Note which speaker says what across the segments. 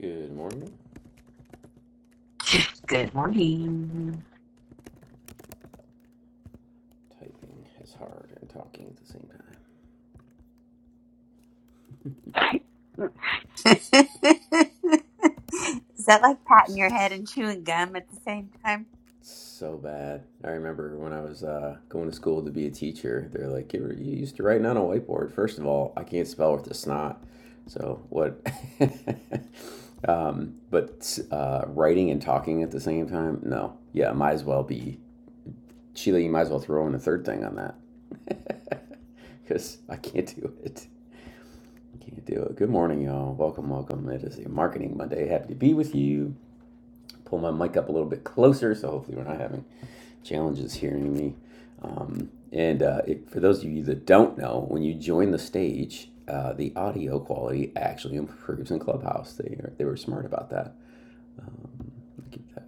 Speaker 1: Good morning.
Speaker 2: Good morning.
Speaker 1: Typing is hard and talking at the same time.
Speaker 2: Is that like patting your head
Speaker 1: It's
Speaker 2: and chewing gum at the same time?
Speaker 1: so bad. I remember when I was uh, going to school to be a teacher, they're like, you, used to writing on a whiteboard. First of all, I can't spell with a snot. So what? um, but uh, writing and talking at the same time? No. Yeah, might as well be. Sheila, you might as well throw in a third thing on that. Because I can't do it. You do it. Good morning, y'all. Welcome, welcome. It is a marketing Monday. Happy to be with you. Pull my mic up a little bit closer, so hopefully we're not having challenges hearing me. Um, and uh, it, for those of you that don't know, when you join the stage, uh, the audio quality actually improves in Clubhouse. They are, they were smart about that. Let me Get that.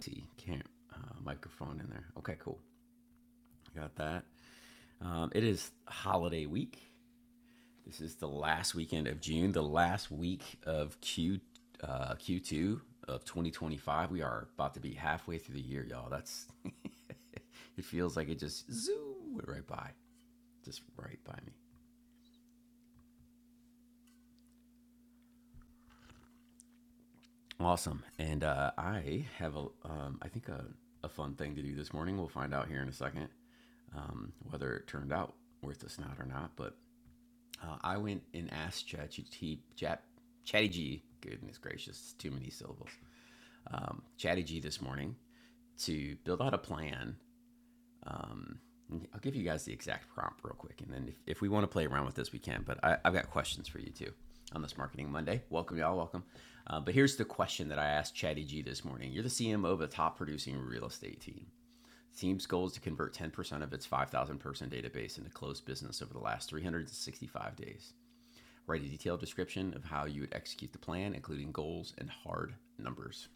Speaker 1: See, can't uh, microphone in there. Okay, cool. got that. Um, it is holiday week. This is the last weekend of June, the last week of Q uh, Q2 of 2025. We are about to be halfway through the year, y'all. That's it feels like it just zoom went right by, just right by me. Awesome, and uh, I have a um, I think a, a fun thing to do this morning. We'll find out here in a second um, whether it turned out worth a snot or not. But uh, I went and asked ChatGPT, Chat, Chatty G. Goodness gracious, too many syllables. um, Chatty G this morning to build out a plan. Um, I'll give you guys the exact prompt real quick, and then if, if we want to play around with this, we can. But I, I've got questions for you too on this Marketing Monday. Welcome, y'all. Welcome. Uh, but here's the question that I asked Chatty G this morning. You're the CMO of a top producing real estate team. Team's goal is to convert 10% of its 5,000 person database into closed business over the last 365 days. Write a detailed description of how you would execute the plan, including goals and hard numbers.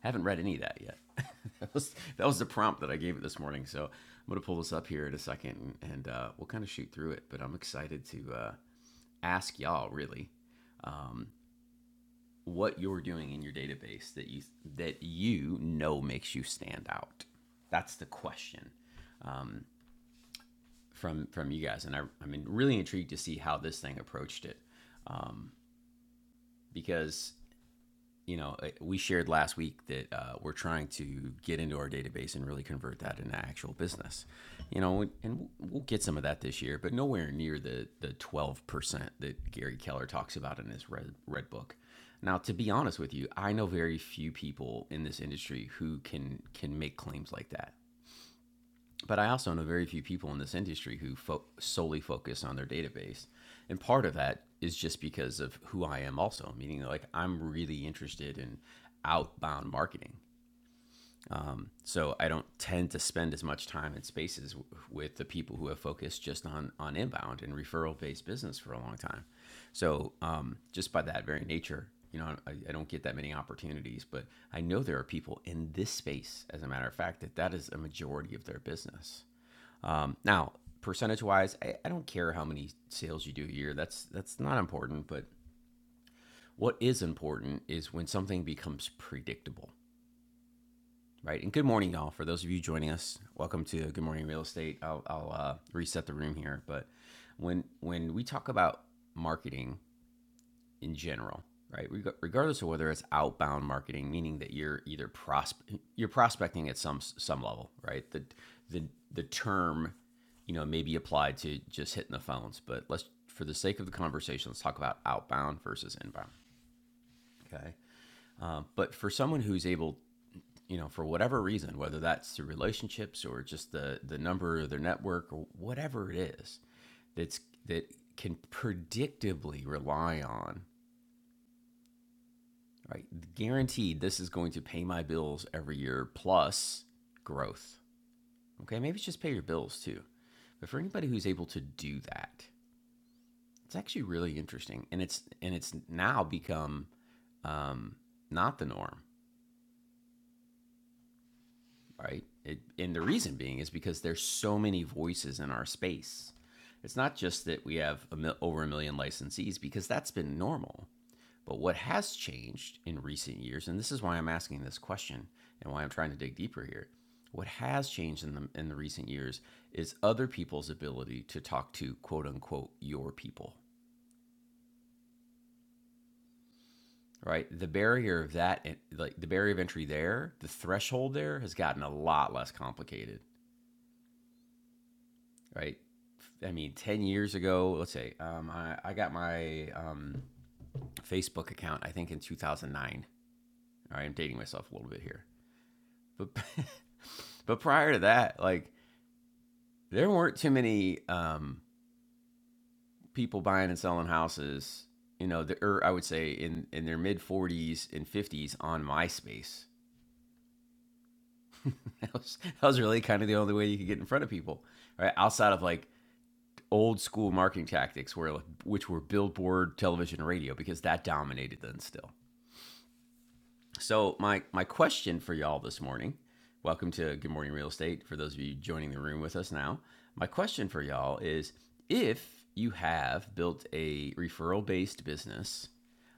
Speaker 1: Haven't read any of that yet. that, was, that was the prompt that I gave it this morning. So I'm going to pull this up here in a second and, and uh, we'll kind of shoot through it. But I'm excited to uh, ask y'all really um, what you're doing in your database that you that you know makes you stand out. That's the question um, from from you guys, and I, I'm really intrigued to see how this thing approached it um, because you know, uh, we shared last week that uh, we're trying to get into our database and really convert that into actual business. You know, and we'll get some of that this year, but nowhere near the the twelve percent that Gary Keller talks about in his red red book. Now, to be honest with you, I know very few people in this industry who can can make claims like that. But I also know very few people in this industry who fo- solely focus on their database. And part of that is just because of who I am, also, meaning like I'm really interested in outbound marketing. So I don't tend to spend as much time in spaces w- with the people who have focused just on, on inbound and referral based business for a long time. So um, just by that very nature, you know, I, I don't get that many opportunities, but I know there are people in this space, as a matter of fact, that that is a majority of their business. Um, now, percentage wise, I, I don't care how many sales you do a year. That's that's not important. But what is important is when something becomes predictable, right? And good morning, y'all. For those of you joining us, welcome to Good Morning Real Estate. I'll, I'll uh, reset the room here, but when when we talk about marketing, in general, right? Reg- Regardless of whether it's outbound marketing, meaning that you're either prospe you're prospecting at some some level, right? The the the term, you know, may be applied to just hitting the phones, but let's for the sake of the conversation, let's talk about outbound versus inbound. Okay, um, but for someone who's able you know for whatever reason whether that's through relationships or just the the number of their network or whatever it is that's that can predictably rely on right? Guaranteed, this is going to pay my bills every year plus growth. Okay, maybe it's just pay your bills too. But for anybody who's able to do that, it's actually really interesting, and it's and it's now become um, not the norm, right? It, and the reason being is because there's so many voices in our space. It's not just that we have a mil- over a million licensees because that's been normal. But what has changed in recent years, and this is why I'm asking this question and why I'm trying to dig deeper here, what has changed in the in the recent years is other people's ability to talk to quote unquote your people, right? The barrier of that, eh, like the barrier of entry there, the threshold there has gotten a lot less complicated, right? I mean, 10 years ago, let's say, um, I, I got my um, Facebook account, I think in 2009. All right, I'm dating myself a little bit here. But but prior to that, like there weren't too many um, people buying and selling houses. You know, the, or I would say in in their mid 40s and 50s on MySpace. That was that was really kind of the only way you could get in front of people, right? Outside of like old school marketing tactics, where like, which were billboard, television, radio, because that dominated then still. So my my question for y'all this morning, welcome to Good Morning Real Estate for those of you joining the room with us now. My question for y'all is if you have built a referral based business,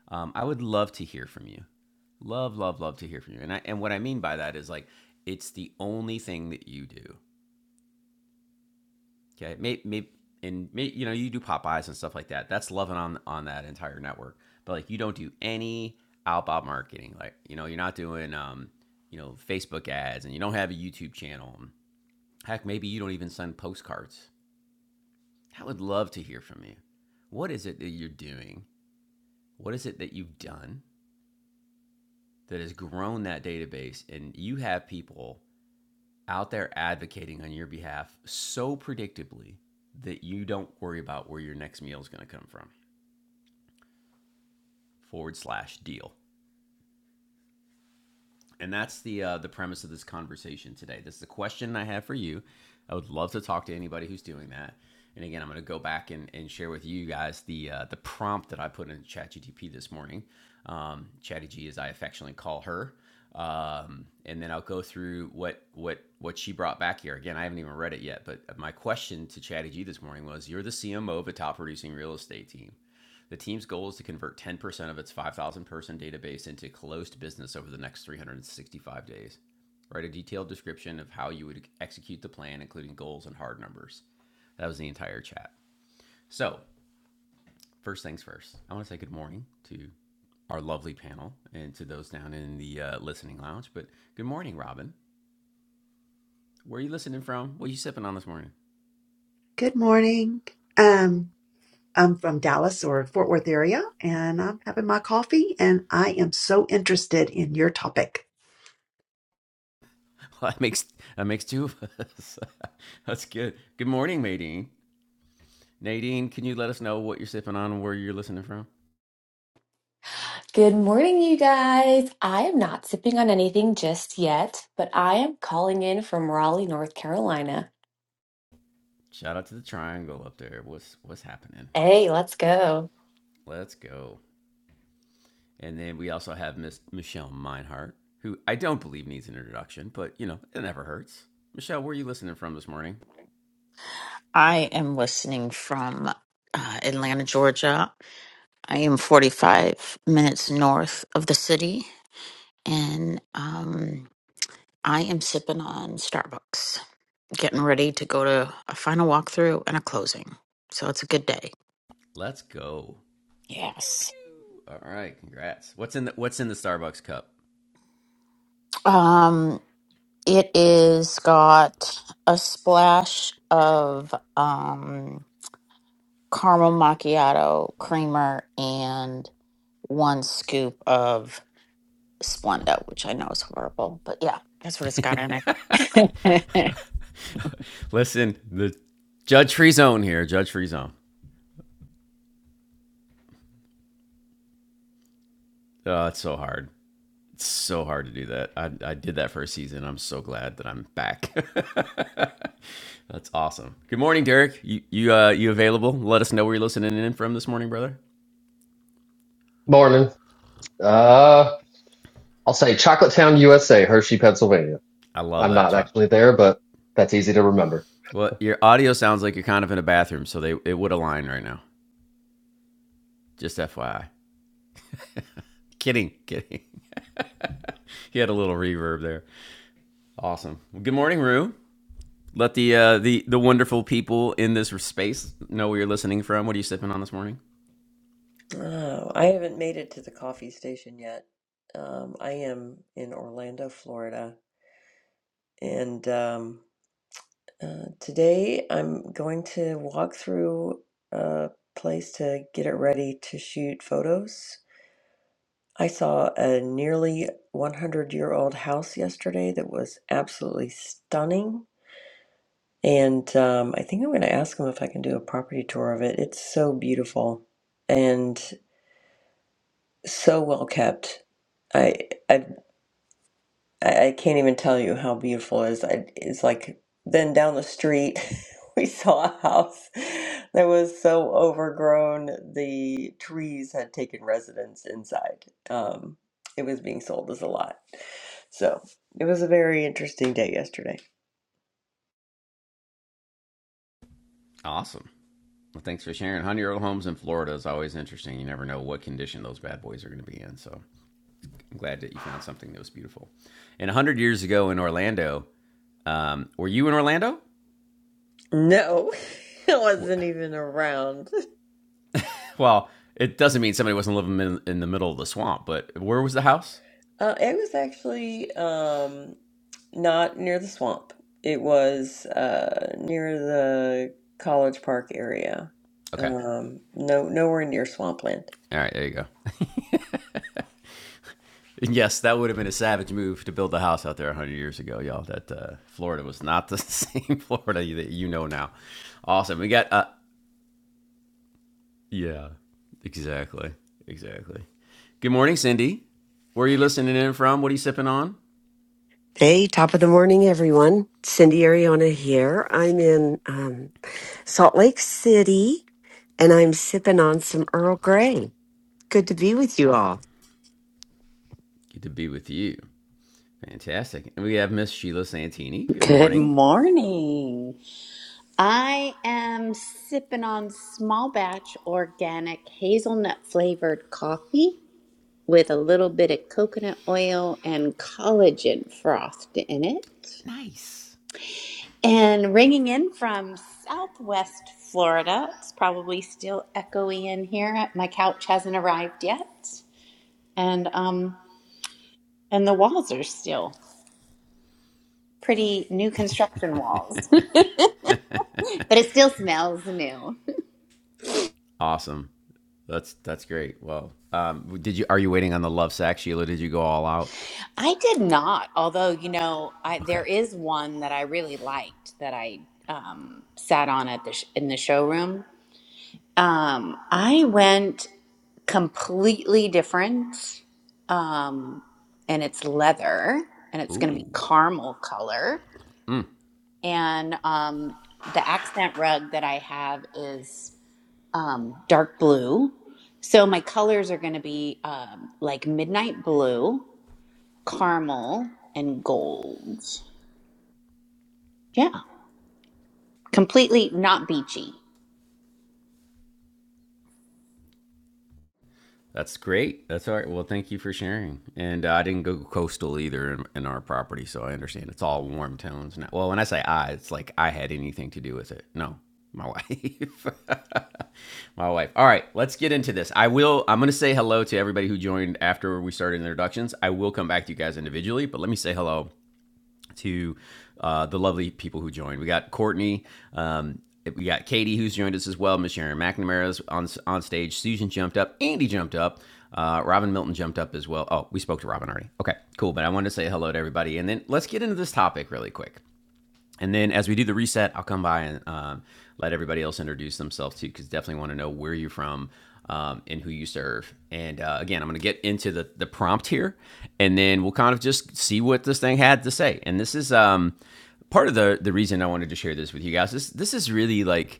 Speaker 1: um, I would love to hear from you. Love, love, love to hear from you. And I, and what I mean by that is like it's the only thing that you do. Okay, maybe, maybe and may, you know you do Popeyes and stuff like that. That's loving on on that entire network. But like you don't do any outbound marketing. Like you know you're not doing um you know Facebook ads and you don't have a YouTube channel. Heck, maybe you don't even send postcards. I would love to hear from you. What is it that you're doing? What is it that you've done that has grown that database and you have people out there advocating on your behalf so predictably that you don't worry about where your next meal is going to come from? forward slash deal. And that's the uh, the premise of this conversation today. This is a question I have for you. I would love to talk to anybody who's doing that. And again, I'm going to go back and, and share with you guys the uh, the prompt that I put in ChatGTP this morning. Um, Chatty G, as I affectionately call her, um, and then I'll go through what what what she brought back here. Again, I haven't even read it yet, but my question to Chatty G this morning was: You're the CMO of a top producing real estate team. The team's goal is to convert 10% of its 5,000 person database into closed business over the next 365 days. Write a detailed description of how you would execute the plan, including goals and hard numbers. That was the entire chat. So, first things first, I want to say good morning to our lovely panel and to those down in the uh, listening lounge. But good morning, Robin. Where are you listening from? What are you sipping on this morning?
Speaker 3: Good morning. Um, I'm from Dallas or Fort Worth area, and I'm having my coffee, and I am so interested in your topic.
Speaker 1: Well, that makes that makes two of us. That's good. Good morning, Maydeen. Nadine, can you let us know what you're sipping on and where you're listening from?
Speaker 4: Good morning, you guys. I am not sipping on anything just yet, but I am calling in from Raleigh, North Carolina.
Speaker 1: Shout out to the triangle up there. What's what's happening?
Speaker 4: Hey, let's go.
Speaker 1: Let's go. And then we also have Miss Michelle Meinhardt, who I don't believe needs an introduction, but you know, it never hurts. Michelle, where are you listening from this morning?
Speaker 5: I am listening from uh, Atlanta, Georgia. I am 45 minutes north of the city, and um, I am sipping on Starbucks, getting ready to go to a final walkthrough and a closing. So it's a good day.
Speaker 1: Let's go. Pew
Speaker 5: Yes.
Speaker 1: pew. All right, congrats. What's in the what's in the Starbucks cup?
Speaker 5: Um, it is got a splash of um, caramel macchiato creamer and one scoop of Splenda, which I know is horrible, but yeah, that's what it's got in it.
Speaker 1: Listen, the judge free zone here, judge free zone. Oh, it's so hard. It's so hard to do that. I, I did that for a season. I'm so glad that I'm back. That's awesome. Good morning, Derek. You you uh you available? Let us know where you're listening in from this morning, brother.
Speaker 6: Morning. Uh, I'll say Chocolate Town, USA, Hershey, Pennsylvania.
Speaker 1: I love
Speaker 6: I'm
Speaker 1: that
Speaker 6: not
Speaker 1: shot.
Speaker 6: actually there, but that's easy to remember.
Speaker 1: Well, your audio sounds like you're kind of in a bathroom, so they it would align right now. Just FYI. Kidding, kidding. He had a little reverb there. Awesome. Well, good morning, Rue. Let the uh the the wonderful people in this space know where you're listening from. What are you sipping on this morning?
Speaker 7: Oh, I haven't made it to the coffee station yet. Um, I am in Orlando, Florida, and um, uh, today I'm going to walk through a place to get it ready to shoot photos. I saw a nearly 100 year old house yesterday that was absolutely stunning, and um, I think I'm going to ask them if I can do a property tour of it. It's so beautiful and so well kept. I, I've I, I can't even tell you how beautiful it is. I, it's like then down the street we saw a house that was so overgrown the trees had taken residence inside. Um, it was being sold as a lot. So it was a very interesting day yesterday.
Speaker 1: Awesome. Well, thanks for sharing. Honey, year old homes in Florida is always interesting. You never know what condition those bad boys are going to be in. So I'm glad that you found something that was beautiful. And 100 years ago in Orlando, um, were you in Orlando?
Speaker 7: No, I wasn't even around.
Speaker 1: Well, it doesn't mean somebody wasn't living in, in the middle of the swamp, but where was the house?
Speaker 7: Uh, it was actually um, not near the swamp. It was uh, near the College Park area.
Speaker 1: Okay.
Speaker 7: Um, no, nowhere near swampland.
Speaker 1: All right, there you go. yes, that would have been a savage move to build a house out there 100 years ago, y'all. That uh, Florida was not the same Florida that you know now. Awesome. We got, uh, yeah, exactly. Exactly. Good morning, Cindy. Where are you listening in from? What are you sipping on?
Speaker 8: Hey, top of the morning, everyone. Cindy Ariona here. I'm in um, Salt Lake City and I'm sipping on some Earl Grey. Good to be with you all.
Speaker 1: Good to be with you. Fantastic. And we have Miss Sheila Santini. Good
Speaker 2: Good
Speaker 1: morning.
Speaker 2: morning. I am sipping on small batch organic hazelnut flavored coffee with a little bit of coconut oil and collagen froth in it.
Speaker 1: Nice.
Speaker 2: And ringing in from Southwest Florida, it's probably still echoey in here. My couch hasn't arrived yet, and um, and the walls are still pretty new construction walls, but it still smells new.
Speaker 1: Awesome. That's that's great. Well, um, did you are you waiting on the love sack, Sheila? Did you go all out?
Speaker 2: I did not, although you know, I
Speaker 1: Okay.
Speaker 2: there is one that I really liked that I um, sat on at the sh- in the showroom Um, I went completely different. Um, and it's leather and it's going to be
Speaker 1: Ooh.
Speaker 2: caramel color. And um, the accent rug that I have is um, dark blue. So my colors are going to be um, like midnight blue, caramel, and gold. Yeah, completely not beachy.
Speaker 1: That's great. That's all right. Well, thank you for sharing. And uh, I didn't go coastal either in, in our property, so I understand it's all warm tones now. Well, when I say I, it's like I had anything to do with it. No, my wife. my wife. All right, let's get into this. I will. I'm going to say hello to everybody who joined after we started introductions. I will come back to you guys individually, but let me say hello to uh, the lovely people who joined. We got Courtney, um, we got Katie, who's joined us as well. Miss Sharon McNamara's on on stage. Susan jumped up. Andy jumped up. Uh, Robin Milton jumped up as well. Oh, we spoke to Robin already. Okay, cool. But I wanted to say hello to everybody, and then let's get into this topic really quick. And then as we do the reset, I'll come by and um, let everybody else introduce themselves too, because definitely want to know where you're from um, and who you serve. And uh, again, I'm going to get into the, the prompt here, and then we'll kind of just see what this thing had to say. And this is um, part of the the reason I wanted to share this with you guys. This this is really like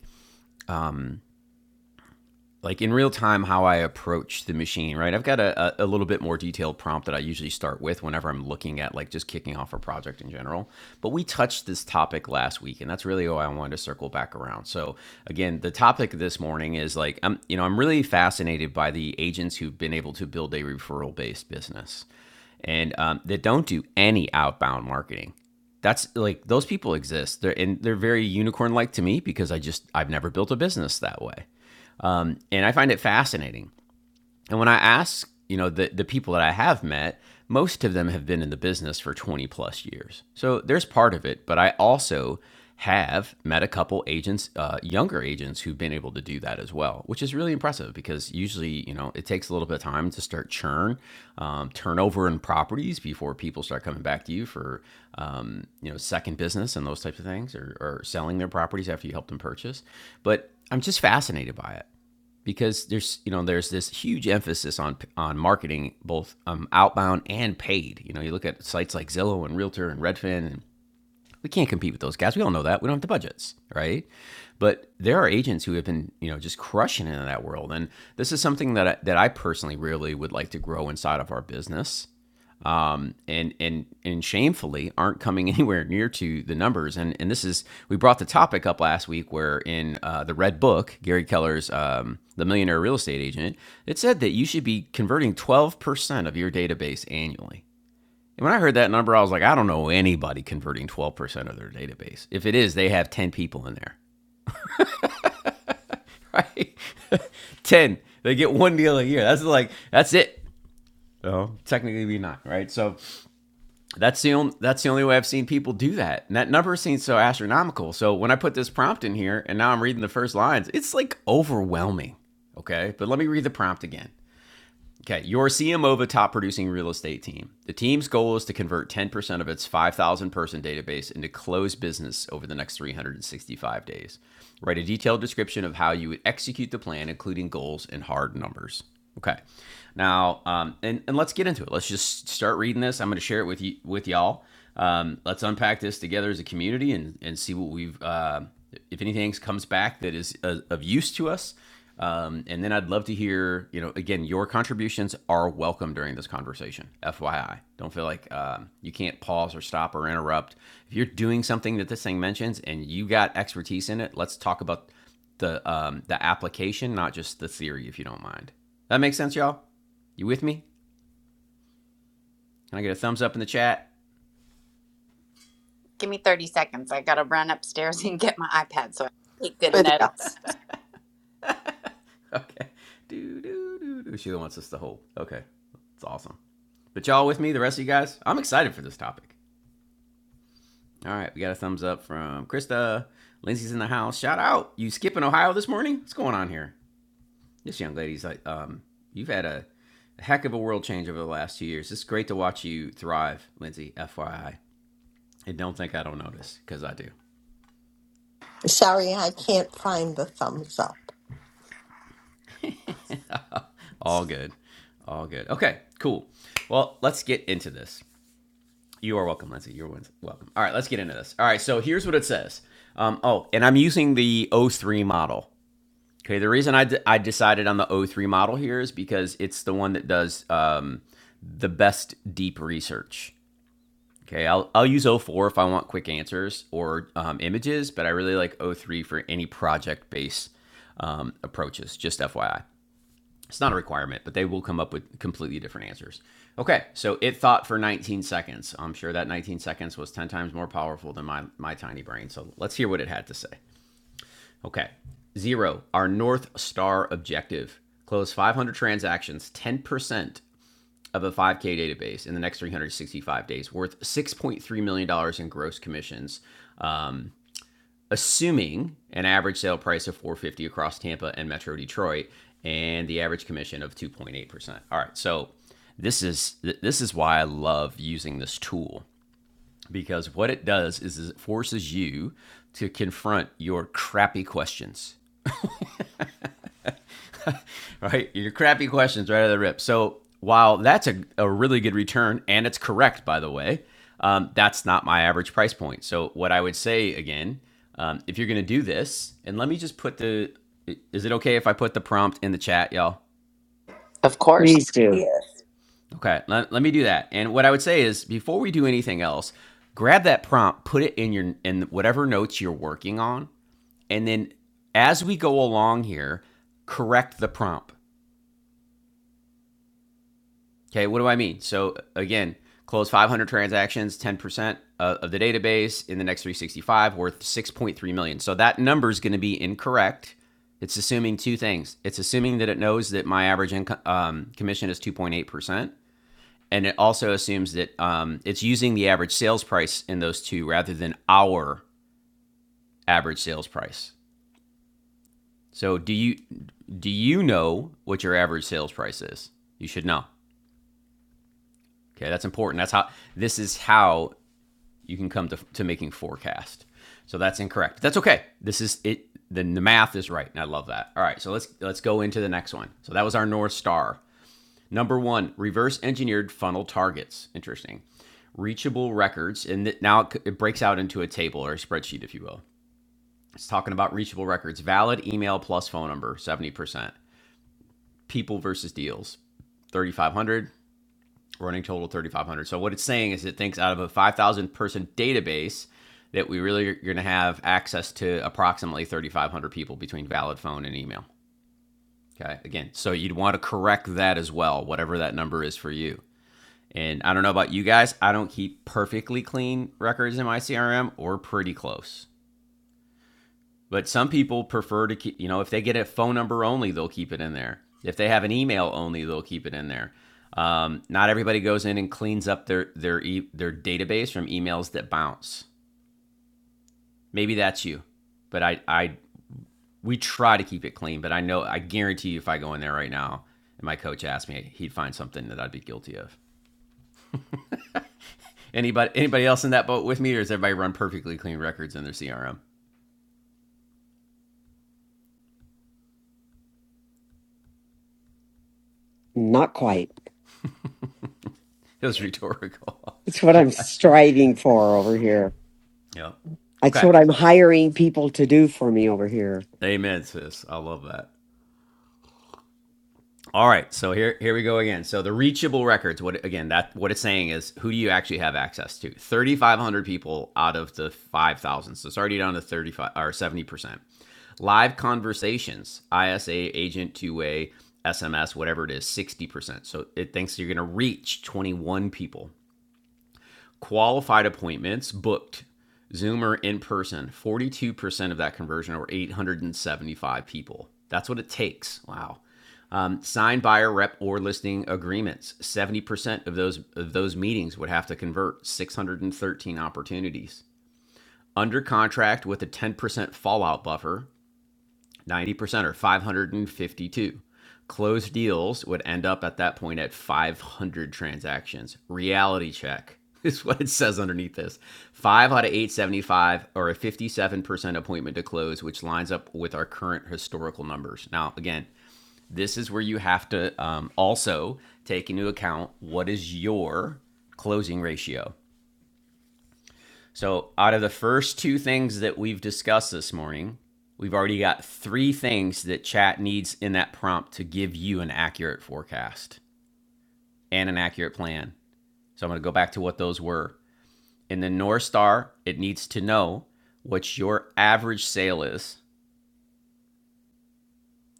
Speaker 1: like in real time how I approach the machine, right? I've got a, a, little bit more detailed prompt that I usually start with whenever I'm looking at like just kicking off a project in general. But we touched this topic last week, and that's really why I wanted to circle back around. So again, the topic this morning is like I'm you know I'm really fascinated by the agents who've been able to build a referral based business, and um, that don't do any outbound marketing that's like those people exist they're and they're very unicorn like to me because i just i've never built a business that way um, and I find it fascinating. And when I ask, you know, the, the people that I have met, most of them have been in the business for 20 plus years. So there's part of it, but I also have met a couple agents, uh, younger agents who've been able to do that as well, which is really impressive because usually, you know, it takes a little bit of time to start churn, um, turnover in properties before people start coming back to you for, um, you know, second business and those types of things or, or selling their properties after you help them purchase. But I'm just fascinated by it because there's you know there's this huge emphasis on on marketing both um, outbound and paid. You know, you look at sites like Zillow and Realtor and Redfin, and we can't compete with those guys. We all know that. We don't have the budgets, right? But there are agents who have been you know just crushing it in that world, and this is something that I, that I personally really would like to grow inside of our business um, and and and shamefully aren't coming anywhere near to the numbers. And and this is we brought the topic up last week where in uh, the Red Book, Gary Keller's um, the Millionaire Real Estate Agent, it said that you should be converting twelve percent of your database annually. And when I heard that number, I was like, I don't know anybody converting twelve percent of their database. If it is, they have ten people in there, right? ten. They get one deal a year. That's like that's it. Oh, technically, we not right. So That's the only that's the only way I've seen people do that. And that number seems so astronomical. So when I put this prompt in here and now I'm reading the first lines, it's like overwhelming. Okay? But let me read the prompt again. Okay, you're CMO of a top producing real estate team. The team's goal is to convert 10% of its 5,000 person database into closed business over the next 365 days. Write a detailed description of how you would execute the plan, including goals and hard numbers. Okay, now, um, and, and let's get into it. Let's just start reading this. I'm going to share it with you with y'all. Um, let's unpack this together as a community and, and see what we've, uh, if anything comes back that is uh, of use to us um, and then I'd love to hear, you know, again, your contributions are welcome during this conversation. FYI, don't feel like um, you can't pause or stop or interrupt. If you're doing something that this thing mentions and you got expertise in it, let's talk about the um, the application, not just the theory, if you don't mind. That makes sense, y'all. You with me? Can I get a thumbs up in the chat?
Speaker 2: Give me 30 seconds. I got to run upstairs and get my iPad so I can take good
Speaker 9: with you.
Speaker 2: notes.
Speaker 1: Okay. Do do do do. Sheila wants us to hold. Okay, that's awesome. But y'all with me? The rest of you guys? I'm excited for this topic. All right, we got a thumbs up from Krista. Lindsay's in the house. Shout out. You skipping Ohio this morning? What's going on here? This young lady's like, um, you've had a, a heck of a world change over the last two years. It's great to watch you thrive, Lindsay, FYI. And don't think I don't notice, because I do.
Speaker 10: Sorry, I can't find the thumbs up.
Speaker 1: All good. All good. Okay, cool. Well, let's get into this. You are welcome, Lindsay. You're welcome. All right, let's get into this. All right, so here's what it says. Um, oh, and I'm using the oh 03 model. Okay, the reason I, d- I decided on the O3 model here is because it's the one that does um, the best deep research. Okay, I'll, I'll use O4 if I want quick answers or um, images, but I really like O3 for any project based um, approaches, just FYI. It's not a requirement, but they will come up with completely different answers. Okay, so it thought for 19 seconds. I'm sure that 19 seconds was 10 times more powerful than my, my tiny brain. So let's hear what it had to say. Okay. Zero, our North Star objective. Close 500 transactions, 10% of a 5K database in the next 365 days, worth $6.3 million dollars in gross commissions, assuming an average sale price of 450 across Tampa and Metro Detroit and the average commission of 2.8%. All right. So this is this is why I love using this tool because what it does is, is it forces you to confront your crappy questions right? Your crappy questions right out of the rip. So while that's a, a really good return, and it's correct, by the way, um, that's not my average price point. So what I would say again, um, if you're going to do this, and let me just put the, is it okay if I put the prompt in the chat, y'all?
Speaker 2: Of course.
Speaker 8: Please do.
Speaker 7: Yes.
Speaker 1: Okay, let, let me do that. And what I would say is before we do anything else, grab that prompt, put it in your in whatever notes you're working on, and then as we go along here, correct the prompt. Okay, what do I mean? So again, close 500 transactions, 10% of the database in the next 365 worth 6.3 million. So that number is going to be incorrect. It's assuming two things. It's assuming that it knows that my average income um, commission is 2.8%. And it also assumes that um, it's using the average sales price in those two rather than our average sales price. So do you do you know what your average sales price is? You should know. Okay, that's important. That's how this is how you can come to, to making forecast. So that's incorrect. That's okay. This is it. The, the math is right, and I love that. All right, so let's let's go into the next one. So that was our north star. Number one, reverse engineered funnel targets. Interesting. Reachable records, and th- now it, it breaks out into a table or a spreadsheet, if you will. It's talking about reachable records: valid email plus phone number, seventy percent. People versus deals, thirty five hundred running total 3,500. So what it's saying is it thinks out of a 5,000 person database that we really are going to have access to approximately 3,500 people between valid phone and email. Okay. Again, so you'd want to correct that as well, whatever that number is for you. And I don't know about you guys, I don't keep perfectly clean records in my CRM or pretty close. But some people prefer to keep, you know, if they get a phone number only, they'll keep it in there. If they have an email only, they'll keep it in there. Um, not everybody goes in and cleans up their their e- their database from emails that bounce. Maybe that's you, but I I we try to keep it clean. But I know I guarantee you, if I go in there right now and my coach asked me, he'd find something that I'd be guilty of. Anybody anybody else in that boat with me, or does everybody run perfectly clean records in their CRM?
Speaker 8: Not quite.
Speaker 1: It was rhetorical.
Speaker 8: It's what I'm striving for over here.
Speaker 1: yep.
Speaker 8: It's
Speaker 1: Okay.
Speaker 8: what I'm hiring people to do for me over here.
Speaker 1: Amen, sis. I love that. All right, so here here we go again. So the reachable records, what again? That what it's saying is who do you actually have access to? Thirty five hundred people out of the five thousand. So it's already down to thirty five or seventy percent. Live conversations, ISA agent two way, SMS, whatever it is, sixty percent. So it thinks you're going to reach twenty one people qualified appointments booked zoom or in person 42% of that conversion or 875 people that's what it takes wow um, signed buyer rep or listing agreements 70% of those of those meetings would have to convert 613 opportunities under contract with a 10% fallout buffer 90% or 552. Closed deals would end up at that point at 500 transactions. Reality check is what it says underneath this. 5 out of 875 or a 57% appointment to close, which lines up with our current historical numbers. Now, again, this is where you have to um, also take into account what is your closing ratio. So, out of the first two things that we've discussed this morning, we've already got three things that chat needs in that prompt to give you an accurate forecast and an accurate plan. So, I'm going to go back to what those were. In the North Star, it needs to know what your average sale is.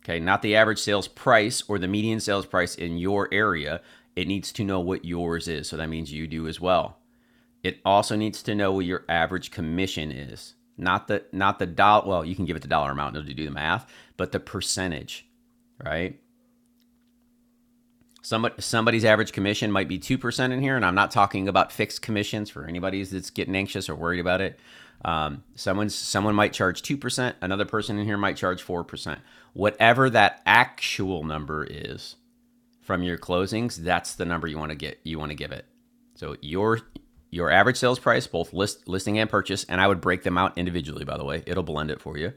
Speaker 1: Okay, not the average sales price or the median sales price in your area. It needs to know what yours is. So that means you do as well. It also needs to know what your average commission is, not the not the dollar. Well, you can give it the dollar amount and it'll do the math, but the percentage, right? Somebody, somebody's average commission might be 2% in here, and I'm not talking about fixed commissions for anybody that's getting anxious or worried about it. Um, someone's, someone might charge 2%, another person in here might charge 4%. Whatever that actual number is, from your closings, that's the number you want to get you want to give it. So your your average sales price, both list listing and purchase, and I would break them out individually by the way. It'll blend it for you.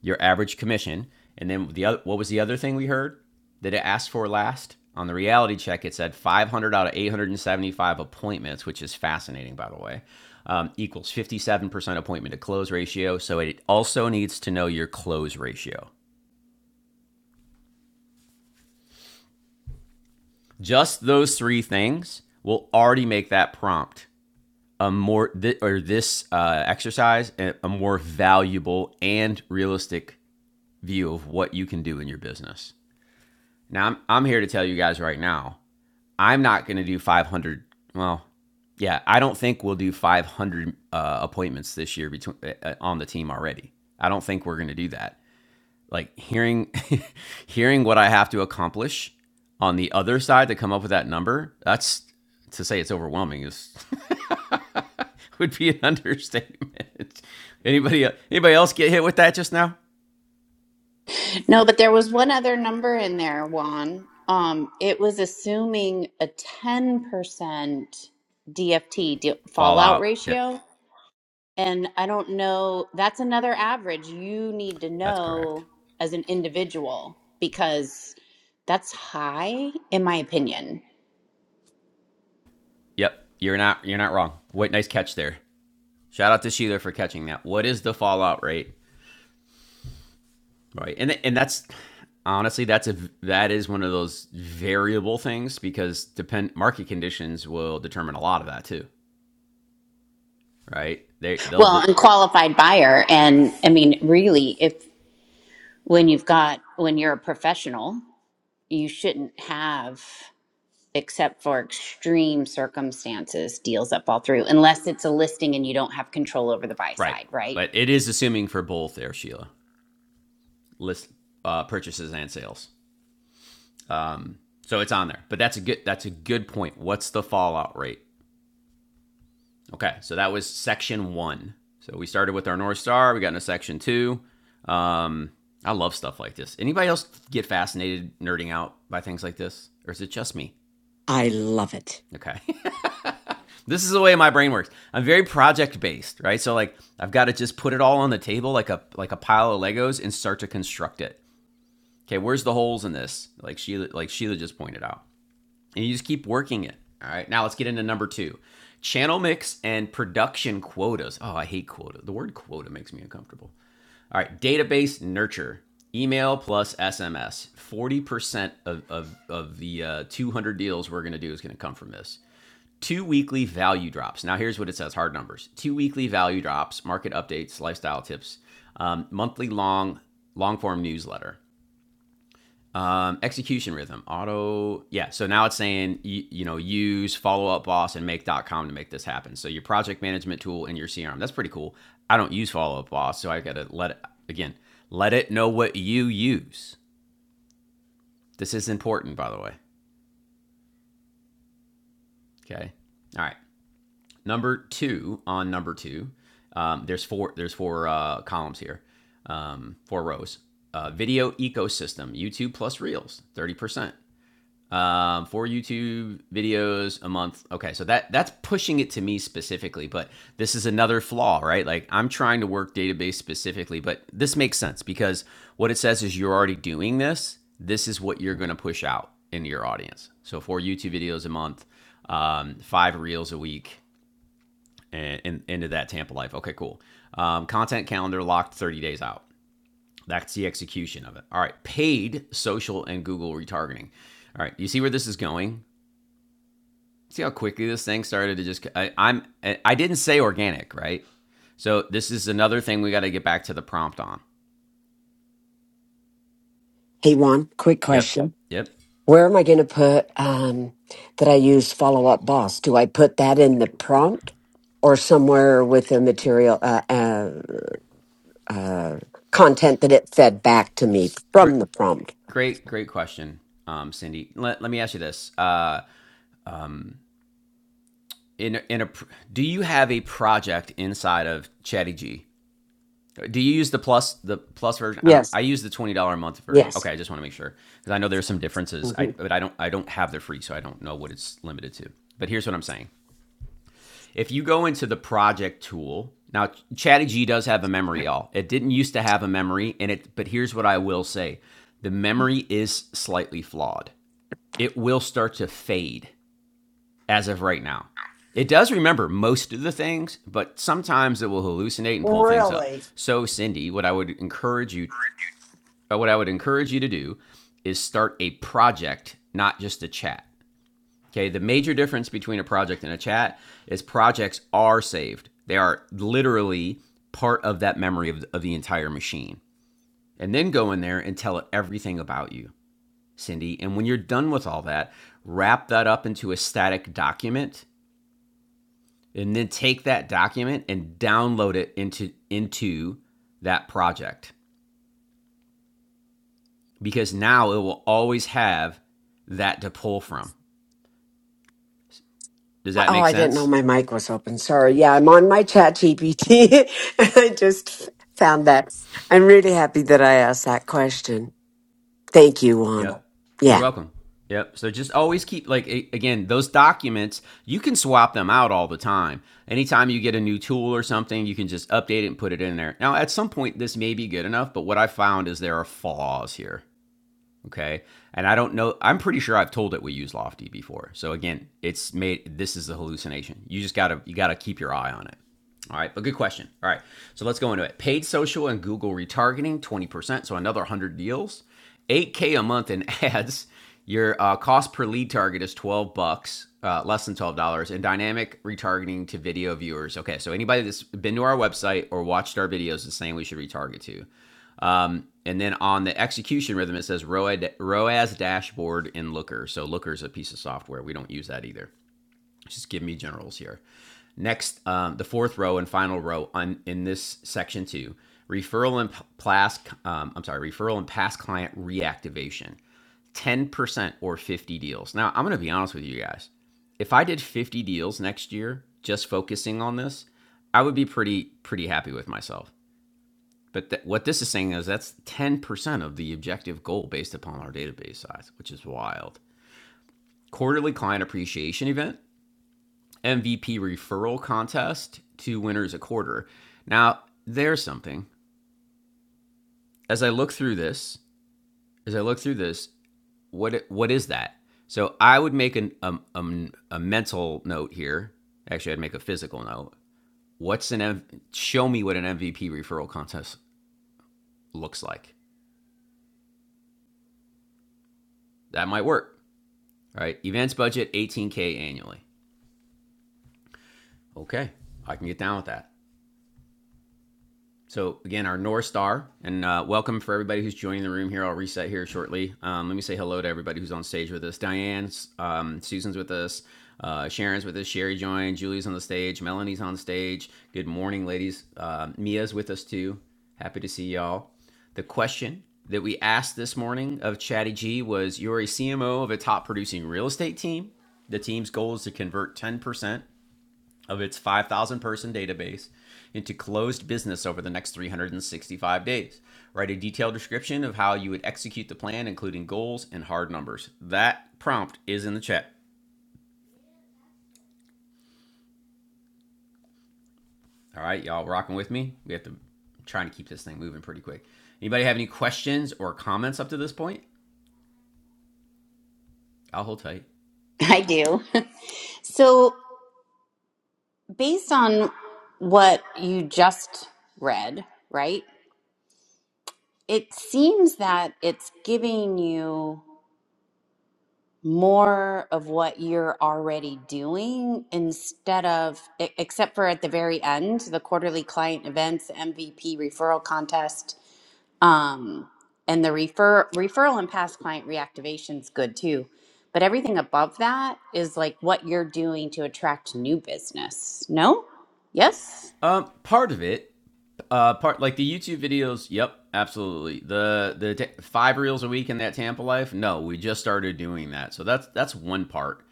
Speaker 1: Your average commission, and then the other what was the other thing we heard that it asked for last? On the reality check, it said 500 out of 875 appointments, which is fascinating, by the way, um, equals 57% appointment to close ratio. So it also needs to know your close ratio. Just those three things will already make that prompt a more th- or this uh, exercise a, more valuable and realistic view of what you can do in your business. Now I'm I'm here to tell you guys right now, I'm not going to do 500. Well, yeah, I don't think we'll do 500 uh, appointments this year between uh, uh, on the team already. I don't think we're going to do that. Like hearing hearing what I have to accomplish on the other side to come up with that number, that's to say it's overwhelming is would be an understatement. Anybody anybody else get hit with that just now?
Speaker 2: No, but there was one other number in there, Juan. Um, it was assuming a 10% DFT fallout
Speaker 1: Fallout. Yeah,
Speaker 2: ratio. And I don't know, that's another average you need to
Speaker 1: that's correct.
Speaker 2: know as an individual because that's high, in my opinion.
Speaker 1: Yep, you're not you're not wrong. What nice catch there. Shout out to Sheila for catching that. What is the fallout rate? Right, and and that's honestly that's a that is one of those variable things because depend market conditions will determine a lot of that too. Right, they they'll
Speaker 2: Well,
Speaker 1: de-
Speaker 2: and qualified buyer. And I mean, really, if when you've got, when you're a professional, you shouldn't have. except for extreme circumstances, deals that fall through, unless it's a listing and you don't have control over the buy
Speaker 1: right,
Speaker 2: side, right?
Speaker 1: but it is assuming for both there, Sheila. List uh, purchases and sales. So it's on there. But that's a good that's a good point. What's the fallout rate? Okay, so that was section one. So we started with our North Star. We got into section two. Um, I love stuff like this. Anybody else get fascinated nerding out by things like this, or is it just me?
Speaker 8: I love it.
Speaker 1: Okay, this is the way my brain works. I'm very project based, right? So like I've got to just put it all on the table like a like a pile of Legos and start to construct it. Okay, where's the holes in this? Like Sheila like Sheila just pointed out. and you just keep working it. All right. Now let's get into number two channel mix and production quotas. Oh, I hate quota. The word quota makes me uncomfortable. All right. Database nurture email plus SMS. 40% of, of, of the uh, 200 deals we're going to do is going to come from this. Two weekly value drops. Now, here's what it says hard numbers two weekly value drops, market updates, lifestyle tips, um, monthly long, long form newsletter. Um, execution rhythm, auto. Yeah. So now it's saying, you, you know, use follow up boss and make.com to make this happen. So your project management tool and your CRM. That's pretty cool. I don't use follow up boss. So I got to let it, again, let it know what you use. This is important, by the way. Okay. All right. Number two on number two. Um, there's four, there's four uh, columns here, um, four rows. Uh, video ecosystem, YouTube plus Reels, 30%. um, four YouTube videos a month. Okay, so that that's pushing it to me specifically, but this is another flaw, right? Like I'm trying to work database specifically, but this makes sense because what it says is you're already doing this. This is what you're going to push out into your audience. So four YouTube videos a month, um, five reels a week, and, and into that Tampa life. Okay, cool. Um, content calendar locked 30 days out. That's the execution of it. All right, paid social and Google retargeting. All right, you see where this is going? See how quickly this thing started to just. I, I'm. I didn't say organic, right? So this is another thing we got to get back to the prompt on.
Speaker 8: Hey, Juan, quick
Speaker 1: Yep.
Speaker 8: question.
Speaker 1: Yep.
Speaker 8: Where am I going to put um, that I use follow up boss? Do I put that in the prompt or somewhere with the material? Uh, uh, uh, content that it fed back to me
Speaker 1: Great.
Speaker 8: from the prompt.
Speaker 1: Great. Great question, um, Cindy. Let, let me ask you this. Uh, in in a, do you have a project inside of Chatty Do you use the plus the plus version? I don't.
Speaker 8: Yes,
Speaker 1: I use the twenty dollar a month version.
Speaker 8: yes.
Speaker 1: Okay, I just want to make sure because I know there's some differences. I
Speaker 8: hmm
Speaker 1: but I don't I don't have the free, so I don't know what it's limited to. But here's what I'm saying: If you go into the project tool, now Chatty does have a memory, y'all. It didn't used to have a memory, and it but here's what I will say. The memory is slightly flawed. It will start to fade as of right now. It does remember most of the things, but sometimes it will hallucinate and pull things up.
Speaker 10: Really?
Speaker 1: So, Cindy, what I would encourage you, uh, what I would encourage you to do, is start a project, not just a chat. Okay, the major difference between a project and a chat is projects are saved. They are literally part of that memory of, of the entire machine. And then go in there and tell it everything about you, Cindy. And when you're done with all that, wrap that up into a static document and then take that document and download it into into that project because now it will always have that to pull from. Does that
Speaker 8: Oh,
Speaker 1: make
Speaker 8: I didn't know
Speaker 1: sense?
Speaker 8: my mic was open. Sorry. Yeah, I'm on my chat GPT. I just found that. I'm really happy that I asked that question. Thank you, Juan.
Speaker 1: Yep. You're
Speaker 8: Yeah.
Speaker 1: welcome. Yep. So just always keep like again those documents. You can swap them out all the time. Anytime you get a new tool or something, you can just update it and put it in there. Now, at some point, this may be good enough, but what I found is there are flaws here. Okay. And I don't know, I'm pretty sure I've told it we use Lofty before. So again, it's made, this is the hallucination. You just gotta, you gotta keep your eye on it. All right. But good question. All right. So let's go into it. Paid social and Google retargeting, 20%. So another 100 deals, 8K a month in ads. Your uh, cost per lead target is 12 bucks, uh, less than $12, and dynamic retargeting to video viewers. Okay, so anybody that's been to our website or watched our videos is saying we should retarget to. Um, and then on the execution rhythm, it says ROAS, dashboard in Looker. So Looker is a piece of software. We don't use that either. Just give me generals here. Next, um, the fourth row and final row on in this section two, referral and pass. Um, I'm sorry, referral and pass client reactivation, ten percent or fifty deals. Now I'm going to be honest with you guys. If I did fifty deals next year, just focusing on this, I would be pretty pretty happy with myself. But that, what this is saying is that's 10% of the objective goal based upon our database size, which is wild. Quarterly client appreciation event, MVP referral contest, two winners a quarter. Now, there's something. As I look through this, as I look through this, what what is that? So I would make an, a, a, a mental note here. Actually, I'd make a physical note. What's an M- show me what an MVP referral contest looks like? That might work All right, events budget 18k annually. Okay, I can get down with that. So again, our North Star, and uh, welcome for everybody who's joining the room here. I'll reset here shortly. Um, let me say hello to everybody who's on stage with us. Diane, um, Susan's with us, uh, Sharon's with us, Sherry joined, Julie's on the stage, Melanie's on stage. Good morning, ladies. Uh, Mia's with us too. Happy to see y'all. The question that we asked this morning of Chatty G was, "You're a CMO of a top producing real estate team. The team's goal is to convert 10% of its 5,000 person database into closed business over the next 365 days. Write a detailed description of how you would execute the plan, including goals and hard numbers. That prompt is in the chat. All right, y'all rocking with me? We have to, I'm trying to keep this thing moving pretty quick. Anybody have any questions or comments up to this point? I'll hold tight.
Speaker 2: I do. so, based on what you just read, right, it seems that it's giving you more of what you're already doing instead of, e- except for at the very end, the quarterly client events, MVP referral contest Um, and the refer referral and past client reactivation is good too. But everything above that is like what you're doing to attract new business. No? Yes?
Speaker 1: Um, part of it, uh, part like the YouTube videos. Yep, absolutely. The the five reels a week in that Tampa life. No, we just started doing that, so that's that's one part.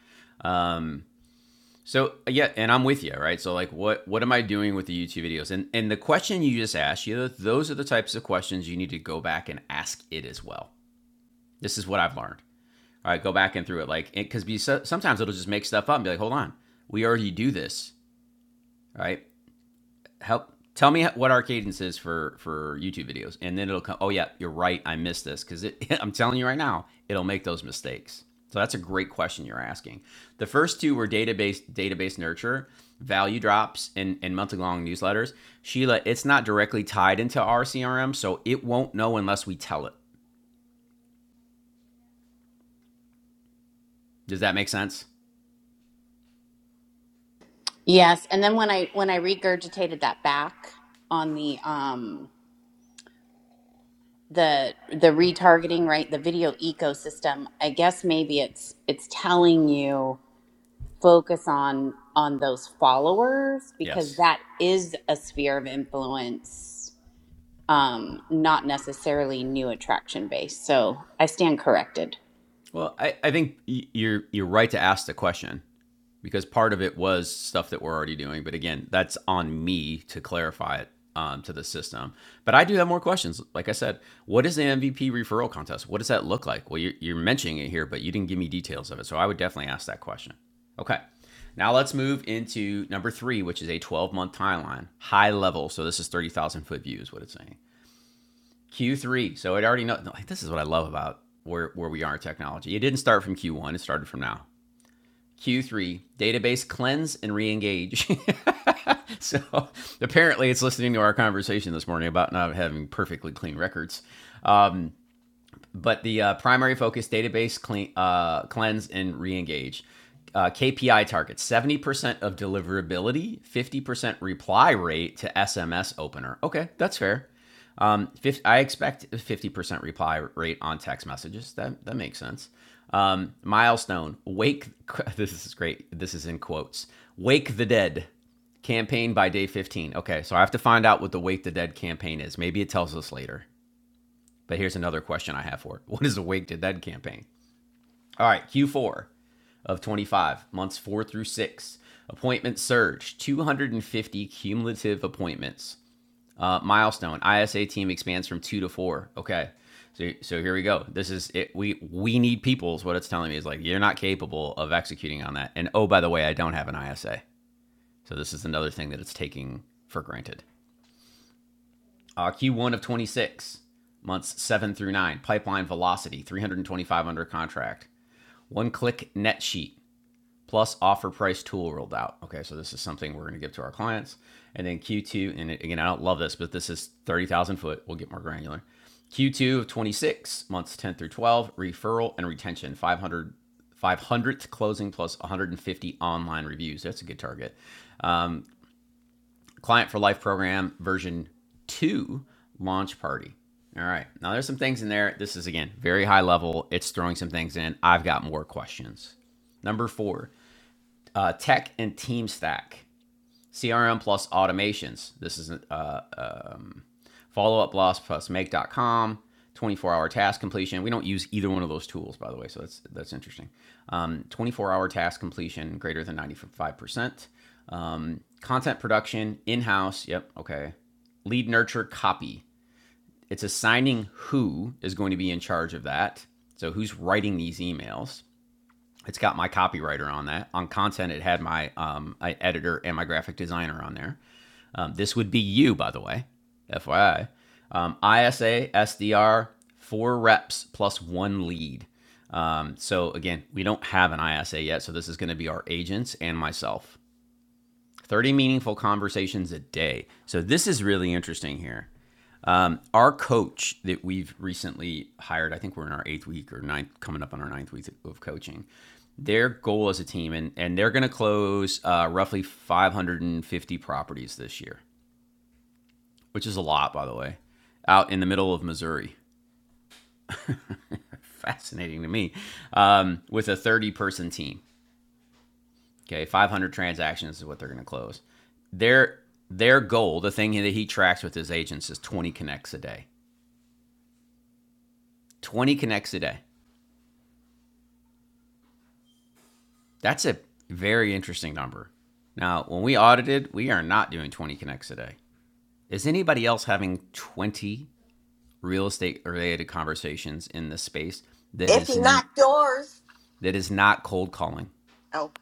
Speaker 1: So yeah, and I'm with you, right? So like, what what am I doing with the YouTube videos? And and the question you just asked, you know, those are the types of questions you need to go back and ask it as well. This is what I've learned. All right, go back and through it, like because so, sometimes it'll just make stuff up and be like, hold on, we already do this, right? help tell me what our cadence is for for YouTube videos, and then it'll come. Oh yeah, you're right. I missed this because it I'm telling you right now, it'll make those mistakes. So that's a great question you're asking. The first two were database database nurture, value drops, and and monthly long newsletters. Sheila, it's not directly tied into our CRM, so it won't know unless we tell it. Does that make sense?
Speaker 2: Yes. And then when I when I regurgitated that back on the um the the retargeting, right? The video ecosystem, I guess maybe it's it's telling you focus on on those followers because
Speaker 1: Yes.
Speaker 2: that is a sphere of influence um, not necessarily new attraction based. So I stand corrected.
Speaker 1: Well, I, I think you're you're right to ask the question because part of it was stuff that we're already doing. But again, that's on me to clarify it um, to the system. But I do have more questions. Like I said, what is the MVP referral contest? What does that look like? Well, you're, you're mentioning it here, but you didn't give me details of it. So I would definitely ask that question. Okay. Now let's move into number three, which is a 12 month timeline, high level. So this is 30,000 foot view, is what it's saying. Q3. So it already know. Like, this is what I love about where where we are in technology. It didn't start from Q1. It started from now. Q3 database cleanse and re-engage. so apparently, it's listening to our conversation this morning about not having perfectly clean records but the uh, primary focus database clean, uh, cleanse and re-engage uh, kpi targets 70% of deliverability 50% reply rate to sms opener okay that's fair um, 50, i expect a 50% reply rate on text messages that, that makes sense um, milestone wake this is great this is in quotes wake the dead campaign by day 15 okay so i have to find out what the wake the dead campaign is maybe it tells us later but here's another question I have for it. What is a wake to dead campaign? All right, Q4 of 25, months four through six. Appointment surge, 250 cumulative appointments. Uh, milestone, ISA team expands from two to four. Okay. So, so here we go. This is it. We we need people is what it's telling me. Is like you're not capable of executing on that. And oh, by the way, I don't have an ISA. So this is another thing that it's taking for granted. Uh, Q1 of 26, months 7 through 9. Pipeline velocity, 325 under contract. One click net sheet plus offer price tool rolled out. Okay, so this is something we're going to give to our clients. And then Q2, and again, I don't love this, but this is 30,000 foot. We'll get more granular. Q2 of 26, months 10 through 12, referral and retention, 500, 500th closing plus 150 online reviews. That's a good target. Client for Life program version two launch party. All right. Now there's some things in there. This is again very high level. It's throwing some things in. I've got more questions. Number four, uh, tech and team stack, CRM plus automations. This is a Follow up loss plus make dot com 24 hour task completion. We don't use either one of those tools, by the way, so that's that's interesting. Um, 24 hour task completion greater than 95%. Um, content production in house. Yep. Okay. Lead nurture copy. It's assigning who is going to be in charge of that. So who's writing these emails? It's got my copywriter on that. On content, it had my um, editor and my graphic designer on there. Um, this would be you, by the way, FYI. Um, ISA SDR four reps plus one lead. Um, so again, we don't have an ISA yet, so this is going to be our agents and myself. 30 meaningful conversations a day. So this is really interesting here. Um, our coach that we've recently hired, I think we're in our eighth week or ninth, coming up on our ninth week of coaching. Their goal as a team, and, and they're going to close uh, roughly 550 properties this year, which is a lot, by the way, out in the middle of Missouri. Fascinating to me, um, with a 30 person team. Okay, 500 transactions is what they're going to close. Their their goal, the thing that he tracks with his agents, is 20 connects a day. 20 connects a day. That's a very interesting number. Now, when we audited, we are not doing 20 connects a day. Is anybody else having 20 real estate related conversations in this space that
Speaker 10: If
Speaker 1: is
Speaker 10: you
Speaker 1: n-
Speaker 10: knock doors,
Speaker 1: that is not cold calling?
Speaker 10: oh,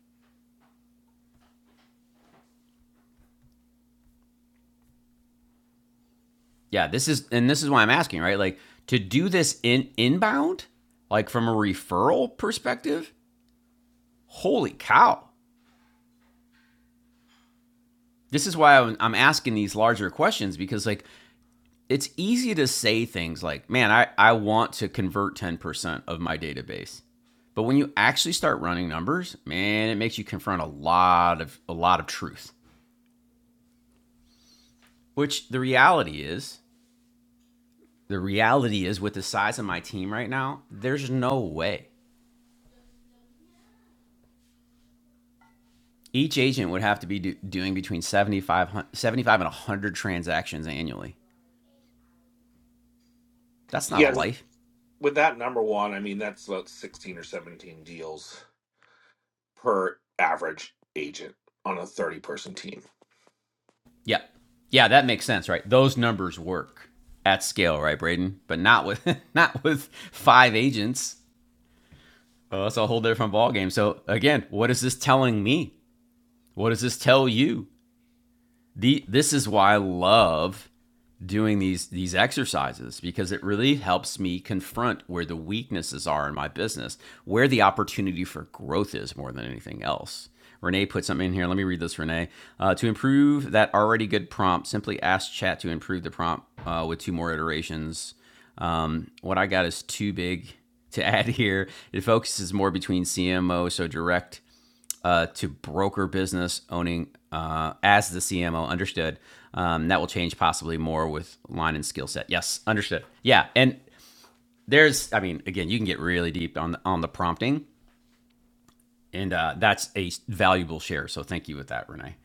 Speaker 1: Yeah, this is and this is why I'm asking, right? Like to do this in inbound, like from a referral perspective, holy cow. This is why I'm asking these larger questions because, like, it's easy to say things like, man, I, I want to convert 10% of my database. But when you actually start running numbers, man, it makes you confront a lot of a lot of truth. Which the reality is, the reality is with the size of my team right now, there's no way. Each agent would have to be do, doing between 75, 75 and 100 transactions annually. That's not a
Speaker 11: Yeah, with,
Speaker 1: life.
Speaker 11: with that number one, I mean that's about sixteen or seventeen deals per average agent on a thirty person team.
Speaker 1: Yeah. Yeah, that makes sense, right? Those numbers work at scale, right, Braden? But not with not with five agents. Oh, that's a whole different ballgame. So again, what is this telling me? What does this tell you? The this is why I love doing these these exercises because it really helps me confront where the weaknesses are in my business, where the opportunity for growth is more than anything else. Renee put something in here. Let me read this, Renee. Uh, to improve that already good prompt, simply ask chat to improve the prompt uh, with two more iterations. Um, what I got is too big to add here. It focuses more between CMO, so direct uh, to broker business owning uh, as the CMO. Understood. Um, that will change possibly more with line and skill set. Yes, understood. Yeah, and there's, I mean, again, you can get really deep on the, on the prompting, and uh, that's a valuable share. So thank you with that, Renee.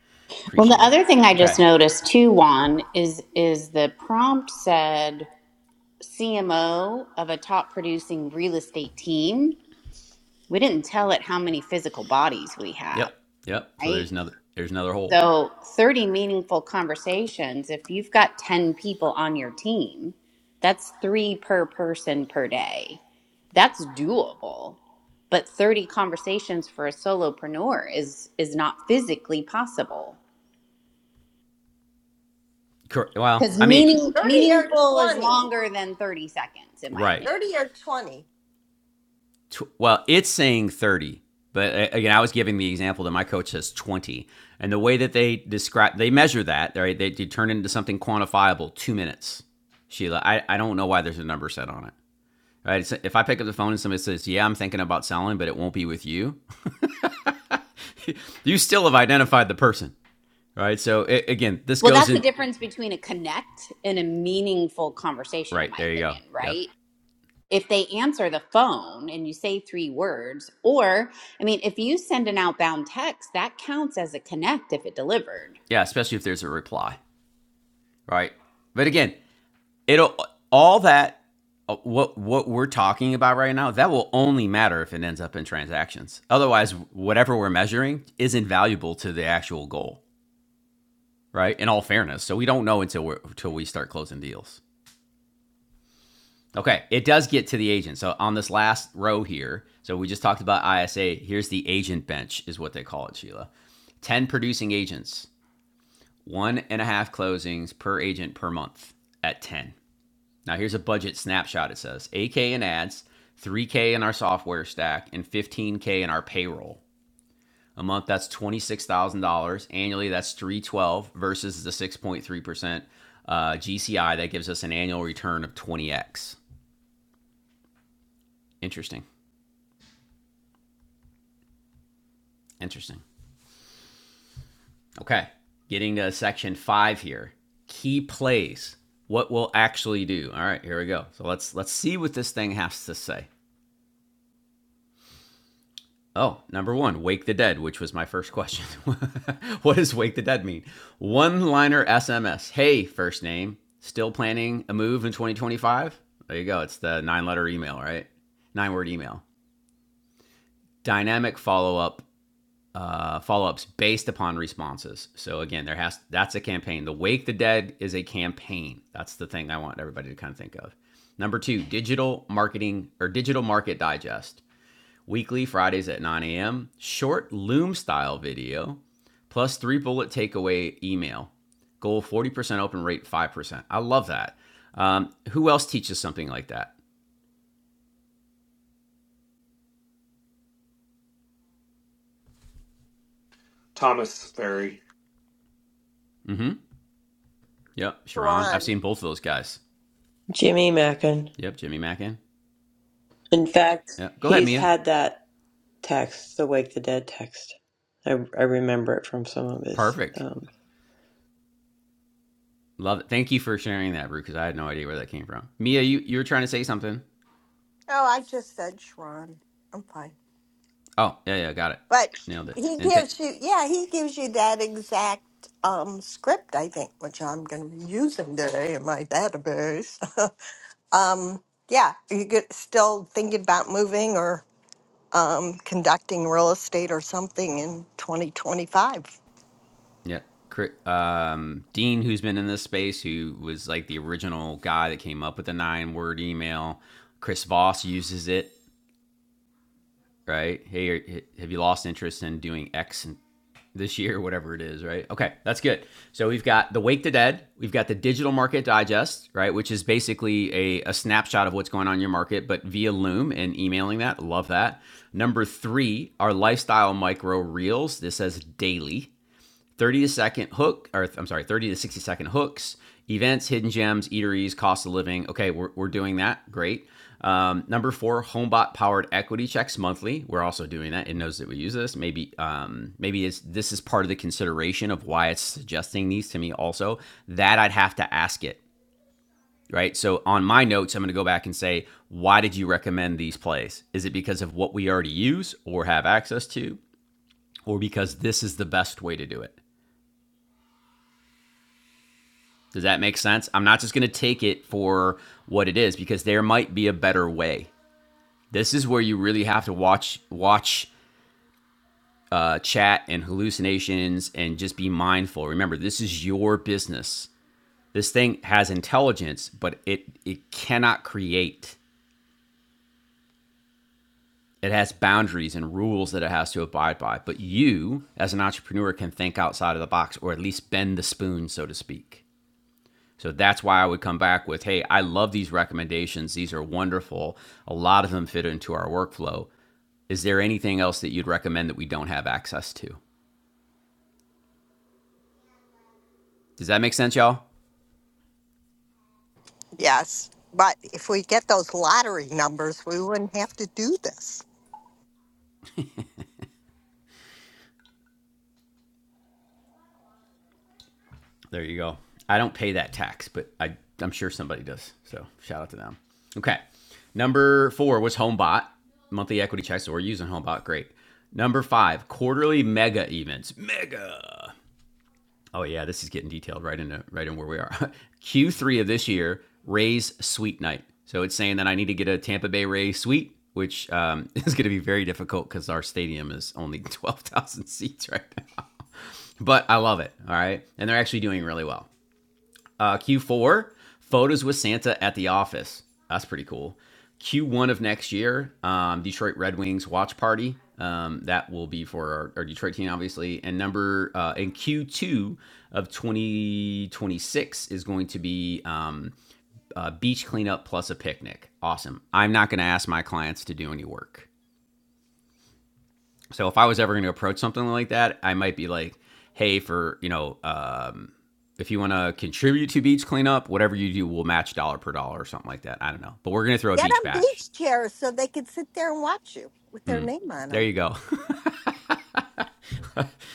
Speaker 2: Well, the
Speaker 1: Appreciate it.
Speaker 2: other thing I
Speaker 1: Okay.
Speaker 2: just noticed too, Juan, is is the prompt said CMO of a top producing real estate team. We didn't tell it how many physical bodies we have,
Speaker 1: Yep. Yep. So
Speaker 2: right?
Speaker 1: there's another there's another hole.
Speaker 2: So 30 meaningful conversations, if you've got 10 people on your team, that's three per person per day. That's doable. But 30 conversations for a solopreneur is is not physically possible.
Speaker 1: Well,
Speaker 2: Because
Speaker 1: I mean,
Speaker 2: meaning
Speaker 10: 30 or
Speaker 2: meaningful is
Speaker 10: 20.
Speaker 2: longer than 30 seconds, in my
Speaker 1: right.
Speaker 2: opinion.
Speaker 10: 30 or 20.
Speaker 1: tw- well, it's saying 30, but uh, again, I was giving the example that my coach says 20. And the way that they describe, they measure that, right? They, they turn it into something quantifiable, two minutes. Sheila, I, I don't know why there's a number set on it. Right? It's- if I pick up the phone and somebody says, "Yeah, I'm thinking about selling, but it won't be with you," you still have identified the person, right? So a- again, this
Speaker 2: Well,
Speaker 1: goes
Speaker 2: that's the
Speaker 1: in
Speaker 2: difference between a connect and a meaningful conversation, in
Speaker 1: right
Speaker 2: my
Speaker 1: there. You go.
Speaker 2: opinion,
Speaker 1: Yep.
Speaker 2: right? if they answer the phone and you say three words, or I mean, if you send an outbound text, that counts as a connect if it delivered.
Speaker 1: Yeah, especially if there's a reply, right? But again, it'll all that uh, what what we're talking about right now that will only matter if it ends up in transactions otherwise whatever we're measuring is invaluable to the actual goal right in all fairness so we don't know until we until we start closing deals okay it does get to the agent so on this last row here so we just talked about isa here's the agent bench is what they call it sheila 10 producing agents one and a half closings per agent per month at 10 Now here's a budget snapshot. It says 8K in ads, 3K in our software stack, and 15K in our payroll. A month that's $26,000. Annually that's 312 versus the 6.3% uh, GCI that gives us an annual return of 20x. Interesting. Interesting. Okay. Getting to section 5 here. Key plays. What we'll actually do. All right, here we go. So let's let's see what this thing has to say. Oh, number one, Wake the Dead, which was my first question. what does Wake the Dead mean? One liner SMS. Hey, first name. Still planning a move in 2025? There you go. It's the nine letter email, right? Nine word email. Dynamic follow up. Uh, follow-ups based upon responses. So again, there has that's a campaign. The Wake the Dead is a campaign. That's the thing I want everybody to kind of think of. Number two, digital marketing or digital market digest weekly Fridays at 9 a.m., short loom style video, plus three bullet takeaway email. Goal 40% open rate, 5%. I love that. Um, who else teaches something like that?
Speaker 11: Thomas Ferry,
Speaker 1: Mm-hmm. Yep, Sharon. I've
Speaker 10: Sharon.
Speaker 1: seen both of those guys.
Speaker 7: Jimmy Mackin.
Speaker 1: Yep, Jimmy Mackin.
Speaker 7: In fact,
Speaker 1: Yep. Go ahead,
Speaker 7: he's
Speaker 1: Mia.
Speaker 7: had that text, the Wake the Dead text. I, I remember it from some of his.
Speaker 1: Perfect.
Speaker 7: Um,
Speaker 1: Love it. Thank you for sharing that, Brew, because I had no idea where that came from. Mia, you, you were trying to say something.
Speaker 10: Oh, I just said Sharon. I'm fine.
Speaker 1: Oh, yeah, yeah, got it.
Speaker 10: But
Speaker 1: Nailed it.
Speaker 10: he
Speaker 1: And th-
Speaker 10: gives you, yeah, he gives you that exact um, script, I think, which I'm going to be using today in my database. um, yeah, you get still thinking about moving or um, conducting real estate or something in 2025.
Speaker 1: Yeah. Um, Dean, who's been in this space, who was like the original guy that came up with the nine word email. Chris Voss uses it, right? Hey, have you lost interest in doing X this year, whatever it is, right? Okay, that's good. So we've got the Wake the Dead, we've got the Digital Market Digest, right? Which is basically a, a snapshot of what's going on in your market, but via Loom and emailing that. Love that. Number three, our lifestyle micro reels. This says daily 30 to second hook, or I'm sorry, 30 to 60 second hooks, events, hidden gems, eateries, cost of living. Okay, we're, we're doing that. Great. Um, number four, Homebot powered equity checks monthly. We're also doing that. It knows that we use this. Maybe um, maybe it's, this is part of the consideration of why it's suggesting these to me. Also, that I'd have to ask it. Right. So on my notes, I'm going to go back and say, why did you recommend these plays? Is it because of what we already use or have access to, or because this is the best way to do it? Does that make sense? I'm not just going to take it for what it is because there might be a better way. This is where you really have to watch watch uh, chat and hallucinations and just be mindful. Remember, this is your business. This thing has intelligence, but it it cannot create. It has boundaries and rules that it has to abide by. But you, as an entrepreneur, can think outside of the box or at least bend the spoon, so to speak. So that's why I would come back with, hey, I love these recommendations. These are wonderful. A lot of them fit into our workflow. Is there anything else that you'd recommend that we don't have access to? Does that make sense, y'all?
Speaker 10: Yes, but if we get those lottery numbers, we wouldn't have to do this.
Speaker 1: There you go. I don't pay that tax, but I, I'm sure somebody does. So shout out to them. Okay. Number four was HomeBot, monthly equity checks. So we're using HomeBot. Great. Number five, quarterly mega events. Oh yeah, this is getting detailed right into right in where we are. Q3 of this year, Rays Sweet Night. So it's saying that I need to get a Tampa Bay Rays Suite, which um, is going to be very difficult because our stadium is only twelve thousand seats right now. But I love it. All right, and they're actually doing really well. Uh, Q4, photos with Santa at the office. That's pretty cool. Q1 of next year, um, Detroit Red Wings watch party. Um, that will be for our, our Detroit team, obviously. And number uh, in Q2 of 2026 is going to be um, a beach cleanup plus a picnic. Awesome. I'm not going to ask my clients to do any work. So if I was ever going to approach something like that, I might be like, hey, for, you know, um, if you want to contribute to beach cleanup, whatever you do, we'll match dollar per dollar or something like that. I don't know. But we're going to throw a
Speaker 10: Get
Speaker 1: beach
Speaker 10: them
Speaker 1: bash.
Speaker 10: beach chairs so they could sit there and watch you with their name on
Speaker 1: There
Speaker 10: them.
Speaker 1: you go.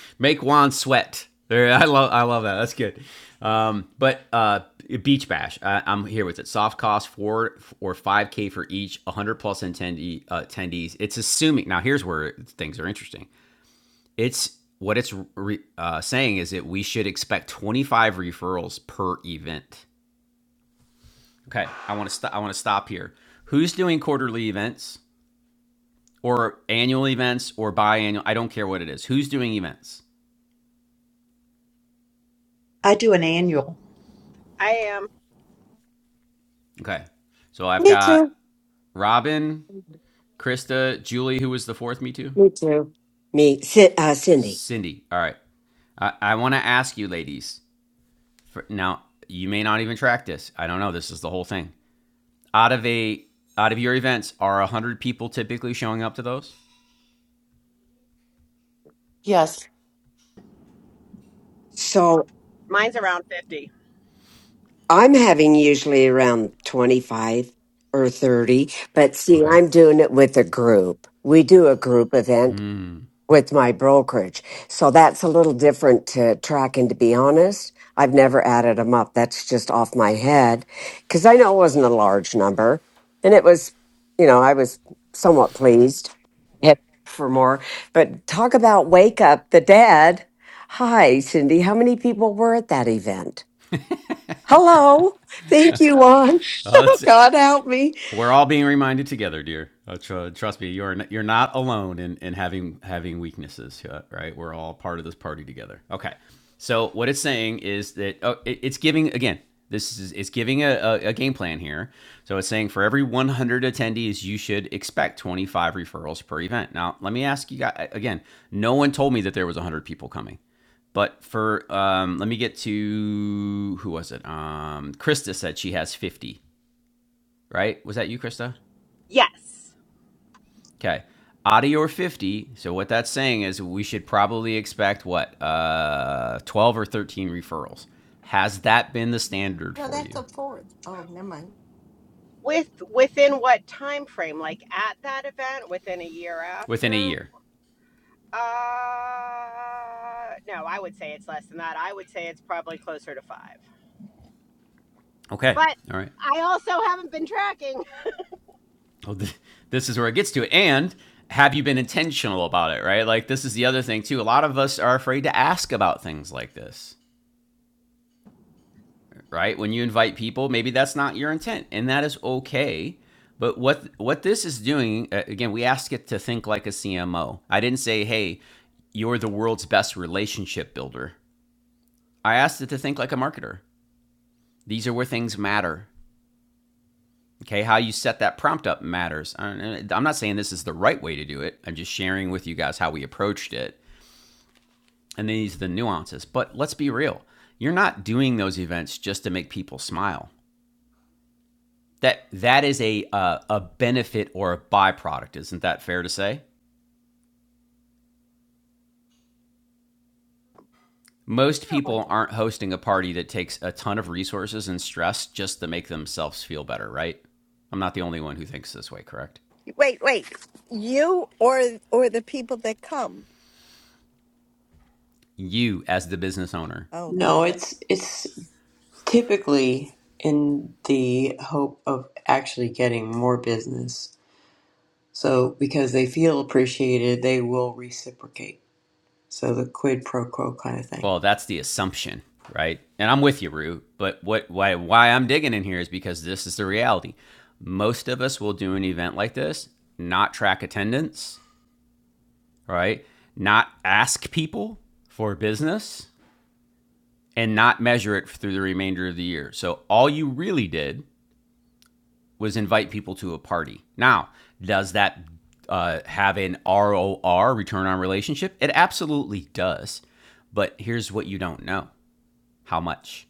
Speaker 1: Make Juan sweat. There, I love, I love that. That's good. Um, but uh, beach bash, I, I'm here with it. Soft cost four or five k for each, 100 plus attendee, uh, attendees. It's assuming now. Here's where things are interesting. it's what it's re, uh, saying is that we should expect 25 referrals per event. Okay, I want to st- I want to stop here. Who's doing quarterly events or annual events or biannual? I don't care what it is. Who's doing events?
Speaker 3: I do an annual.
Speaker 12: I am.
Speaker 1: Okay, so I've
Speaker 9: Me
Speaker 1: got
Speaker 9: too.
Speaker 1: Robin, Krista, Julie, who was the fourth Me Too,
Speaker 8: Me too. Me, Ci- uh, Cindy.
Speaker 1: Cindy. All right, I, I want to ask you, ladies. For, now you may not even track this. I don't know. This is the whole thing. out of a out of your events are 100 people typically showing up to those
Speaker 9: Yes.
Speaker 8: So
Speaker 12: Mine's around 50.
Speaker 8: I'm having usually around 25 or 30, but see,
Speaker 1: okay
Speaker 8: I'm doing it with a group. We do a group event with my brokerage. So that's a little different to tracking, to be honest. I've never added them up. That's just off my head because I know it wasn't a large number. And it was, you know, I was somewhat pleased Yep. for more. But talk about Wake Up the Dead. Hi, Cindy. How many people were at that event? Hello. Thank you, Juan.
Speaker 1: uh, that's
Speaker 8: God help me.
Speaker 1: We're all being reminded together, dear. Uh, tr- trust me, you're n- you're not alone in, in having having weaknesses, uh, right? We're all part of this party together. Okay. So what it's saying is that oh, it, it's giving again. This is it's giving a, a, a game plan here. So it's saying for every 100 attendees, you should expect 25 referrals per event. Now, let me ask you guys again. No one told me that there was 100 people coming. But for um, let me get to who was it? Um, Krista said she has fifty. Right? Was that you, Krista?
Speaker 12: Yes.
Speaker 1: Okay. Adi or 50. So what that's saying is we should probably expect what? Uh 12 or 13 referrals. Has that been the standard
Speaker 10: No,
Speaker 1: for
Speaker 10: that's
Speaker 1: you
Speaker 10: a fourth. Oh, never mind.
Speaker 12: With within what time frame? Like at that event, within a year
Speaker 1: within a
Speaker 12: after?
Speaker 1: year?
Speaker 12: Uh no, I would say it's less than that. I would say it's probably closer to 5.
Speaker 1: Okay.
Speaker 12: But
Speaker 1: All right.
Speaker 12: I also haven't been tracking.
Speaker 1: Well, th- this is where it gets to it. And have you been intentional about it, right? Like this is the other thing too. A lot of us are afraid to ask about things like this. right? When you invite people, maybe that's not your intent, and that is okay. But what what this is doing uh, again, we ask it to think like a CMO. I didn't say, "Hey, you're the world's best relationship builder." I asked it to think like a marketer. These are where things matter. Okay, how you set that prompt up matters. I- I'm not saying this is the right way to do it. I'm just sharing with you guys how we approached it and these are the nuances. But let's be real. You're not doing those events just to make people smile. that that is a uh, a benefit or a byproduct isn't that fair to say most people aren't hosting a party that takes a ton of resources and stress just to make themselves feel better right i'm not the only one who thinks this way correct
Speaker 10: Wait, wait. You or or the people that come?
Speaker 1: you as the business owner
Speaker 10: Oh,
Speaker 7: no,
Speaker 10: got it.
Speaker 7: it's it's typically in the hope of actually getting more business. So because they feel appreciated, they will reciprocate. So the quid pro quo kind of thing.
Speaker 1: well that's the assumption right and i'm with you rue but what why why i'm digging in here is because this is the reality most of us will do an event like this not track attendance right not ask people for business and not measure it through the remainder of the year. So all you really did was invite people to a party. Now, does that uh, have an ROR, return on relationship? It absolutely does. But here's what you don't know how much,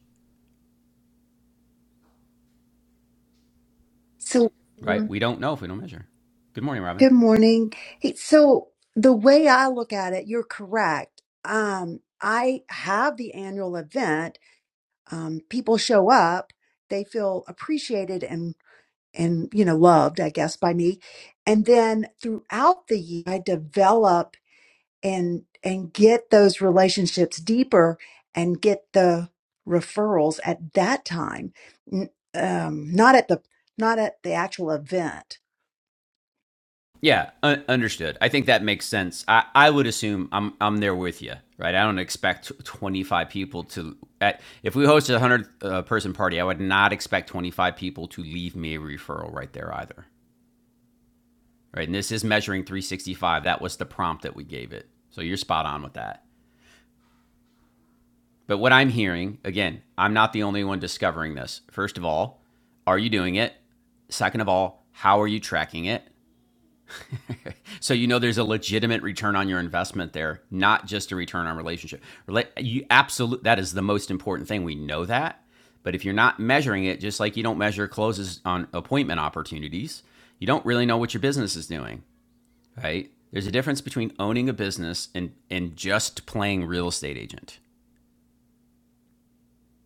Speaker 3: So,
Speaker 1: right? We don't know if we don't measure. Good morning, Robin.
Speaker 3: good morning. Hey, so the way I look at it, you're correct. Um, I have the annual event. Um, people show up, they feel appreciated and and you know loved, I guess, by me. And then throughout the year, I develop and and get those relationships deeper and get the referrals at that time N- um, not at the not at the actual event
Speaker 1: Yeah, un- understood. I think that makes sense. I, I would assume I'm I'm there with you, right? I don't expect 25 people to. At, if we hosted a 100 uh, person party, I would not expect 25 people to leave me a referral right there either, right? And this is measuring 365. That was the prompt that we gave it. So you're spot on with that. But what I'm hearing, again, I'm not the only one discovering this. First of all, are you doing it? Second of all, how are you tracking it? So you know there's a legitimate return on your investment there, not just a return on relationship. You absolute that is the most important thing. We know that, but if you're not measuring it, just like you don't measure closes on appointment opportunities, you don't really know what your business is doing, right? There's a difference between owning a business and and just playing real estate agent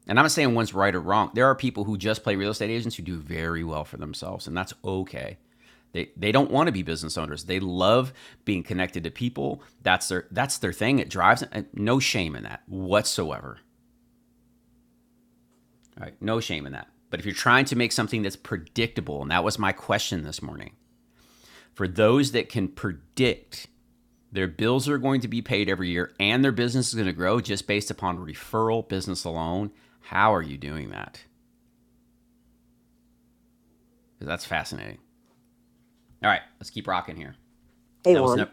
Speaker 1: and I'm not saying one's right or wrong. There are people who just play real estate agents who do very well for themselves, and that's okay. They, they don't want to be business owners. They love being connected to people. That's their that's their thing. It drives. and No shame in that whatsoever. All right, no shame in that. But if you're trying to make something that's predictable, and that was my question this morning, for those that can predict their bills are going to be paid every year and their business is going to grow just based upon referral business alone, how are you doing that? Because that's fascinating. All right, let's keep rocking here.
Speaker 8: Hey,
Speaker 1: That was no,
Speaker 8: Juan,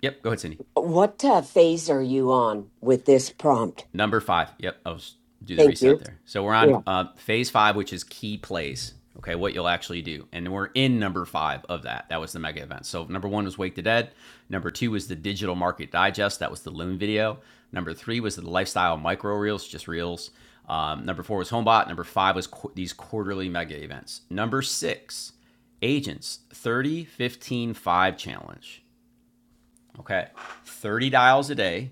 Speaker 1: Yep, go ahead, Cindy.
Speaker 8: what uh, phase are you on with this prompt?
Speaker 1: Number five. Yep, I will do the
Speaker 8: Thank
Speaker 1: reset
Speaker 8: you.
Speaker 1: there. So we're on uh, phase five, which is key plays. Okay, what you'll actually do, and we're in number five of that. That was the mega event. So number one was Wake the Dead. Number two was the Digital Market Digest. That was the Loom video. Number three was the Lifestyle Micro Reels, just reels. Um, number four was Homebot. Number five was qu- these quarterly mega events. Number six, Agents 30 15 5 challenge. Okay. 30 dials a day,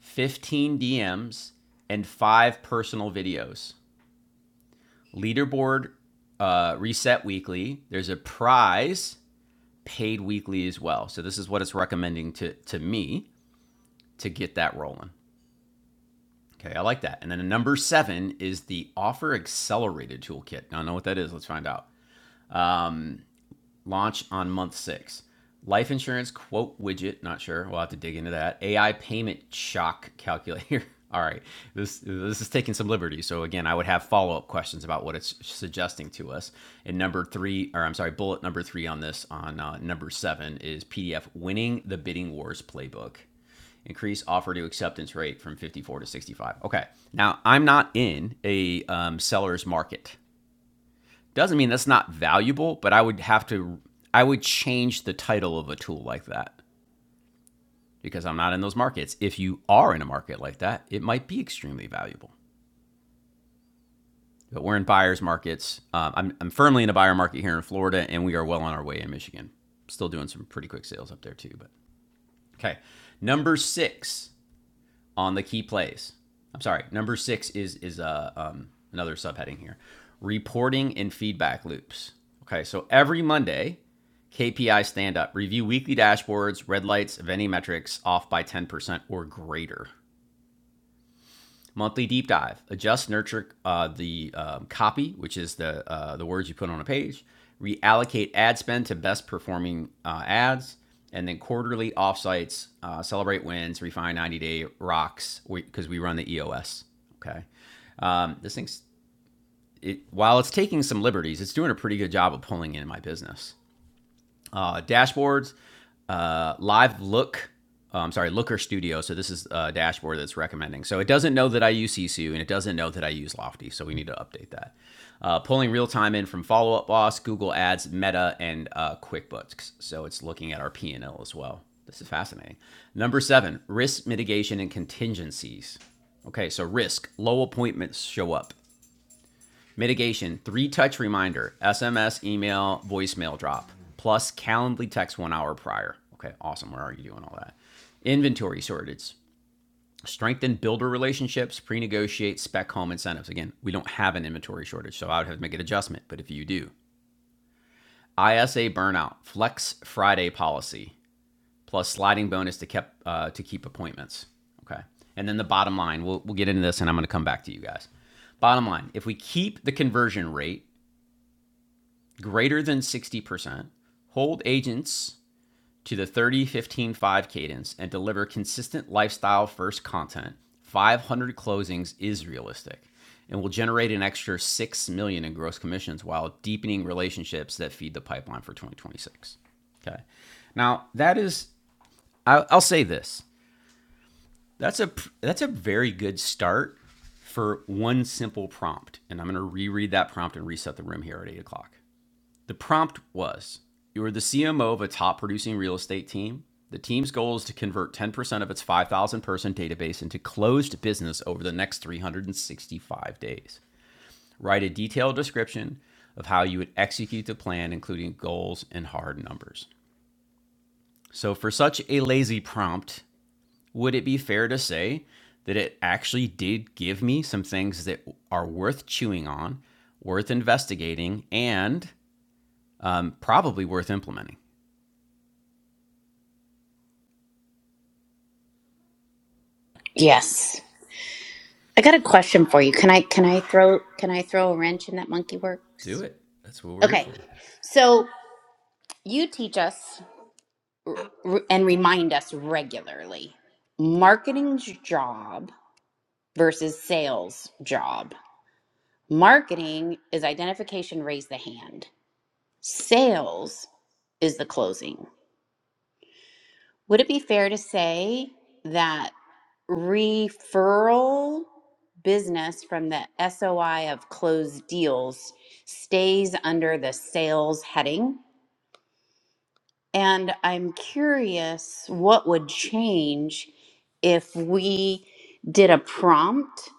Speaker 1: 15 DMs, and five personal videos. Leaderboard uh, reset weekly. There's a prize paid weekly as well. So this is what it's recommending to, to me to get that rolling. Okay, I like that. And then number seven is the Offer Accelerated Toolkit. Now, I know what that is. Let's find out. launch on month six. Life insurance quote widget, not sure. We'll have to dig into that. AI payment shock calculator. All right, this this is taking some liberty. So again, I would have follow up questions about what it's suggesting to us. And number three, or I'm sorry, bullet number three on this on uh, number seven is PDF winning the bidding wars playbook. Increase offer to acceptance rate from 54 to 65. Okay, now I'm not in a um, seller's market. Doesn't mean that's not valuable, but I would have to I would change the title of a tool like that because I'm not in those markets. If you are in a market like that, it might be extremely valuable. But we're in buyers markets. Um, I'm, I'm firmly in a buyer market here in Florida, and we are well on our way in Michigan. Still doing some pretty quick sales up there too. But okay, number six, on the key plays. I'm sorry. Number six is is uh, um, another subheading here: reporting and feedback loops. Okay, so every Monday, KPI stand up, review weekly dashboards, red lights, of any metrics off by 10% or greater monthly deep dive. Adjust, nurture uh, the um, copy, which is the uh, the words you put on a page. Reallocate ad spend to best performing uh, ads, and then quarterly offsites. Uh, celebrate wins. Refine 90 day rocks because we, we run the EOS. Okay, um, this thing's it, while it's taking some liberties, it's doing a pretty good job of pulling in my business uh, dashboards, uh, live look. uh, I'm sorry, Looker Studio. So this is a dashboard that's recommending. So it doesn't know that I use Sisu and it doesn't know that I use Lofty. So we need to update that. Uh, pulling real time in from Follow Up Boss, Google Ads, Meta, and uh, QuickBooks. So it's looking at our P and L as well. This is fascinating. Number seven, risk mitigation and contingencies. Okay, so risk, low appointments show up. Mitigation, three touch reminder, SMS, email, voicemail drop, plus Calendly text one hour prior. Okay, awesome. Where are you doing all that? Inventory shortage, strengthen builder relationships, pre negotiate spec home incentives. Again, we don't have an inventory shortage, so I would have to make an adjustment, but if you do, ISA burnout, flex Friday policy, plus sliding bonus to, kept, uh, to keep appointments. Okay. And then the bottom line, we'll, we'll get into this and I'm going to come back to you guys. Bottom line, if we keep the conversion rate, greater than 60%, hold agents to the 30 15 5 cadence, and deliver consistent lifestyle first content, 500 closings is realistic and will generate an extra 6 million dollars in gross commissions while deepening relationships that feed the pipeline for 2026. Okay. Now, that is I- will say this. That's a that's a very good start for one simple prompt. And I'm going to reread that prompt and reset the room here at eight o'clock. The prompt was You are the CMO of a top producing real estate team. The team's goal is to convert 10% of its 5,000 person database into closed business over the next 365 days. Write a detailed description of how you would execute the plan, including goals and hard numbers. So, for such a lazy prompt, would it be fair to say that it actually did give me some things that are worth chewing on, worth investigating, and um, probably worth implementing?
Speaker 2: Yes. I got a question for you. Can I can I throw can I throw a wrench in that monkey
Speaker 1: Do
Speaker 2: works?
Speaker 1: it. That's what we're here
Speaker 2: Okay,
Speaker 1: for.
Speaker 2: so you teach us r- r- and remind us regularly marketing's job versus sales job. Marketing is identification, raise the hand. Sales is the closing. Would it be fair to say that referral business from the SOI of closed deals stays under the sales heading? And I'm curious what would change if we did a prompt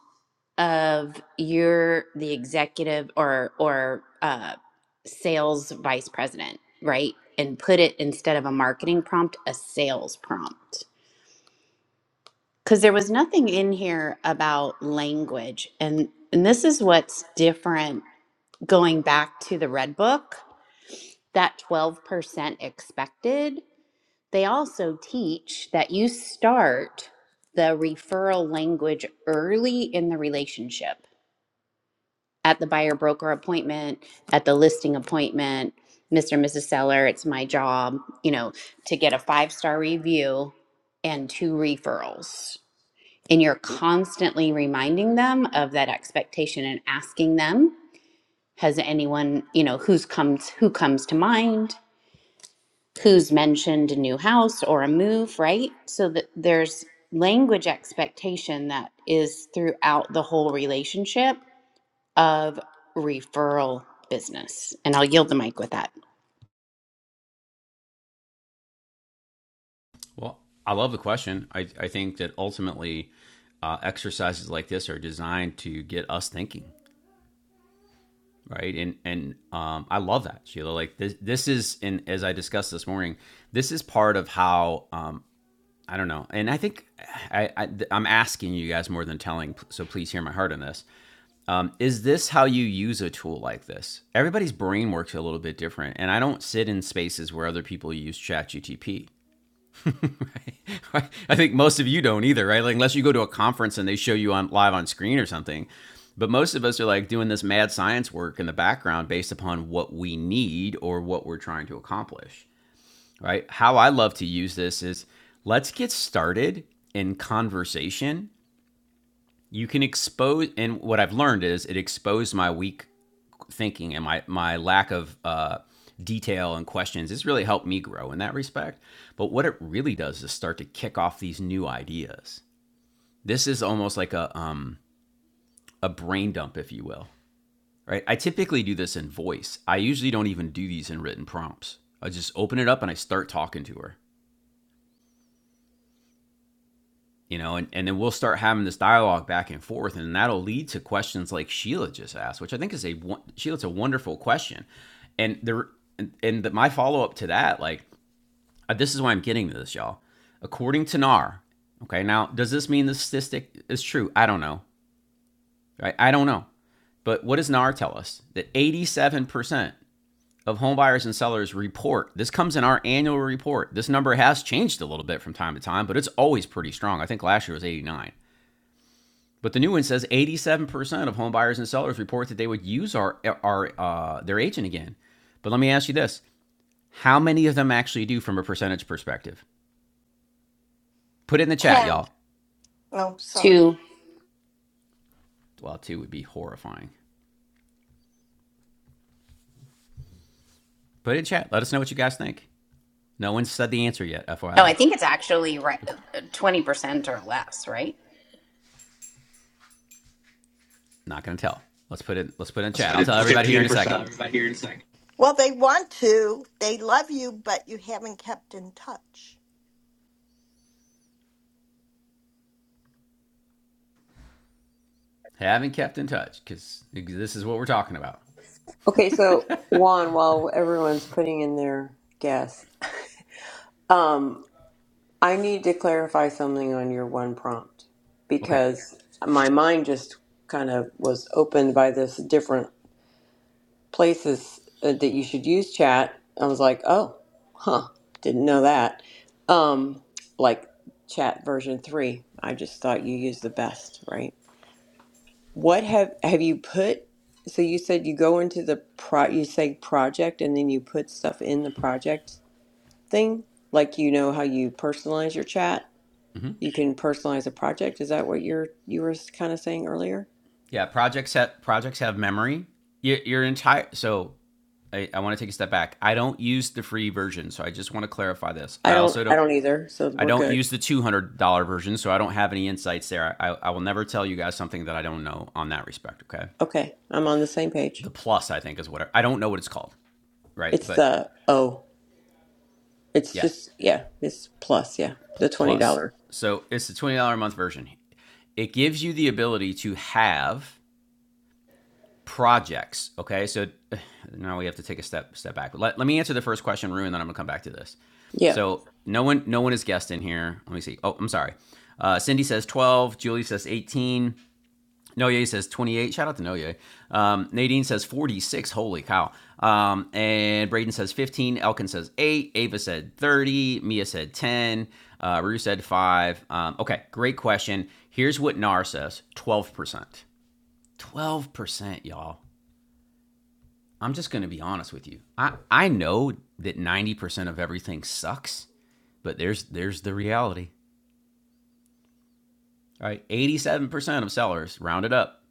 Speaker 2: of your the executive or or uh, sales vice president, right? And put it instead of a marketing prompt, a sales prompt. because there was nothing in here about language and and this is what's different going back to the red book that 12% expected they also teach that you start the referral language early in the relationship at the buyer broker appointment at the listing appointment mr and mrs seller it's my job you know to get a five star review and two referrals and you're constantly reminding them of that expectation and asking them has anyone you know who's comes who comes to mind who's mentioned a new house or a move right so that there's language expectation that is throughout the whole relationship of referral business and i'll yield the mic with that
Speaker 1: Well, I love the question. I, I think that ultimately, uh, exercises like this are designed to get us thinking, right? And and um, I love that, Sheila. Like this, this is, and as I discussed this morning, this is part of how um, I don't know. And I think I, I I'm asking you guys more than telling, so please hear my heart on this. Um, is this how you use a tool like this? Everybody's brain works a little bit different, and I don't sit in spaces where other people use ChatGTP. I think most of you don't either, right? Like unless you go to a conference and they show you on live on screen or something. But most of us are like doing this mad science work in the background based upon what we need or what we're trying to accomplish, right? How I love to use this is let's get started in conversation you can expose and what i've learned is it exposed my weak thinking and my my lack of uh, detail and questions it's really helped me grow in that respect but what it really does is start to kick off these new ideas this is almost like a um a brain dump if you will right i typically do this in voice i usually don't even do these in written prompts i just open it up and i start talking to her you know and, and then we'll start having this dialogue back and forth and that'll lead to questions like sheila just asked which i think is a sheila's a wonderful question and there and, and the, my follow-up to that like uh, this is why i'm getting to this y'all according to nar okay now does this mean the statistic is true i don't know right i don't know but what does nar tell us that 87% of home buyers and sellers report this comes in our annual report this number has changed a little bit from time to time but it's always pretty strong i think last year was 89 But the new one says 87% of home buyers and sellers report that they would use our, our uh, their agent again. But let me ask you this how many of them actually do from a percentage perspective? Put it in the chat,
Speaker 10: Ten.
Speaker 1: y'all.
Speaker 10: Oh, sorry.
Speaker 2: to
Speaker 1: Well, two would be horrifying. Put it in chat. Let us know what you guys think. No one's said the answer yet,
Speaker 2: No, I
Speaker 1: FYI.
Speaker 2: think it's actually right, 20% or less, right?
Speaker 1: Not gonna tell. Let's put it. Let's put it in chat. I'll tell everybody here
Speaker 11: fifteen
Speaker 1: in a second.
Speaker 11: percent.
Speaker 10: Well, they want to. They love you, but you haven't kept in touch.
Speaker 1: Haven't kept in touch because this is what we're talking about.
Speaker 7: Okay, so Juan, while everyone's putting in their guess, um, I need to clarify something on your one prompt
Speaker 1: Okay.
Speaker 7: because my mind just kind of was opened by this different places uh, that you should use chat. I was like, oh, huh, didn't know that. Um, like chat version three, I just thought you used the best, right? What have have you put? So you said you go into the pro, you say project, and then you put stuff in the project thing. Like you know how you personalize your chat. You can personalize a project. Is that what you're you were kind of saying earlier?
Speaker 1: Yeah, projects have projects have memory. Your, your entire so, I, I want to take a step back. I don't use the free version, so I just want to clarify this.
Speaker 7: I
Speaker 1: I
Speaker 7: don't
Speaker 1: also
Speaker 7: I
Speaker 1: don't
Speaker 7: don't either. So
Speaker 1: I
Speaker 7: we're
Speaker 1: don't
Speaker 7: good.
Speaker 1: use the two hundred dollar version, so I don't have any insights there. I, I will never tell you guys something that I don't know on that respect. Okay,
Speaker 7: Okay, I'm on the same page.
Speaker 1: the plus I think is what I, I don't know what it's called, right?
Speaker 7: It's
Speaker 1: But
Speaker 7: the oh, it's
Speaker 1: yeah,
Speaker 7: just yeah, it's plus yeah, the twenty
Speaker 1: plus.
Speaker 7: dollar.
Speaker 1: So it's the twenty dollar a month version. It gives you the ability to have projects. Okay, so now we have to take a step step back. Let, let me answer the first question, Rue, and then I'm gonna come back to this.
Speaker 7: Yeah,
Speaker 1: So no one no one is guessed in here. Let me see. Oh, I'm sorry. Uh, Cindy says 12. Julie says 18. Noye says 28. Shout out to Noye. Um, Nadine says 46. Holy cow. Um, and Braden says 15. Elkin says 8. Ava said 30. Mia said 10. Uh, Rue said 5. Um, okay, great question. Here's what NAR says 12%. 12%, y'all. I'm just going to be honest with you. I I know that 90% of everything sucks, but there's there's the reality. All right, 87% of sellers rounded up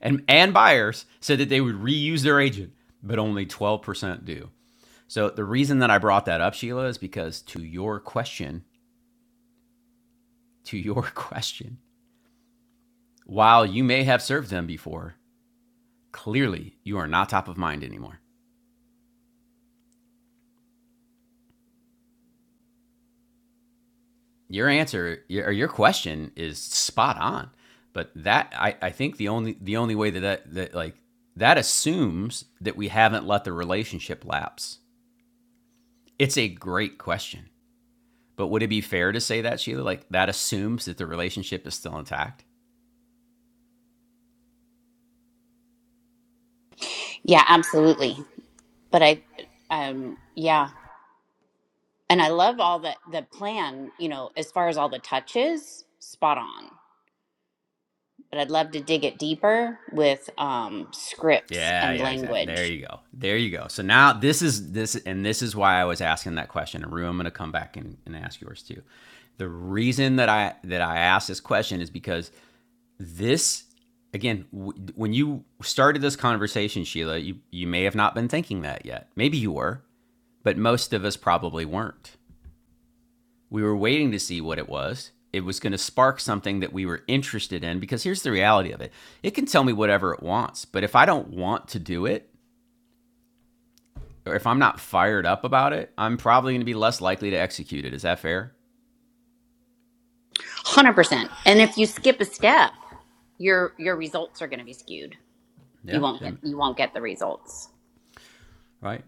Speaker 1: and and buyers said that they would reuse their agent, but only 12% do. So the reason that I brought that up, Sheila, is because to your question, to your question, while you may have served them before, clearly you are not top of mind anymore. your answer or your question is spot on. But that I, I think the only the only way that, that that like that assumes that we haven't let the relationship lapse. It's a great question. But would it be fair to say that, Sheila? Like that assumes that the relationship is still intact?
Speaker 2: yeah absolutely but i um yeah And I love all the the plan, you know, as far as all the touches, spot on. But I'd love to dig it deeper with um, scripts
Speaker 1: Yeah,
Speaker 2: and
Speaker 1: yeah, exactly. There
Speaker 2: language,
Speaker 1: you go. There you go. So now this is this and this is why I was asking that question. And Rue, I'm gonna come back and, and ask yours too. The reason that I that I asked this question is because this again w- when you started this conversation sheila you, you may have not been thinking that yet maybe you were but most of us probably weren't we were waiting to see what it was it was going to spark something that we were interested in because here's the reality of it it can tell me whatever it wants but if i don't want to do it or if i'm not fired up about it i'm probably going to be less likely to execute it is that fair
Speaker 2: one hundred percent. And if you skip a step, your your results are going to be skewed. You
Speaker 1: yeah
Speaker 2: won't get you won't get the results.
Speaker 1: right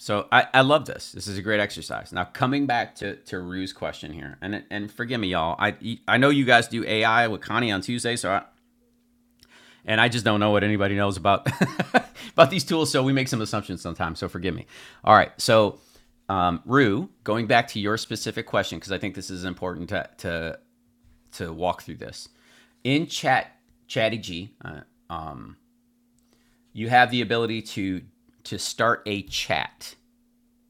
Speaker 1: so I, I love this. This is a great exercise. Now coming back to to Rue's question here, and and forgive me, y'all. I I know you guys do AI with Connie on Tuesday, so I, and I just don't know what anybody knows about about these tools. So we make some assumptions sometimes. So forgive me. All right, so um, Rue, going back to your specific question because I think this is important to to to walk through this in chat chatty uh, you have the ability to to start a chat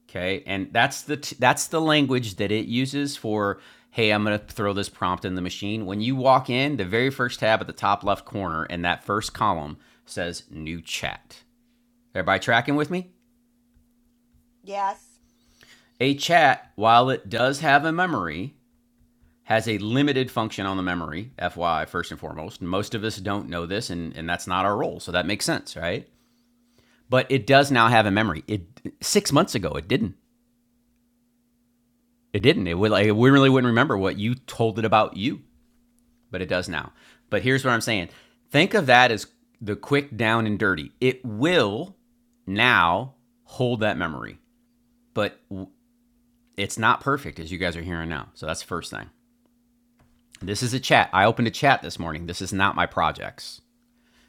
Speaker 1: Okay, and that's the t- that's the language that it uses for hey, I'm going to throw this prompt in the machine. When you walk in, the very first tab at the top left corner in that first column says new chat. Everybody tracking with me?
Speaker 10: Yes.
Speaker 1: A chat, while it does have a memory, has a limited function on the memory, FYI, first and foremost. Most of us don't know this, and, and that's not our role. So that makes sense, right? But it does now have a memory. It six months ago it didn't. It didn't. It would like we really wouldn't remember what you told it about you. but it does now. But here's what I'm saying think of that as the quick down and dirty. It will now hold that memory, but it's not perfect as you guys are hearing now. So that's the first thing. This is a chat. I opened a chat this morning. This is not my projects.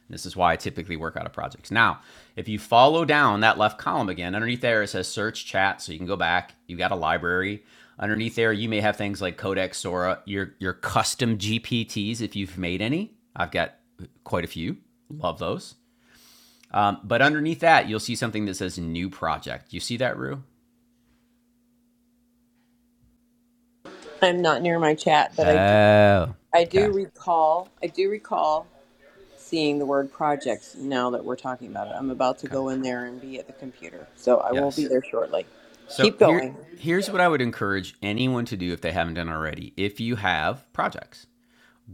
Speaker 1: This is why I typically work out of projects. Now, if you follow down that left column again, underneath there it says search chat, so you can go back. You have got a library. Underneath there, you may have things like Codex, Sora, your your custom GPTs if you've made any. I've got quite a few. Love those. Um, but underneath that, you'll see something that says new project. You see that, Rue?
Speaker 7: I'm not near my chat, but I do,
Speaker 1: Oh,
Speaker 7: I do
Speaker 1: okay,
Speaker 7: recall I do recall seeing the word projects now that we're talking about it. I'm about to
Speaker 1: okay,
Speaker 7: go in there and be at the computer, so I will be
Speaker 1: yes.
Speaker 7: there shortly.
Speaker 1: So
Speaker 7: Keep
Speaker 1: here,
Speaker 7: going.
Speaker 1: here's what I would encourage anyone to do if they haven't done already. If you have projects,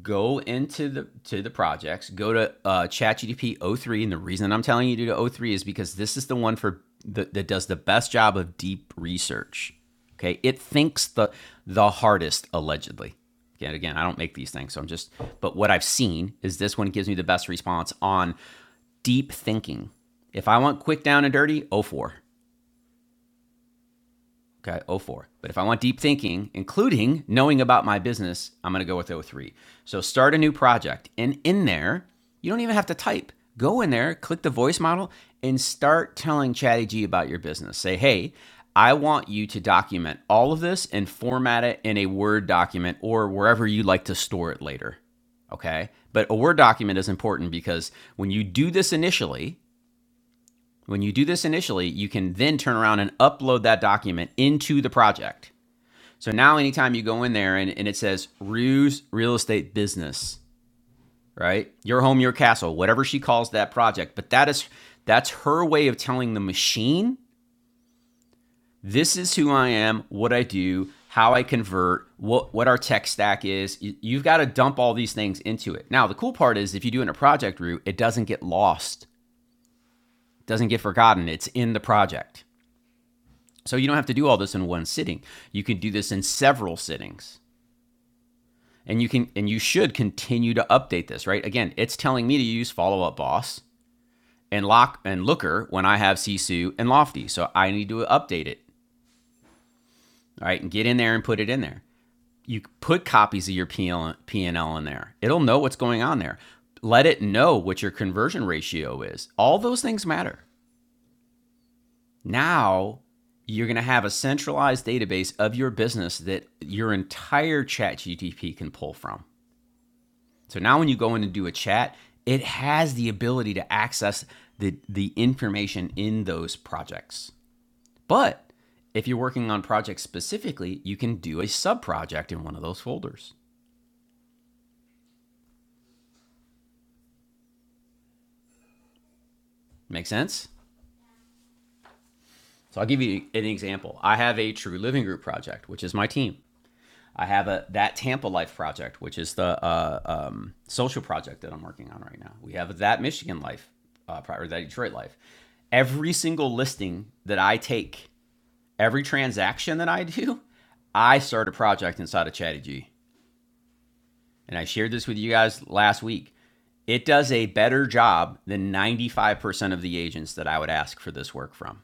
Speaker 1: go into the to the projects go to uh, chatgdp 03 and the reason i'm telling you to do oh 03 is because this is the one for the, that does the best job of deep research okay it thinks the the hardest allegedly again again i don't make these things so i'm just but what i've seen is this one gives me the best response on deep thinking if i want quick down and dirty oh 04 Okay, oh 04. But if I want deep thinking, including knowing about my business, I'm going to go with oh 03. So start a new project. And in there, you don't even have to type. Go in there, click the voice model, and start telling ChatGPT about your business. Say, hey, I want you to document all of this and format it in a Word document or wherever you like to store it later. Okay. But a Word document is important because when you do this initially, when you do this initially, you can then turn around and upload that document into the project. So now, anytime you go in there and, and it says Ruse Real Estate Business, right? Your home, your castle, whatever she calls that project. But that is that's her way of telling the machine, this is who I am, what I do, how I convert, what what our tech stack is. You, you've got to dump all these things into it. Now, the cool part is if you do it in a project route, it doesn't get lost, doesn't get forgotten. It's in the project. So you don't have to do all this in one sitting. You can do this in several sittings. And you can and you should continue to update this, right? Again, it's telling me to use follow up boss and lock and looker when I have Sisu and Lofty. So I need to update it, right? And get in there and put it in there. You put copies of your P and L in there. It'll know what's going on there. Let it know what your conversion ratio is. All those things matter. Now you're going to have a centralized database of your business that your entire chat can pull from. So now when you go in and do a chat, it has the ability to access the, the information in those projects. But if you're working on projects specifically, you can do a sub project in one of those folders. Make sense? So I'll give you an example. I have a True Living Group project, which is my team. I have a that Tampa Life project, which is the uh, um, social project that I'm working on right now. We have that Michigan Life uh, or that Detroit Life. Every single listing that I take, every transaction that I do, I start a project inside of Chatty G. And I shared this with you guys last week. It does a better job than 95% of the agents that I would ask for this work from.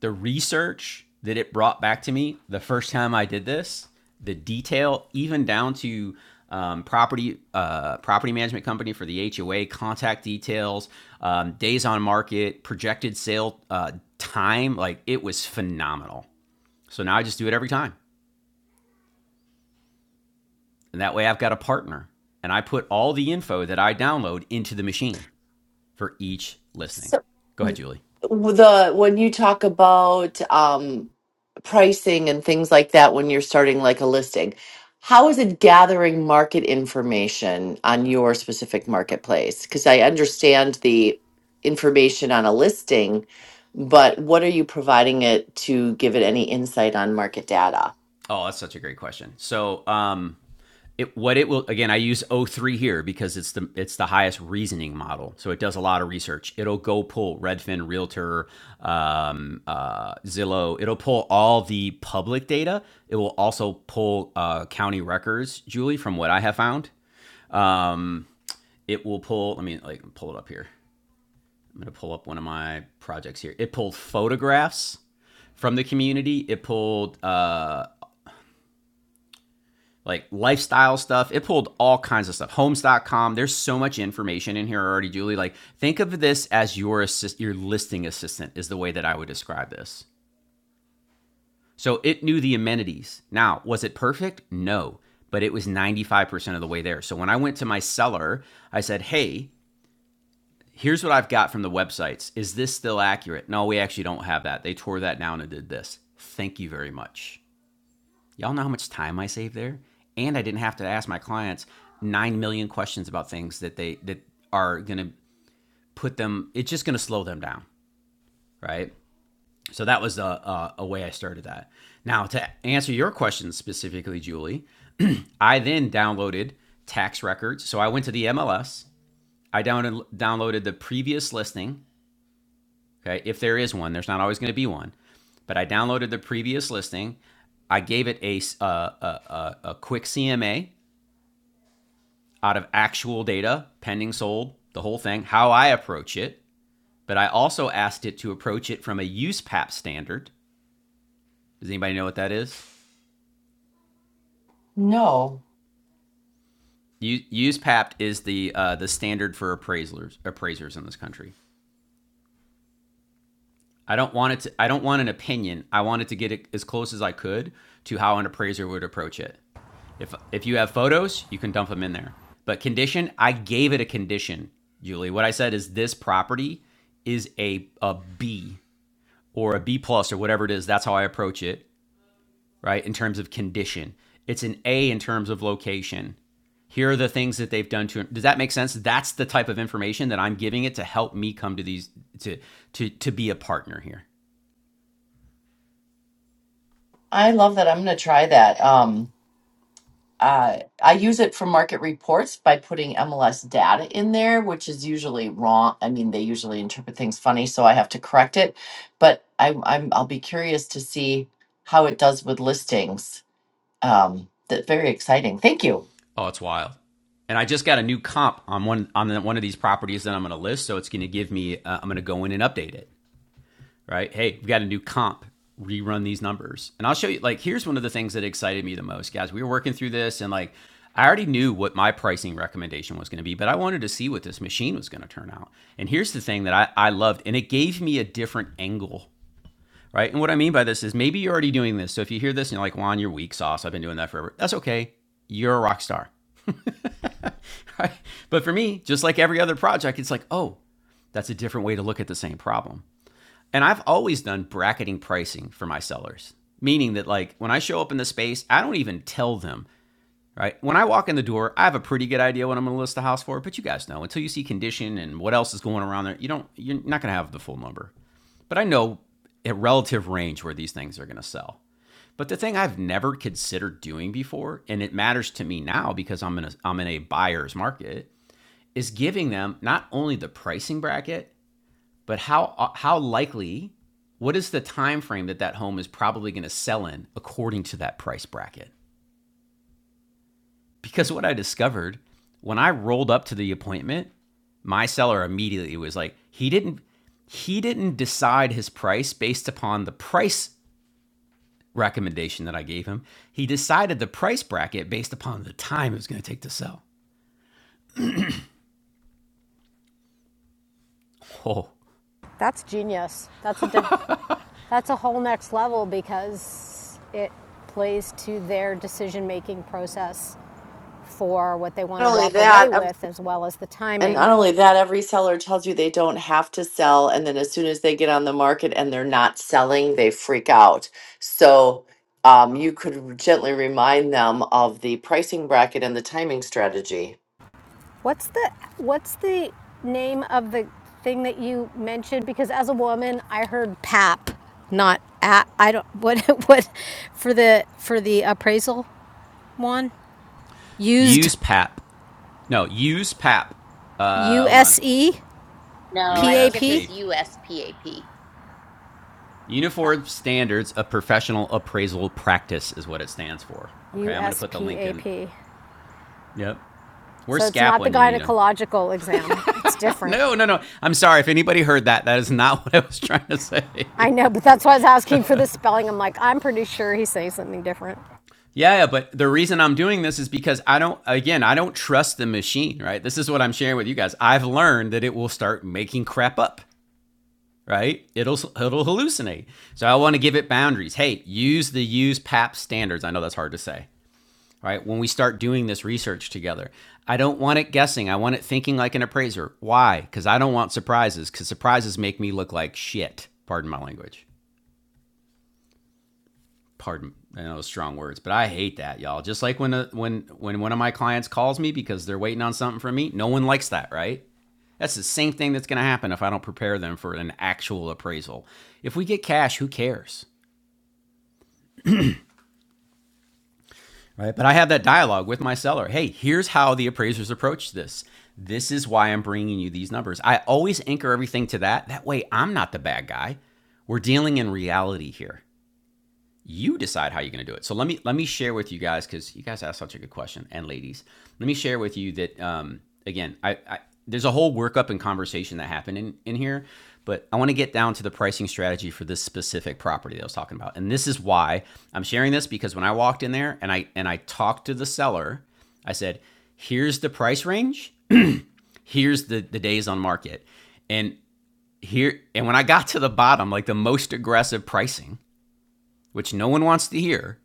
Speaker 1: the research that it brought back to me the first time I did this, the detail, even down to um, property uh, property management company for the HOA, contact details, um, days on market, projected sale uh, time, like it was phenomenal. So now I just do it every time, and that way I've got a partner, and I put all the info that I download into the machine for each listing.
Speaker 9: So
Speaker 1: Go ahead, Julie.
Speaker 9: the when you talk about um pricing and things like that when you're starting like a listing, how is it gathering market information on your specific marketplace? Because I understand the information on a listing, but what are you providing it to give it any insight on market data?
Speaker 1: Oh, that's such a great question. So, um, it, what it will again, I use O three here because it's the it's the highest reasoning model. So it does a lot of research. It'll go pull Redfin, Realtor, um, uh, Zillow. It'll pull all the public data. It will also pull uh, county records, Julie, from what I have found. Um, it will pull. Let me like pull it up here. I'm gonna pull up one of my projects here. It pulled photographs from the community. It pulled uh, like lifestyle stuff. It pulled all kinds of stuff. Homes.com. There's so much information in here already, Julie. Like think of this as your assist, your listing assistant is the way that I would describe this. So it knew the amenities. Now, was it perfect? No, but it was 95% of the way there. So when I went to my seller, I said, "Hey, here's what I've got from the websites. Is this still accurate?" No, we actually don't have that. They tore that down and did this. Thank you very much. Y'all know how much time I saved there, and I didn't have to ask my clients nine million questions about things that they that are gonna put them. It's just gonna slow them down, right? So that was a, a, a way I started that. Now to answer your question specifically, Julie, I then downloaded tax records. So I went to the MLS. I down- downloaded the previous listing. Okay, if there is one, there's not always going to be one, but I downloaded the previous listing. I gave it a a a a quick CMA, out of actual data, pending sold, the whole thing, how I approach it. But I also asked it to approach it from a USPAP standard. Does anybody know what that is?
Speaker 9: No.
Speaker 1: USPAP is the uh, the standard for appraisers appraisers in this country. I don't want it to. I don't want an opinion. I wanted to get it as close as I could to how an appraiser would approach it. If if you have photos, you can dump them in there. But condition, I gave it a condition, Julie. What I said is this property is a a B or a B plus or whatever it is. That's how I approach it, right? In terms of condition, it's an A in terms of location. Here are the things that they've done to. it. Does that make sense? That's the type of information that I'm giving it to help me come to these to to to be a partner here.
Speaker 9: I love that. I'm going to try that. Um, uh, I use it for market reports by putting MLS data in there, which is usually wrong. I mean, they usually interpret things funny, so I have to correct it. But I, I'm I'll be curious to see how it does with listings. Um, that's very exciting. Thank you.
Speaker 1: Oh, it's wild. And I just got a new comp on one on one of these properties that I'm going to list, so it's going to give me. Uh, I'm going to go in and update it. right? Hey, we've got a new comp. Rerun these numbers. And I'll show you, like, here's one of the things that excited me the most, guys. We were working through this and, like, I already knew what my pricing recommendation was going to be, but I wanted to see what this machine was going to turn out. And here's the thing that I, I loved, and it gave me a different angle, right? And what I mean by this is maybe you're already doing this. So if you hear this and you're like, Juan, you're weak sauce. I've been doing that forever. That's okay. You're a rock star. Right? But for me, just like every other project, it's like, oh, that's a different way to look at the same problem. And I've always done bracketing pricing for my sellers, meaning that like when I show up in the space, I don't even tell them, right? When I walk in the door, I have a pretty good idea what I'm going to list the house for, but you guys know until you see condition and what else is going around there, you don't you're not going to have the full number. But I know a relative range where these things are going to sell. But the thing I've never considered doing before, and it matters to me now because I'm in a I'm in a buyer's market, is giving them not only the pricing bracket, but how uh, how likely? What is the time frame that that home is probably going to sell in according to that price bracket? Because what I discovered when I rolled up to the appointment, my seller immediately was like, he didn't he didn't decide his price based upon the price recommendation that I gave him. He decided the price bracket based upon the time it was going to take to sell. Oh,
Speaker 13: That's genius. That's a that's a whole next level because it plays to their decision making process for what they want
Speaker 9: Not
Speaker 13: to
Speaker 9: only
Speaker 13: walk away
Speaker 9: that,
Speaker 13: with as well as the
Speaker 9: And
Speaker 13: timing.
Speaker 9: not only that, every seller tells you they don't have to sell. And then as soon as they get on the market and they're not selling, they freak out. So um, you could gently remind them of the pricing bracket and the timing strategy.
Speaker 13: What's the what's the name of the thing that you mentioned because as a woman I heard pap not I I don't what what for the for the appraisal one used
Speaker 1: use PAP. No, use PAP. Uh,
Speaker 13: U
Speaker 1: hold on.
Speaker 13: S E
Speaker 2: No,
Speaker 13: P
Speaker 2: I
Speaker 13: A
Speaker 2: think it's
Speaker 13: P
Speaker 2: just
Speaker 1: USPAP.
Speaker 2: USPAP.
Speaker 1: Uniform Standards of Professional Appraisal Practice is what it stands for. Okay,
Speaker 13: U
Speaker 1: I'm going to
Speaker 13: S
Speaker 1: put the
Speaker 13: P
Speaker 1: link
Speaker 13: A
Speaker 1: in.
Speaker 13: P
Speaker 1: Yep.
Speaker 13: So
Speaker 1: Where's
Speaker 13: it's
Speaker 1: SCAP
Speaker 13: not the
Speaker 1: when you need them?
Speaker 13: gynecological exam. It's different.
Speaker 1: No, no, no. I'm sorry if anybody heard that. That is not what I was trying to
Speaker 13: I
Speaker 1: say.
Speaker 13: know, but that's why I was asking for the spelling. I'm like, I'm pretty sure he's saying something different.
Speaker 1: yeah, yeah, but the reason I'm doing this is because I don't, again, I don't trust the machine, right? This is what I'm sharing with you guys. I've learned that it will start making crap up, right? It'll it'll hallucinate. So I want to give it boundaries. Hey, use the use PAP standards. I know that's hard to say. right? When we start doing this research together, I don't want it guessing. I want it thinking like an appraiser. Why? Because I don't want surprises, because surprises make me look like shit. Pardon my language. Pardon, I know strong words, but I hate that, y'all. Just like when a, when when one of my clients calls me because they're waiting on something from me, no one likes that, right? That's the same thing that's going to happen if I don't prepare them for an actual appraisal. If we get cash, who cares? right? But I have that dialogue with my seller. Hey, here's how the appraisers approach this. This is why I'm bringing you these numbers. I always anchor everything to that. That way, I'm not the bad guy. We're dealing in reality here you decide how you're going to do it. So let me let me share with you guys because you guys asked such a good question, and ladies, let me share with you that um, again, I, I there's a whole workup and conversation that happened in in here, but I want to get down to the pricing strategy for this specific property that I was talking about, and this is why I'm sharing this because when I walked in there and I and I talked to the seller, I said, "Here's the price range. Here's the the days on market," and here and when I got to the bottom, like the most aggressive pricing, which no one wants to hear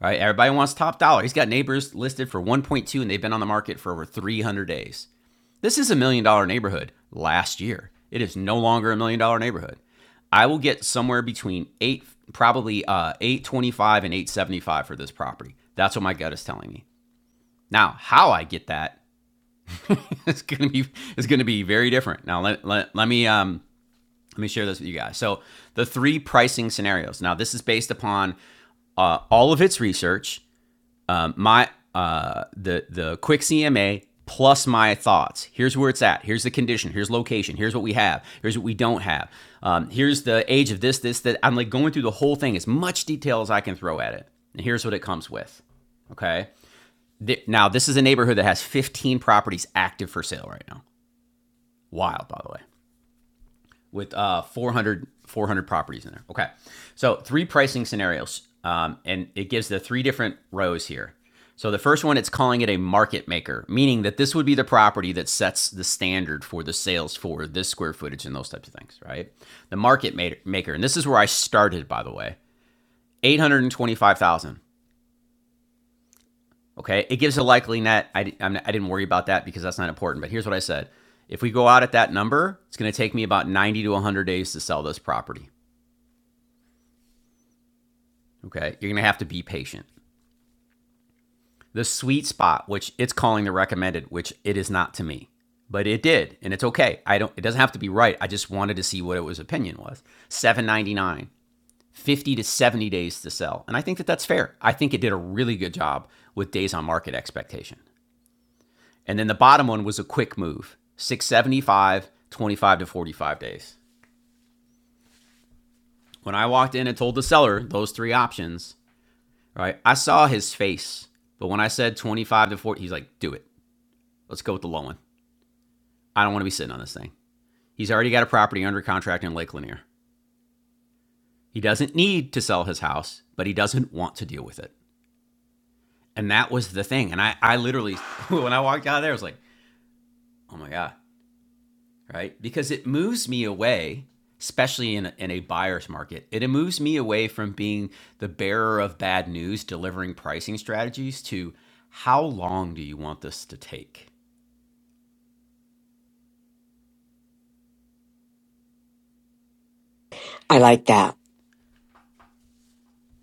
Speaker 1: right? Everybody wants top dollar. He's got neighbors listed for 1.2 and they've been on the market for over 300 days. This is a million dollar neighborhood last year. It is no longer a million dollar neighborhood. I will get somewhere between 8 probably uh 825 and 875 for this property. That's what my gut is telling me. Now, how I get that is going to be is going to be very different. Now, let, let, let me um let me share this with you guys. So, the three pricing scenarios. Now, this is based upon uh, all of its research um, my uh, the the quick CMA plus my thoughts. Here's where it's at. Here's the condition. Here's location. Here's what we have. Here's what we don't have. Um, here's the age of this, this, that. I'm like going through the whole thing as much detail as I can throw at it. And here's what it comes with. Okay. now this is a neighborhood that has 15 properties active for sale right now. Wild, by the way with uh, 400, 400 properties in there. Okay. So three pricing scenarios. Um, and it gives the three different rows here. So the first one, it's calling it a market maker, meaning that this would be the property that sets the standard for the sales for this square footage and those types of things, right? The market maker, and this is where I started, by the way, 825,000. Okay. It gives a likely net. I, i did not worry about that because that's not important, but here's what I said. If we go out at that number, it's going to take me about 90 to 100 days to sell this property. Okay. You're going to have to be patient. The sweet spot, which it's calling the recommended, which it is not to me, but it did, and it's okay. I don't. It doesn't have to be right. I just wanted to see what it was opinion was. seven ninety nine, fifty to 70 days to sell. And I think that that's fair. I think it did a really good job with days on market expectation. And then the bottom one was a quick move six seventy five, twenty five to 45 days. When I walked in and told the seller those three options, right, I saw his face. But when I said 25 to 40, he's like, do it. Let's go with the low one. I don't want to be sitting on this thing. He's already got a property under contract in Lake Lanier. He doesn't need to sell his house, but he doesn't want to deal with it. And that was the thing. And I, I literally, when I walked out of there, I was like, oh my God, right? Because it moves me away, especially in a, in a buyer's market, it moves me away from being the bearer of bad news, delivering pricing strategies to how long do you want this to take?
Speaker 8: I like that.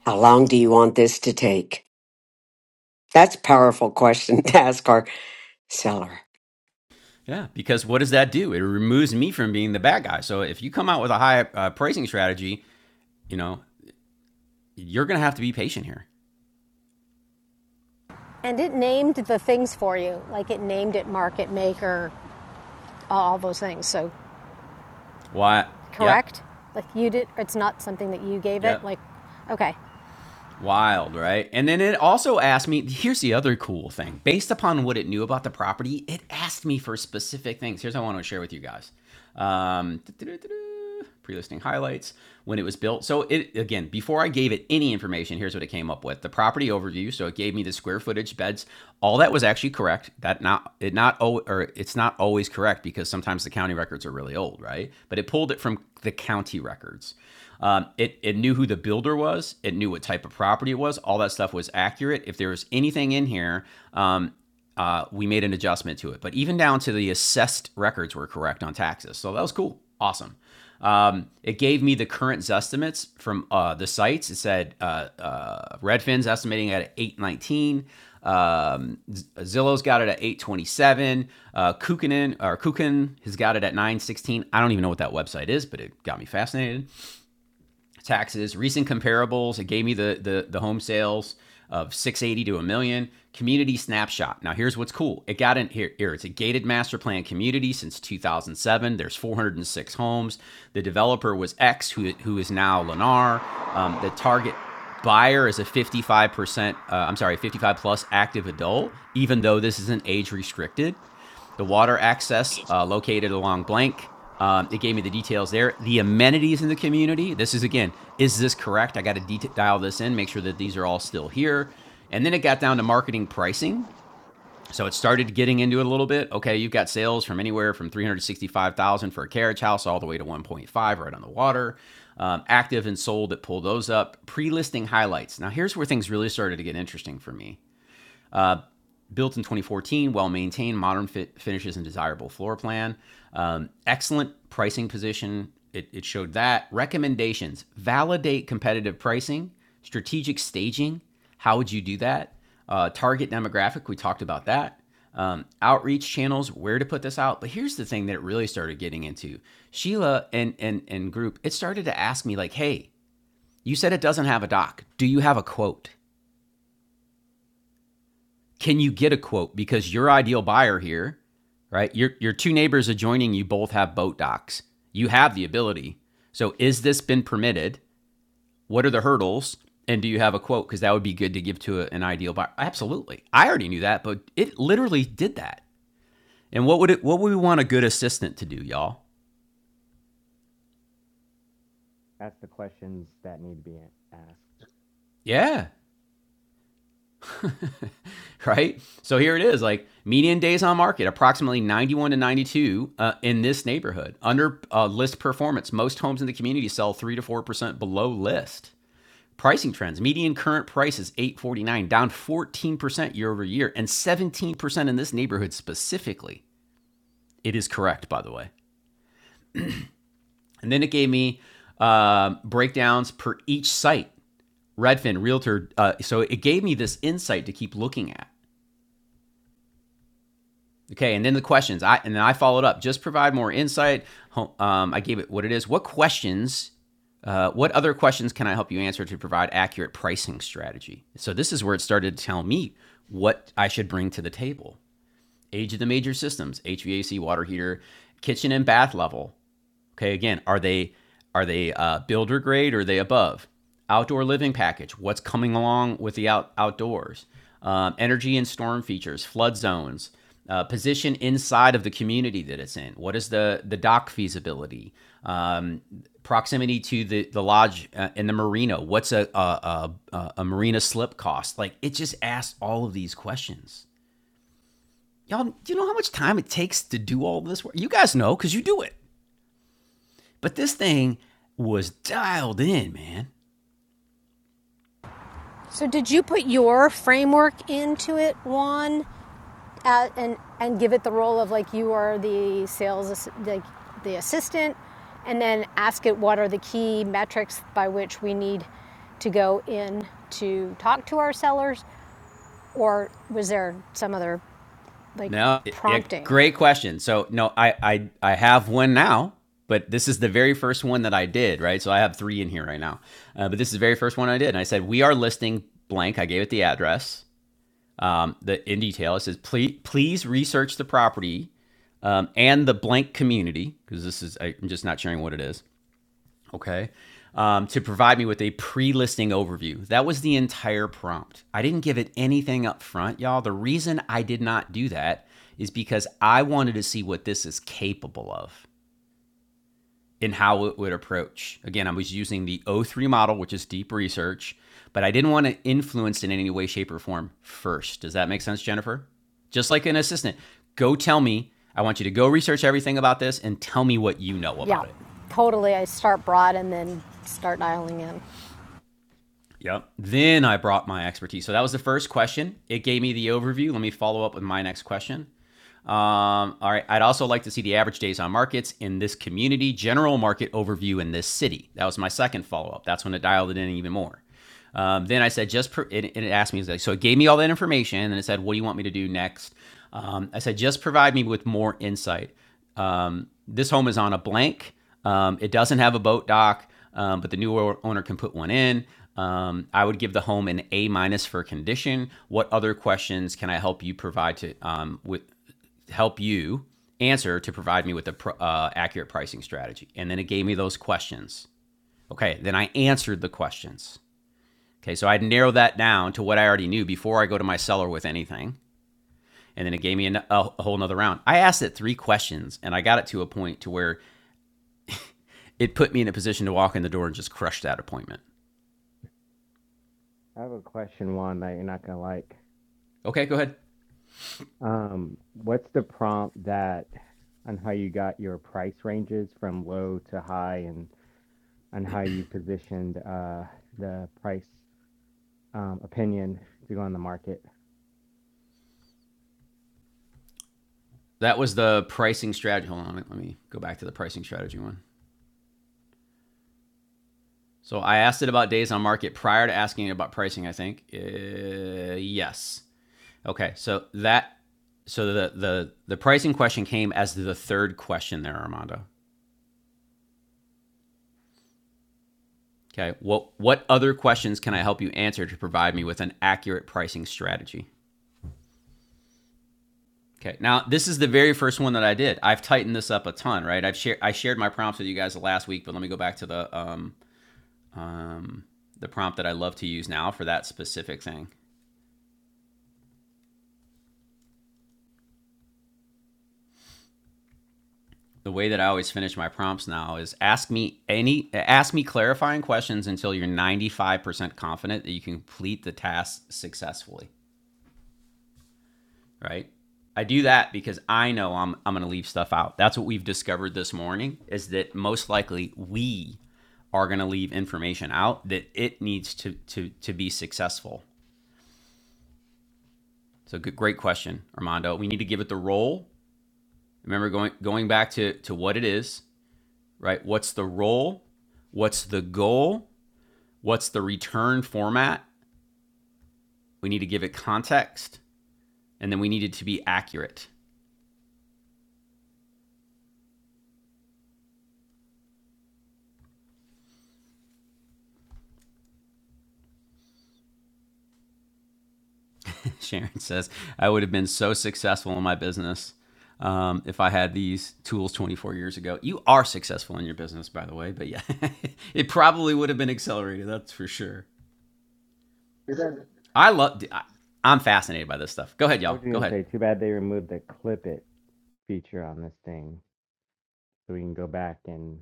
Speaker 8: How long do you want this to take? That's a powerful question to ask our seller.
Speaker 1: Yeah, because what does that do? It removes me from being the bad guy. So if you come out with a high uh, pricing strategy, you know, you're going to have to be patient here.
Speaker 13: And it named the things for you, like it named it market maker, all those things. So
Speaker 1: Why? Yep.
Speaker 13: correct? Like you did. It's not something that you gave it.
Speaker 1: Yep.
Speaker 13: Like, okay.
Speaker 1: Wild, right? And then it also asked me here's the other cool thing. Based upon what it knew about the property, it asked me for specific things. Here's what I want to share with you guys um, pre listing highlights, when it was built. So, it again, before I gave it any information, here's what it came up with the property overview. So, it gave me the square footage, beds, all that was actually correct. That not, it not, or it's not always correct because sometimes the county records are really old, right? But it pulled it from the county records. Um, it, it knew who the builder was. It knew what type of property it was. All that stuff was accurate. If there was anything in here, um, uh, we made an adjustment to it. But even down to the assessed records were correct on taxes. So that was cool. Awesome. Um, it gave me the current Zestimates from uh, the sites. It said uh, uh, Redfin's estimating at 819. Um, Zillow's got it at 827. Uh, Kukanen or Kukan has got it at 916. I don't even know what that website is, but it got me fascinated taxes, recent comparables. It gave me the the, the home sales of 680 to a million. Community snapshot. Now here's what's cool. It got in here, here. It's a gated master plan community since 2007. There's 406 homes. The developer was X, who who is now Lennar. Um, the target buyer is a 55 percent. Uh, I'm sorry, 55 plus active adult. Even though this isn't age restricted the water access uh, located along blank. Um, it gave me the details there. The amenities in the community. This is again, is this correct? I got to dial this in, make sure that these are all still here. And then it got down to marketing pricing. So it started getting into it a little bit. Okay, you've got sales from anywhere from 365,000 for a carriage house all the way to 1.5 right on the water. Um, active and sold, it pulled those up. Pre listing highlights. Now, here's where things really started to get interesting for me. Built in 2014, well maintained, modern fit finishes, and desirable floor plan. Um, excellent pricing position. It, it showed that. Recommendations validate competitive pricing, strategic staging. How would you do that? Uh, target demographic, we talked about that. Um, outreach channels, where to put this out. But here's the thing that it really started getting into Sheila and, and, and group, it started to ask me, like, hey, you said it doesn't have a doc. Do you have a quote? can you get a quote because your ideal buyer here right your your two neighbors adjoining you both have boat docks you have the ability so is this been permitted what are the hurdles and do you have a quote because that would be good to give to a, an ideal buyer absolutely i already knew that but it literally did that and what would it what would we want a good assistant to do y'all
Speaker 14: ask the questions that need to be asked.
Speaker 1: yeah right? So here it is like median days on market, approximately 91 to 92 uh, in this neighborhood. Under uh, list performance, most homes in the community sell 3 to 4% below list. Pricing trends, median current price is 849, down 14% year over year and 17% in this neighborhood specifically. It is correct, by the way. And then it gave me um breakdowns per each site, Redfin, Realtor. Uh, so it gave me this insight to keep looking at Okay, and then the questions. I and then I followed up. Just provide more insight. Um, I gave it what it is. What questions? Uh, what other questions can I help you answer to provide accurate pricing strategy? So this is where it started to tell me what I should bring to the table. Age of the major systems: HVAC, water heater, kitchen and bath level, Okay, again, are they are they uh, builder grade or are they above? Outdoor living package. What's coming along with the out, outdoors? Um, energy and storm features, flood zones, uh, position inside of the community that it's in. What is the the dock feasibility? Um, proximity to the the lodge uh, and the marina. What's a a, a a marina slip cost? Like it just asks all of these questions. Y'all, do you know how much time it takes to do all this work? You guys know because you do it. But this thing was dialed in, man.
Speaker 13: So did you put your framework into it, Juan? uh, and and give it the role of like you are the sales like the assistant, and then ask it what are the key metrics by which we need to go in to talk to our sellers, or was there some other like
Speaker 1: No, it, it-
Speaker 13: prompting?
Speaker 1: great question. So no, I, I I have one now, but this is the very first one that I did, right? So I have three in here right now, uh, but this is the very first one I did, and I said we are listing blank. I gave it the address, um, the in detail. It says please please research the property um, and the blank community because this is I'm just not sharing what it is. okay, um, to provide me with a pre listing overview. That was the entire prompt. I didn't give it anything up front, y'all. The reason I did not do that is because I wanted to see what this is capable of and how it would approach. Again, I was using the O3 model, which is deep research, but I didn't want to influence in any way, shape, or form first. Does that make sense, Jennifer? Just like an assistant, go tell me. I want you to go research everything about this and tell me what you know
Speaker 13: Yeah,
Speaker 1: about it.
Speaker 13: totally. I start broad and then start dialing in.
Speaker 1: Yep. Then I brought my expertise. So that was the first question. It gave me the overview. Let me follow up with my next question. Um, all right. I'd also like to see the average days on markets in this community, general market overview in this city. That was my second follow up. That's when it dialed it in even more. Um, then I said, just, per, and it asked me, like, so it gave me all that information and it said, what do you want me to do next? Um, I said, just provide me with more insight. Um, this home is on a blank. Um, it doesn't have a boat dock, um, but the new owner can put one in. Um, I would give the home an A minus for condition. What other questions can I help you provide to um, with help you answer to provide me with a uh, accurate pricing strategy. And then it gave me those questions. Okay, then I answered the questions. Okay, so I'd narrow that down to what I already knew before I go to my seller with anything. And then it gave me an, a, a whole nother round. I asked it three questions and I got it to a point to where it put me in a position to walk in the door and just crush that appointment.
Speaker 14: I have a question, Juan, that you're not gonna like.
Speaker 1: Okay, go ahead.
Speaker 14: Um, what's the prompt that on how you got your price ranges from low to high and on how you positioned uh the price um opinion to go on the market?
Speaker 1: That was the pricing strategy. Hold on, let me go back to the pricing strategy one. So I asked it about days on market prior to asking it about pricing, I think. Uh, yes. Okay, so that so the the the pricing question came as the third question there, Armando. Okay, what what other questions can I help you answer to provide me with an accurate pricing strategy? Okay, now this is the very first one that I did. I've tightened this up a ton, right? I've shared I shared my prompts with you guys last week, but let me go back to the um, the prompt that I love to use now for that specific thing. the way that I always finish my prompts now is ask me any ask me clarifying questions until you're 95% confident that you can complete the task successfully, right? I do that because I know I'm I'm going to leave stuff out. That's what we've discovered this morning is that most likely we are going to leave information out that it needs to to to be successful. So good, great question, Armando. We need to give it the role. Remember going going back to to what it is, right? What's the role? What's the goal? what's the return format? We need to give it context, and then we need it to be accurate. Sharon says, I would have been so successful in my business um, if I had these tools 24 years ago. You are successful in your business, by the way, but yeah, it probably would have been accelerated, that's for sure.
Speaker 14: Too bad-
Speaker 1: I love, I- I'm fascinated by this stuff. Go ahead,
Speaker 14: I
Speaker 1: y'all.
Speaker 14: was
Speaker 1: Go
Speaker 14: gonna
Speaker 1: ahead.
Speaker 14: say, too bad they removed the clip it feature on this thing, so we can go back and.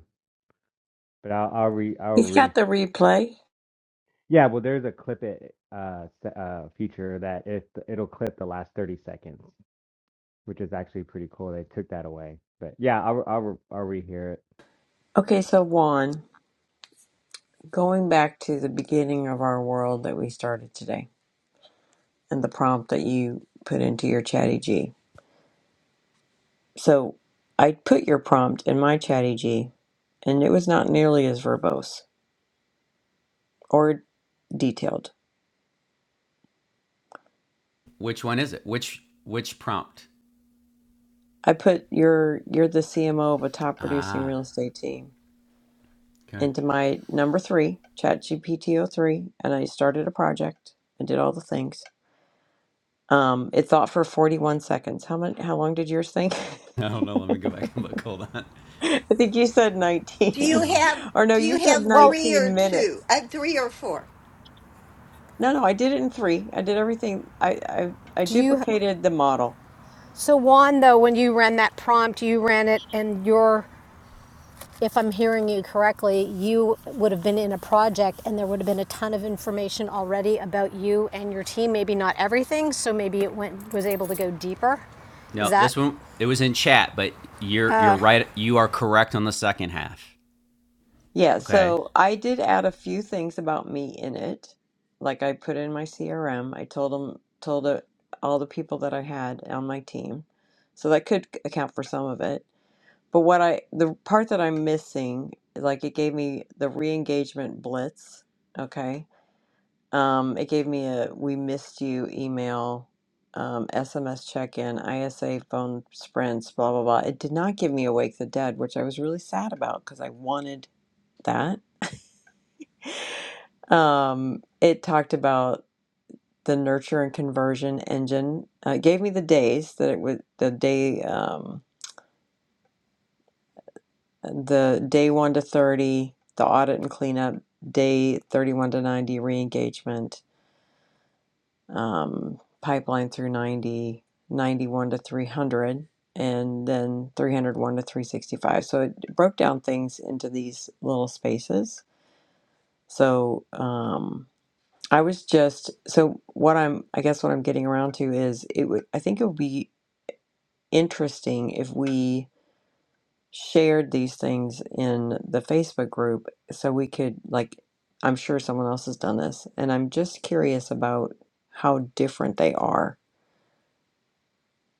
Speaker 14: But I'll I'll re I'll
Speaker 7: He's
Speaker 14: re.
Speaker 7: got the replay.
Speaker 14: Yeah, well, there's a clip it uh, s- uh feature that it it'll clip the last 30 seconds, which is actually pretty cool. They took that away, but yeah, I'll I'll re- I'll rehear it.
Speaker 7: Okay, so Juan, going back to the beginning of our world that we started today and the prompt that you put into your chatty G. So I put your prompt in my chatty G and it was not nearly as verbose or detailed.
Speaker 1: Which one is it? Which, which prompt?
Speaker 7: I put your you're the CMO of a top producing
Speaker 1: Ah,
Speaker 7: real estate team
Speaker 1: okay.
Speaker 7: into my number three, o three, and I started a project and did all the things. Um, it thought for 41 seconds. How much? How long did yours think?
Speaker 1: I don't know. Let me go back and look. Hold on.
Speaker 7: I think you said
Speaker 10: Do you
Speaker 7: 19,
Speaker 1: Yeah.
Speaker 10: have
Speaker 7: or no,
Speaker 10: Do
Speaker 7: you
Speaker 10: you
Speaker 7: said
Speaker 10: have
Speaker 13: Well,
Speaker 10: three or
Speaker 7: 19
Speaker 10: two?
Speaker 7: minutes.
Speaker 10: Uh, three or four?
Speaker 7: No, no, I did it in three. I did everything. I I, I
Speaker 13: do you?
Speaker 7: duplicated the model.
Speaker 13: So Juan, though, when you ran that prompt, you ran it, and your if I'm hearing you correctly, you would have been in a project and there would have been a ton of information already about you and your team. Maybe not everything, so maybe it went was able to go deeper. Is
Speaker 1: No,
Speaker 13: that
Speaker 1: this one it was in chat, but you're you're right. You are correct on the second half.
Speaker 7: Yeah,
Speaker 1: Okay.
Speaker 7: so I did add a few things about me in it. Like I put in my CRM. I told them told it, all the people that I had on my team. So that could account for some of it. But what I the part that I'm missing, like it gave me the re-engagement blitz, okay? Um it gave me a we missed you email, um SMS check-in, ISA phone sprints, blah blah blah. It did not give me Awake the Dead, which I was really sad about because I wanted that Um, it talked about the nurture and conversion engine. Uh, it gave me the days that it was the day, um, the day one to 30, the audit and cleanup, day 31 to 90, re-engagement, um, pipeline through 90 91 to 300, and then 301 to 365. So it broke down things into these little spaces. So, um, I was just so what I'm I guess what I'm getting around to is it would I think it would be interesting if we shared these things in the Facebook group so we could like I'm sure someone else has done this and I'm just curious about how different they are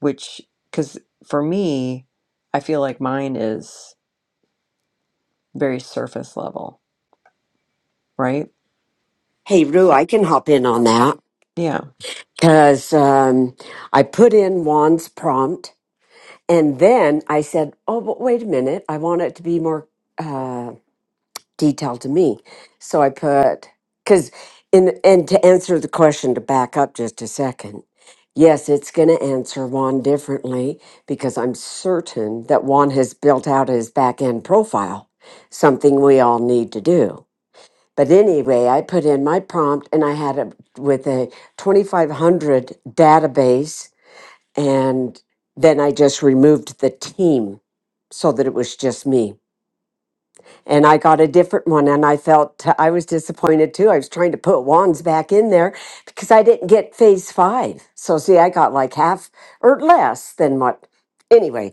Speaker 7: which cuz for me I feel like mine is very surface level, right?
Speaker 8: Hey, Rue, I can hop in on that
Speaker 7: Yeah.
Speaker 8: because um, I put in Juan's prompt and then I said, oh, but wait a minute. I want it to be more. uh, detail to me. So I put because in and to answer the question to back up just a second. Yes, it's going to answer Juan differently because I'm certain that Juan has built out his back end profile, something we all need to do. But anyway, I put in my prompt and I had it with a 2500 database and then I just removed the team so that it was just me and I got a different one and I felt I was disappointed too. I was trying to put wands back in there because I didn't get phase 5. So see, I got like half or less than what anyway,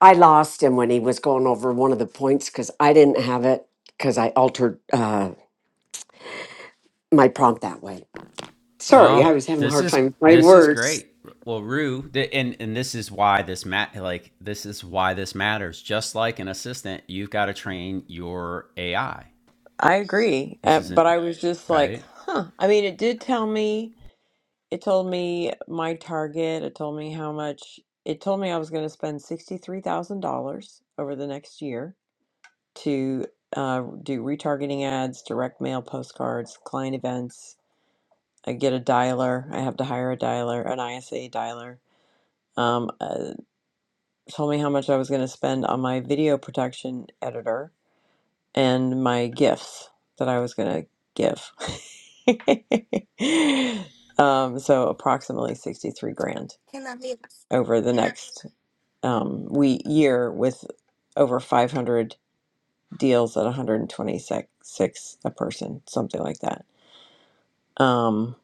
Speaker 8: I lost him when he was going over one of the points cuz I didn't have it cuz I altered uh my prompt that way. Sorry,
Speaker 1: No,
Speaker 8: I was having a
Speaker 1: this
Speaker 8: hard
Speaker 1: is
Speaker 8: time with my
Speaker 1: this is
Speaker 8: words
Speaker 1: great. Well, Rue, and and this is why this mat like this is why this matters. Just like an assistant, you've got to train your AI.
Speaker 7: I agree.
Speaker 1: This
Speaker 7: Uh,
Speaker 1: isn't
Speaker 7: but I was just like,
Speaker 1: right.
Speaker 7: huh. I mean, it did tell me It told me my target. It told me how much. It told me I was going to spend $63,000 over the next year to uh, do retargeting ads, direct mail postcards, client events. I get a dialer. I have to hire a dialer, an ISA dialer. Um, uh, told me how much I was going to spend on my video production editor and my gifts that I was going to give. um, so approximately 63 grand.
Speaker 10: Can I?
Speaker 7: over the next um, we year with over 500 deals at 126 a person, something like that. Um,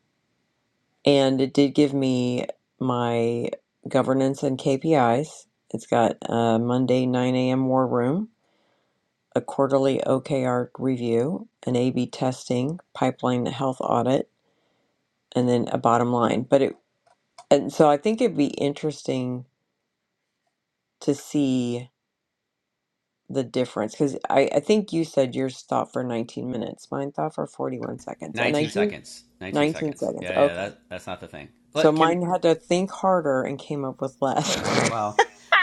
Speaker 7: and it did give me my governance and KPIs. It's got a Monday 9 a.m. war room, a quarterly OKR review, an A/B testing, pipeline health audit, and then a bottom line. But it and so I think it'd be interesting to see the difference because I, I think you said yours thought for 19 minutes mine thought for 41 seconds and i
Speaker 1: Nineteen
Speaker 7: do
Speaker 1: seconds. Nineteen
Speaker 7: 19
Speaker 1: seconds.
Speaker 7: seconds
Speaker 1: Yeah, yeah.
Speaker 7: okay
Speaker 1: That that's not the thing.
Speaker 7: so
Speaker 1: But can
Speaker 7: mine had to think harder and came up with less
Speaker 1: Wow.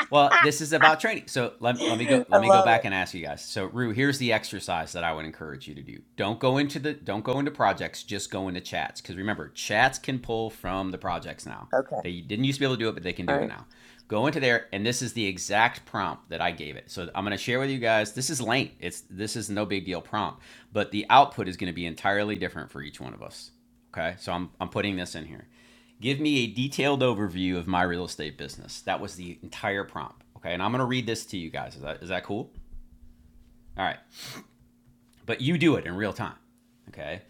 Speaker 1: Well, this is about training. So let, let me go
Speaker 7: i
Speaker 1: let me go
Speaker 7: love
Speaker 1: back
Speaker 7: it
Speaker 1: and ask you guys. So Rue, here's the exercise that I would encourage you to do. Don't go into the don't go into projects, just go into chats. Because remember, chats can pull from the projects now.
Speaker 7: okay
Speaker 1: They didn't used to be able to do it, but they can
Speaker 7: all
Speaker 1: do it
Speaker 7: right
Speaker 1: now. Go into there, and this is the exact prompt that I gave it. So I'm gonna share with you guys. This is lame. It's this is no big deal prompt, but the output is gonna be entirely different for each one of us. Okay. So I'm I'm putting this in here. Give me a detailed overview of my real estate business. That was the entire prompt. Okay. And I'm going to read this to you guys. Is that, is that cool? All right. But you do it in real time. Okay.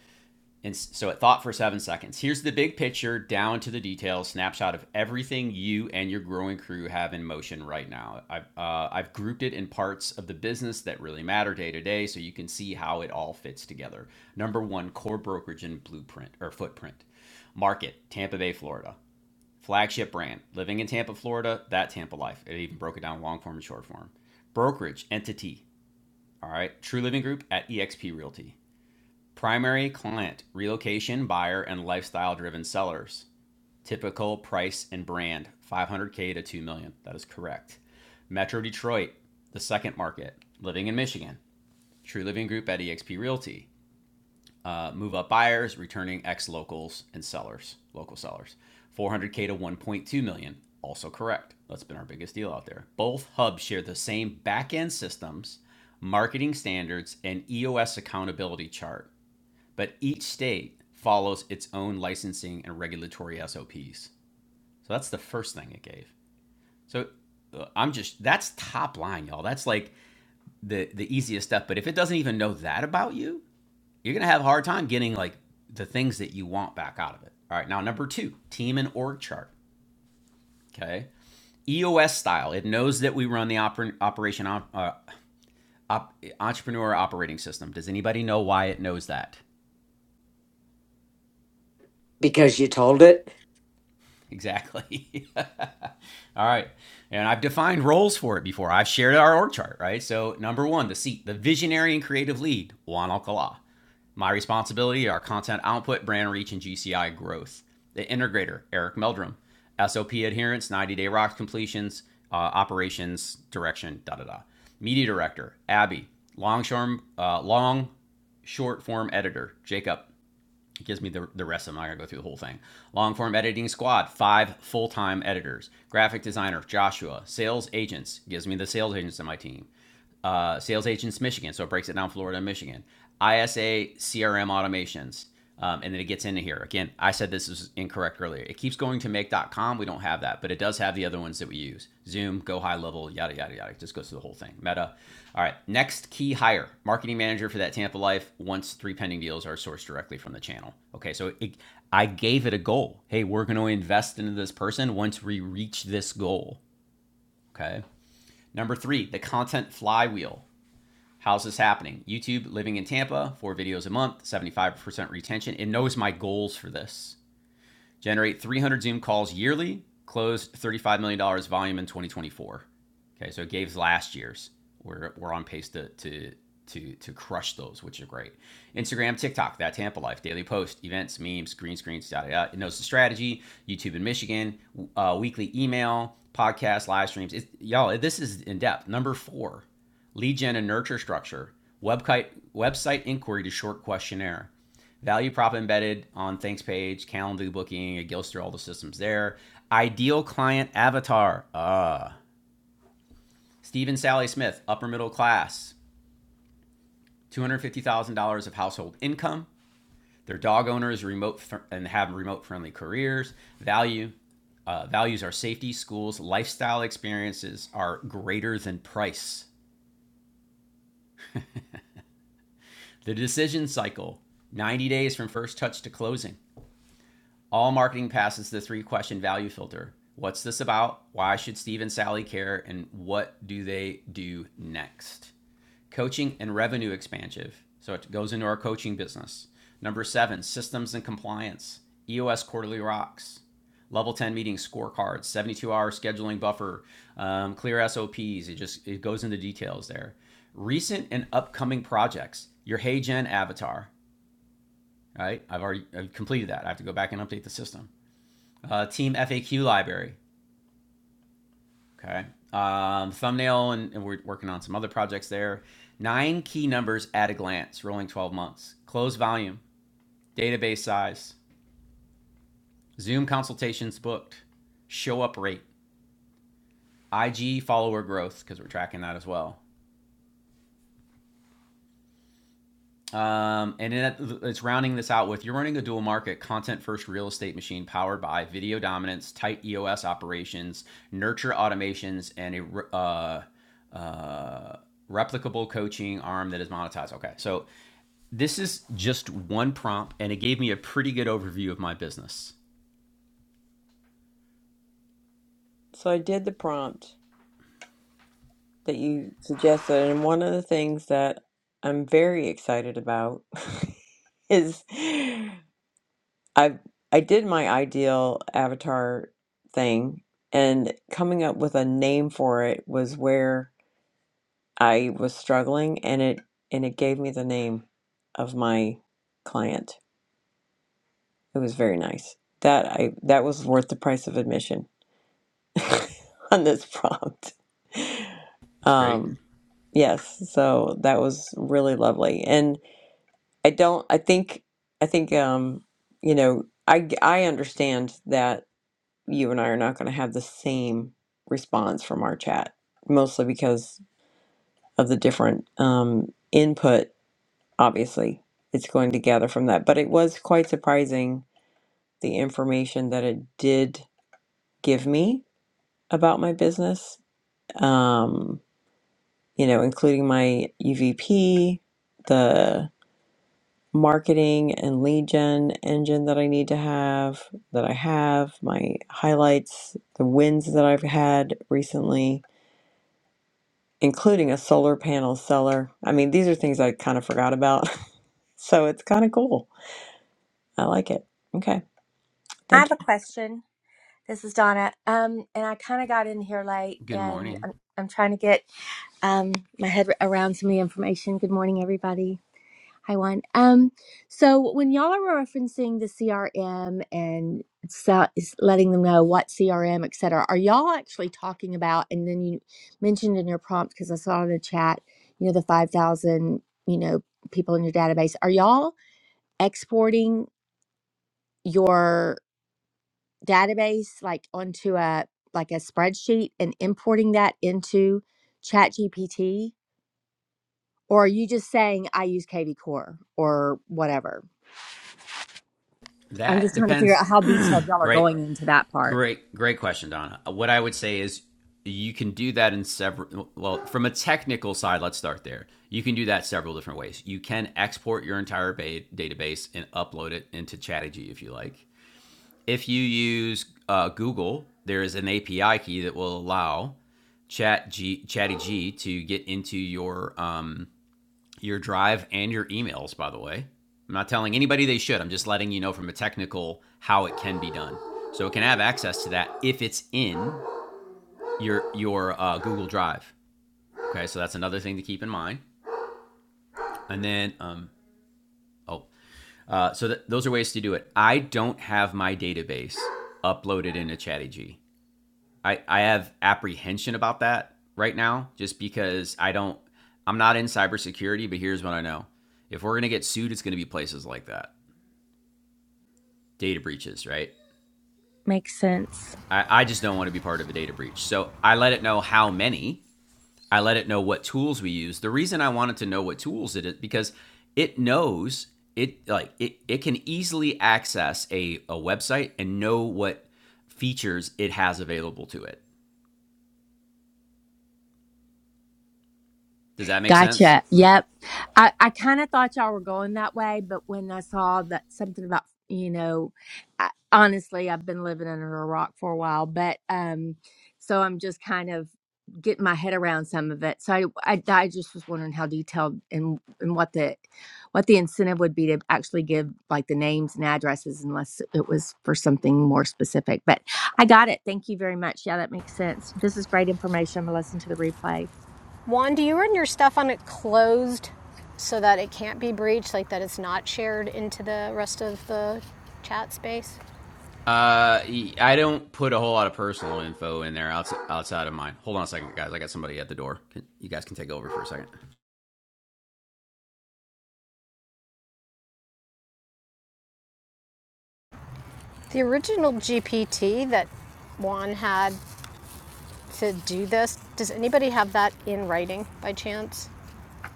Speaker 1: And so it thought for seven seconds. Here's the big picture, down to the details, snapshot of everything you and your growing crew have in motion right now. I've, uh, I've grouped it in parts of the business that really matter day to day so you can see how it all fits together. Number one, core brokerage and blueprint or footprint. Market, Tampa Bay, Florida flagship brand. Living in Tampa, Florida, that Tampa life. It even broke it down long form and short form. Brokerage entity, all right, True Living Group at eXp Realty. Primary client, relocation buyer, and lifestyle driven sellers. Typical price and brand, 500K to 2 million. That is correct. Metro Detroit, the second market. Living in Michigan, True Living Group at eXp Realty uh, move up buyers, returning ex locals and sellers, local sellers. 400K to 1.2 million, also correct. That's been our biggest deal out there. Both hubs share the same back end systems, marketing standards, and EOS accountability chart, but each state follows its own licensing and regulatory SOPs. So that's the first thing it gave. So uh, I'm just that's top line, y'all. That's like the the easiest stuff. But if it doesn't even know that about you, you're gonna have a hard time getting like the things that you want back out of it. All right, now number two, team and org chart. Okay, EOS style. It knows that we run the oper- operation op- uh, op- entrepreneur operating system. Does anybody know why it knows that?
Speaker 8: because you told it.
Speaker 1: Exactly. All right. And I've defined roles for it before. I've shared our org chart, right? So, number one, the seat, the visionary and creative lead, Juan Alcala. My responsibility, our content output, brand reach, and GCI growth. The integrator, Eric Meldrum. SOP adherence, 90 day rocks completions, uh, operations direction, da da da. Media director, Abby. Long, shorm, uh, long short form editor, Jacob. It gives me the, the rest of them. I gotta go through the whole thing. Long form editing squad, five full time editors. Graphic designer, Joshua. Sales agents, gives me the sales agents in my team uh, Sales Agents Michigan. So it breaks it down Florida and Michigan. ISA CRM automations. Um, and then it gets into here. Again, I said this is incorrect earlier. It keeps going to make.com. We don't have that, but it does have the other ones that we use Zoom, Go High Level, yada, yada, yada. It just goes through the whole thing. Meta. All right. Next key hire marketing manager for that Tampa Life once three pending deals are sourced directly from the channel. Okay. So it, I gave it a goal. Hey, we're going to invest into this person once we reach this goal. Okay. Number three, the content flywheel. How's this happening? YouTube living in Tampa, four videos a month, 75% retention. It knows my goals for this generate 300 Zoom calls yearly, closed $35 million dollars volume in 2024. Okay, so it gave last year's. We're, we're on pace to, to, to, to crush those, which are great. Instagram, TikTok, that Tampa life, daily post, events, memes, green screens, da da da. It knows the strategy. YouTube in Michigan, uh, weekly email, podcast, live streams. It, y'all, this is in depth. Number four, lead gen and nurture structure, website website inquiry to short questionnaire, value prop embedded on thanks page, Calendly, Booking, Gilster, all the systems there. Ideal client avatar. Uh, Stephen Sally Smith, upper middle class, $250,000 of household income. Their dog owners remote fr- and have remote friendly careers. Value. Uh, values are safety, schools, lifestyle experiences are greater than price. The decision cycle 90 days from first touch to closing. All marketing passes the three question value filter. What's this about? Why should Steve and Sally care? And what do they do next? Coaching and revenue expansion. So it goes into our coaching business. Number seven, systems and compliance. EOS quarterly rocks. Level 10 meeting scorecards, 72 hour scheduling buffer, um, clear SOPs. It just it goes into details there. Recent and upcoming projects. Your HeyGen avatar, right? I've already I've completed that. I have to go back and update the system uh, Team FAQ library. Okay. Um, thumbnail, and, and we're working on some other projects there. Nine key numbers at a glance, rolling 12 months. Close volume, database size, Zoom consultations booked, show up rate, IG follower growth, because we're tracking that as well. Um, and it, it's rounding this out with you're running a dual market content first real estate machine powered by video dominance, tight EOS operations, nurture automations, and a uh, uh, replicable coaching arm that is monetized. Okay, so this is just one prompt, and it gave me a pretty good overview of my business.
Speaker 7: so i did the prompt that you suggested and one of the things that i'm very excited about is i i did my ideal avatar thing and coming up with a name for it was where I was struggling and it and it gave me the name of my client. It was very nice. That I that was worth the price of admission on this prompt.
Speaker 1: It's great.
Speaker 7: Um yes, so that was really lovely. And I don't I think I think um you know, I I understand that you and I are not going to have the same response from our chat mostly because of the different um input obviously it's going to gather from that. But it was quite surprising the information that it did give me about my business, um, you know, including my UVP, the marketing and lead gen engine that I need to have, that I have, my highlights, the wins that I've had recently, including a solar panel seller. I mean, these are things I kind of forgot about. so it's kind of cool. I like it. Okay.
Speaker 15: I
Speaker 7: thank you.
Speaker 15: have a question. This is Donna. Um, and I kind of got in here late,
Speaker 1: Good
Speaker 15: and
Speaker 1: morning.
Speaker 15: I'm I'm trying to get um my head around some of the information. Good morning, everybody. Hi, Juan. Um, so when y'all are referencing the CRM and so is letting them know what CRM, et cetera, are y'all actually talking about? And then you mentioned in your prompt because I saw in the chat, you know, the five thousand, you know, people in your database. Are y'all exporting your? database like onto a like a spreadsheet and importing that into ChatGPT, or are you just saying i use kvcore or whatever i'm
Speaker 1: That
Speaker 15: just trying to figure
Speaker 1: depends.
Speaker 15: out how detailed y'all are
Speaker 1: great.
Speaker 15: going into that part
Speaker 1: Great, great question, Donna. Uh, What I would say is you can do that in several, well, from a technical side, let's start there. You can do that several different ways. You can export your entire ba- database and upload it into Chatterjee if you like. If you use uh, Google, there is an API key that will allow Chat G, Chatty G to get into your um, your drive and your emails, by the way. I'm not telling anybody they should. I'm just letting you know from a technical how it can be done. So it can have access to that if it's in your your uh, Google Drive. Okay, so that's another thing to keep in mind. And then, um, oh, uh, so th- those are ways to do it. I don't have my database uploaded into ChattyG. I I have apprehension about that right now, just because I don't. I'm not in cybersecurity, but here's what I know: if we're gonna get sued, it's gonna be places like that. data breaches, right?
Speaker 15: Makes sense.
Speaker 1: I, I just don't want to be part of a data breach. So I let it know how many. I let it know what tools we use. The reason I wanted to know what tools it is because it knows it like it, it can easily access a, a website and know what features it has available to it. Does that make sense?
Speaker 15: Gotcha. Yep. I, I kind of thought y'all were going that way, but when I saw that something about, you know, I, honestly, I've been living under a rock for a while, but um, so I'm just kind of getting my head around some of it. So I, I, I just was wondering how detailed and and what the what the incentive would be to actually give like the names and addresses, unless it was for something more specific. But I got it. Thank you very much. Yeah, that makes sense. This is great information. I'm gonna listen to the replay.
Speaker 13: Juan? Do you run your stuff on it closed so that it can't be breached, like that it's not shared into the rest of the chat space?
Speaker 1: Uh, I don't put a whole lot of personal info in there outside, outside of mine. Hold on a second, guys. I got somebody at the door. You guys can take over for a second.
Speaker 13: The original GPT that Juan had to do this, does anybody have that in writing by chance?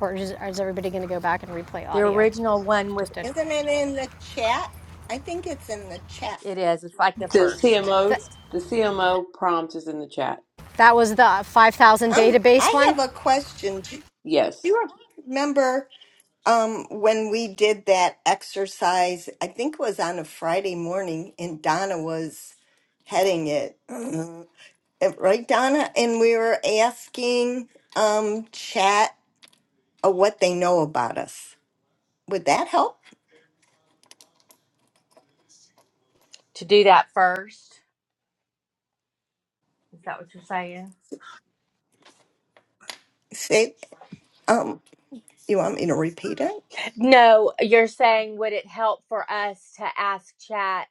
Speaker 13: Or is, or is everybody going to go back and replay
Speaker 15: The
Speaker 13: audio?
Speaker 15: original one with
Speaker 13: Just did.
Speaker 10: Isn't it in the chat? I think it's in the chat.
Speaker 15: It is. It's like the
Speaker 7: The
Speaker 15: first.
Speaker 7: CMO,
Speaker 13: Th-
Speaker 7: the CMO prompt is in the chat.
Speaker 13: that was the 5,000
Speaker 10: Um,
Speaker 13: database
Speaker 10: I
Speaker 13: one.
Speaker 10: have a question. Do do
Speaker 7: Yes.
Speaker 10: you remember um when we did that exercise? I think it was on a Friday morning, and Donna was heading it, Uh, right, Donna? And we were asking um chat uh, what they know about us. Would that help?
Speaker 15: To do that first. Is that what you're saying?
Speaker 10: Say, um, you want me to repeat it?
Speaker 15: No, you're saying would it help for us to ask chat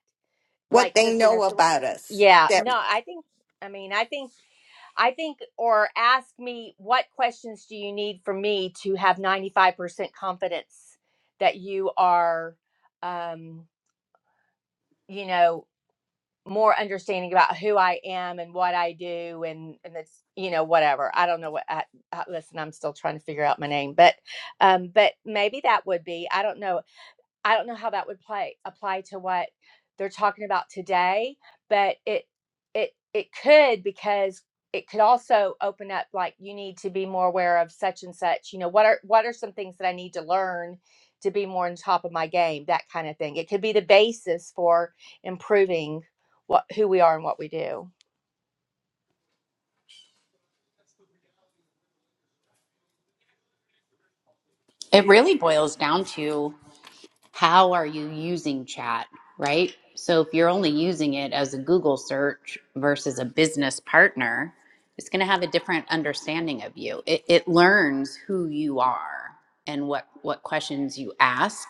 Speaker 10: What
Speaker 15: like
Speaker 10: they
Speaker 15: just in a
Speaker 10: know
Speaker 15: thr
Speaker 10: about us?
Speaker 15: yeah,
Speaker 10: that.
Speaker 15: no, I think I mean, I think I think or ask me what questions do you need from me to have 95% confidence that you are um you know more understanding about who I am and what I do and and the you know whatever I don't know what I, I, listen I'm still trying to figure out my name but um but maybe that would be I don't know I don't know how that would play apply to what they're talking about today, but it it it could because it could also open up like you need to be more aware of such and such. You know, what are what are some things that I need to learn to be more on top of my game, that kind of thing. It could be the basis for improving what who we are and what we do.
Speaker 2: It really boils down to how are you using chat, right? So if you're only using it as a Google search versus a business partner, it's going to have a different understanding of you. It, it learns who you are and what what questions you ask,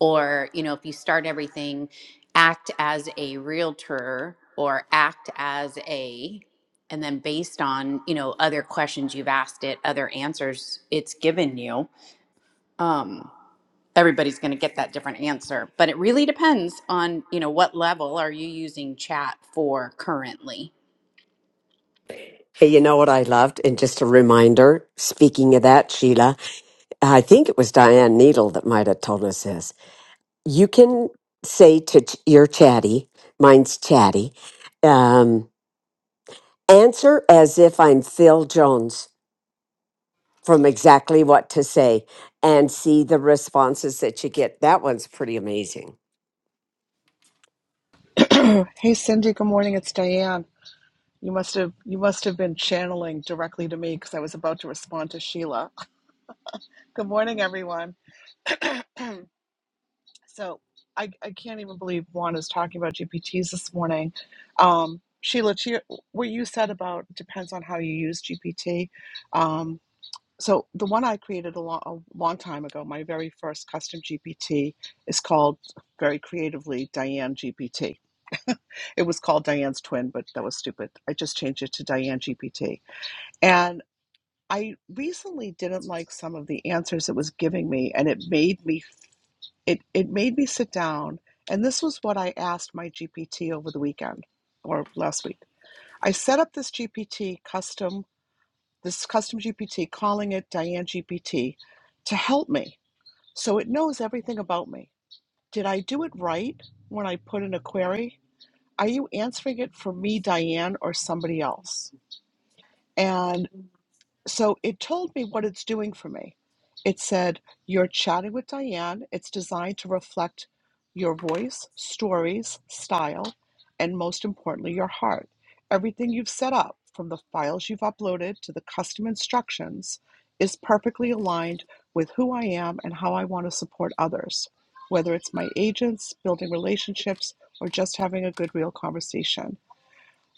Speaker 2: or you know, if you start everything, act as a realtor or act as a and then based on you know other questions you've asked it other answers it's given you Um everybody's going to get that different answer but it really depends on you know what level are you using chat for currently
Speaker 8: Hey, you know what I loved? And just a reminder, speaking of that, Sheila, I think it was Diane Needle that might have told us this you can say to ch- your chatty, mine's chatty, um, answer as if I'm Phil Jones from exactly what to say and see the responses that you get. That one's pretty amazing.
Speaker 16: Hey Cindy, good morning. It's Diane. You must have you must have been channeling directly to me because I was about to respond to Sheila. Good morning, everyone. so I, I can't even believe Juan is talking about GPTs this morning. Um, Sheila, to your, what you said about depends on how you use GPT. So the one I created a long, a long time ago, my very first custom GPT, is called very creatively Diane GPT. It was called Diane's Twin, but that was stupid. I just changed it to Diane GPT. And I recently didn't like some of the answers it was giving me, and it made me it it made me sit down. And this was what I asked my GPT over the weekend or last week. I set up this GPT custom this custom GPT, calling it Diane GPT, to help me. So it knows everything about me. Did I do it right when I put in a query? Are you answering it for me, Diane, or somebody else? And so it told me what it's doing for me. It said, You're chatting with Diane. It's designed to reflect your voice, stories, style, and most importantly, your heart. Everything you've set up, from the files you've uploaded to the custom instructions, is perfectly aligned with who I am and how I want to support others, whether it's my agents, building relationships, or just having a good, real conversation.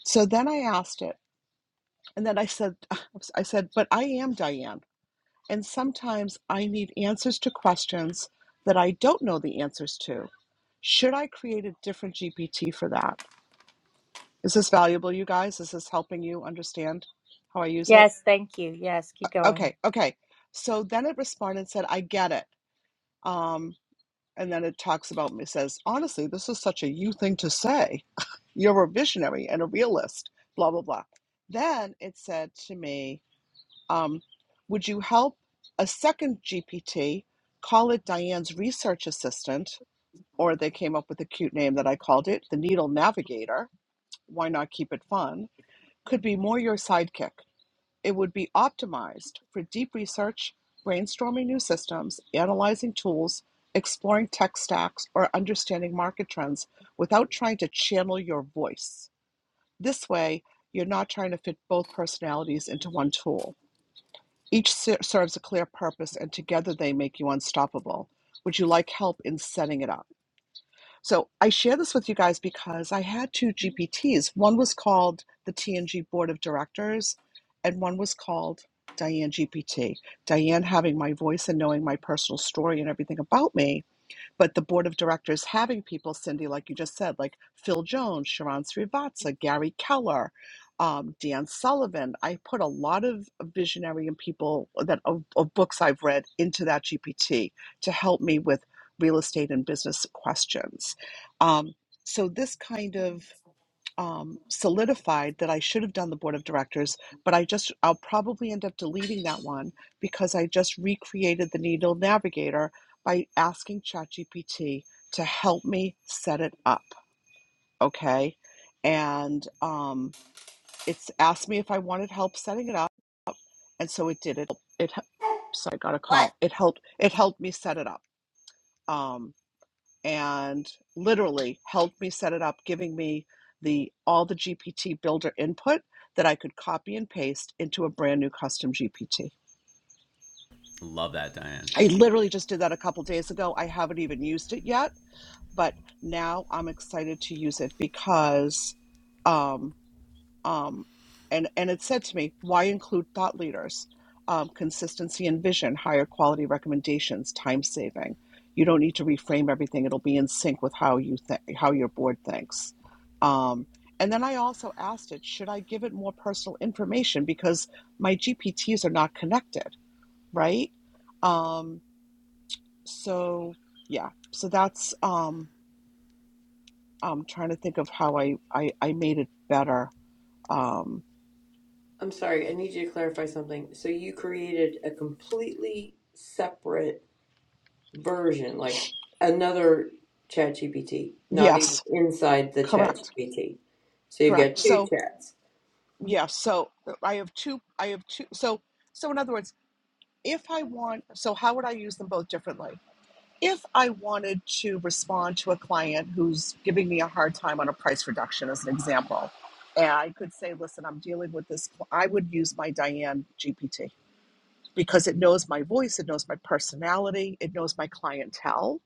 Speaker 16: So then I asked it, and then I said, I said, but I am Diane. And sometimes I need answers to questions that I don't know the answers to. Should I create a different GPT for that? Is this valuable, you guys? Is this helping you understand how I use it?
Speaker 15: Yes, thank you. Yes, keep going.
Speaker 16: Okay, okay. So then it responded and said, I get it. Um, and then it talks about me, says, honestly, this is such a you thing to say. You're a visionary and a realist, blah, blah, blah. Then it said to me, Um, would you help a second GPT call it Diane's research assistant? Or they came up with a cute name that I called it the Needle Navigator. Why not keep it fun? Could be more your sidekick. It would be optimized for deep research, brainstorming new systems, analyzing tools, exploring tech stacks, or understanding market trends without trying to channel your voice. This way, you're not trying to fit both personalities into one tool. Each ser- serves a clear purpose, and together they make you unstoppable. Would you like help in setting it up? So I share this with you guys because I had two GPTs. One was called the TNG Board of Directors, and one was called Diane GPT. Diane having my voice and knowing my personal story and everything about me but the board of directors having people, Cindy, like you just said, like Phil Jones, Sharon Srivatsa, Gary Keller, um, Dan Sullivan. I put a lot of visionary and people that of, of books I've read into that GPT to help me with real estate and business questions. Um, so this kind of um, solidified that I should have done the board of directors, but I just, I'll probably end up deleting that one because I just recreated the Needle Navigator by asking ChatGPT to help me set it up. Okay. And um, it's asked me if I wanted help setting it up. And so it did it. It, so I got a
Speaker 10: What?
Speaker 16: call. It helped, it helped me set it up. Um, and literally helped me set it up, giving me the all the GPT builder input that I could copy and paste into a brand new custom GPT.
Speaker 1: Love that, Diane.
Speaker 16: I literally just did that a couple days ago. I haven't even used it yet, but now I'm excited to use it because um, Um, and, and it said to me, why include thought leaders? Um, consistency and vision, higher quality recommendations, time saving. You don't need to reframe everything. It'll be in sync with how you think, how your board thinks. Um, and then I also asked it, should I give it more personal information because my GPTs are not connected, right? Um, so yeah, so that's um, I'm trying to think of how I I, I made it better. Um,
Speaker 7: I'm sorry. I need you to clarify something. So you created a completely separate version, like another ChatGPT, not even
Speaker 16: yes,
Speaker 7: inside the
Speaker 16: correct.
Speaker 7: ChatGPT. So you've got
Speaker 16: Correct.
Speaker 7: two
Speaker 16: So,
Speaker 7: chats.
Speaker 16: yeah, so uh, I have two, I have two, so, so in other words, if I want, so how would I use them both differently? If I wanted to respond to a client who's giving me a hard time on a price reduction, as an example, and I could say, listen, I'm dealing with this, cl- I would use my Diane GPT because it knows my voice, it knows my personality, it knows my clientele,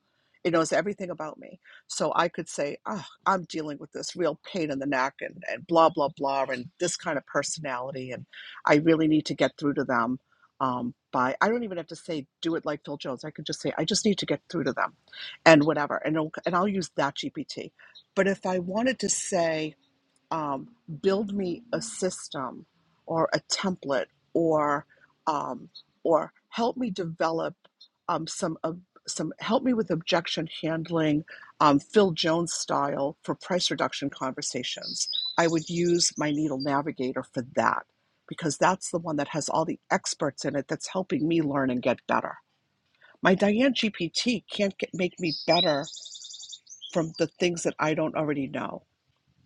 Speaker 16: it knows everything about me. So I could say, oh, I'm dealing with this real pain in the neck and, and blah, blah, blah, and this kind of personality. And I really need to get through to them um, by, I don't even have to say, do it like Phil Jones. I could just say, I just need to get through to them and whatever. And, I'll- and I'll use that GPT. But if I wanted to say, um, build me a system or a template or um, or help me develop um, some of some help me with objection handling um, Phil Jones style for price reduction conversations. I would use my needle navigator for that because that's the one that has all the experts in it that's helping me learn and get better. My Diane GPT can't get, make me better from the things that I don't already know.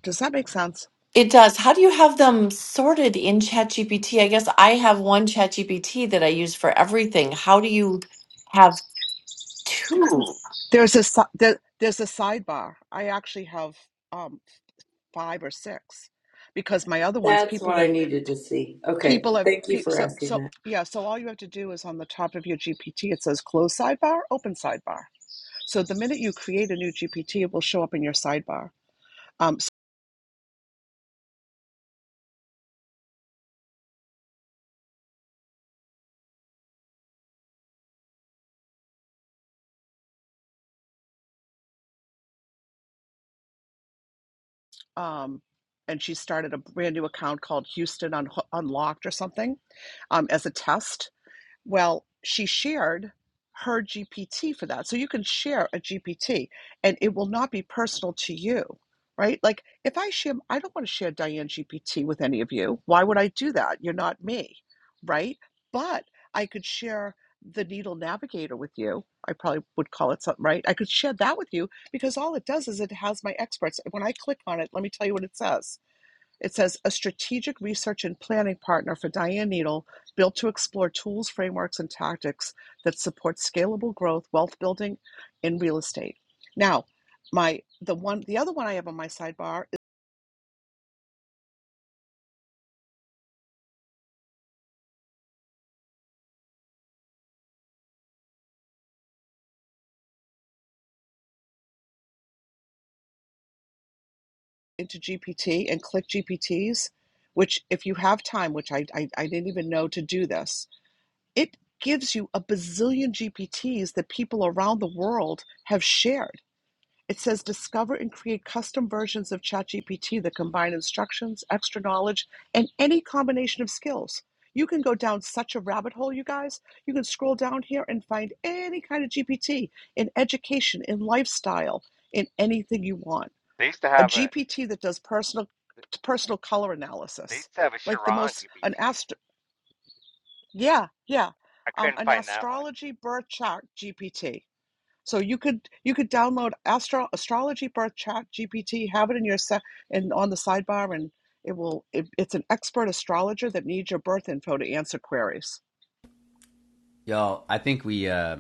Speaker 16: Does that make sense?
Speaker 9: It does. How do you have them sorted in ChatGPT? I guess I have one ChatGPT that I use for everything. How do you have two?
Speaker 16: There's a si- there, there's a sidebar. I actually have um five or six because my other ones
Speaker 7: That's
Speaker 16: people
Speaker 7: what I
Speaker 16: have
Speaker 7: needed to see. Okay.
Speaker 16: people have
Speaker 7: Thank you
Speaker 16: pe-
Speaker 7: for
Speaker 16: so
Speaker 7: asking
Speaker 16: so
Speaker 7: that.
Speaker 16: yeah, so all you have to do is on the top of your GPT it says close sidebar, open sidebar. So the minute you create a new GPT, it will show up in your sidebar. Um s- um and she started a brand new account called Houston Un- Unlocked or something um, as a test Well, she shared her GPT for that. So you can share a GPT and it will not be personal to you, right? Like if I share, I don't want to share Diane GPT with any of you. Why would I do that? You're not me, right? But I could share the Needle Navigator with you. I probably would call it something, right? I could share that with you because all it does is it has my experts. When I click on it, let me tell you what it says. It says a strategic research and planning partner for Diane Needle, built to explore tools, frameworks, and tactics that support scalable growth, wealth building, and real estate. Now, my the one the other one I have on my sidebar is into GPT and click GPTs, which if you have time, which I I, I didn't even know to do this, it gives you a bazillion GPTs that people around the world have shared It says discover and create custom versions of ChatGPT that combine instructions, extra knowledge, and any combination of skills. You can go down such a rabbit hole, you guys. You can scroll down here and find any kind of GPT in education, in lifestyle, in anything you want.
Speaker 14: They used to
Speaker 16: A
Speaker 14: have a
Speaker 16: GPT that does personal personal color
Speaker 14: they
Speaker 16: analysis,
Speaker 14: used to have a
Speaker 16: like the
Speaker 14: Chiron
Speaker 16: most an
Speaker 14: GPT.
Speaker 16: astro yeah yeah
Speaker 14: I
Speaker 16: um,
Speaker 14: couldn't
Speaker 16: an
Speaker 14: find that one.
Speaker 16: astrology birth chart GPT. So you could you could download Astro Astrology Birth Chat GPT, have it in your set and on the sidebar, and it will. It, it's an expert astrologer that needs your birth info to answer queries.
Speaker 1: Y'all, I think we, uh,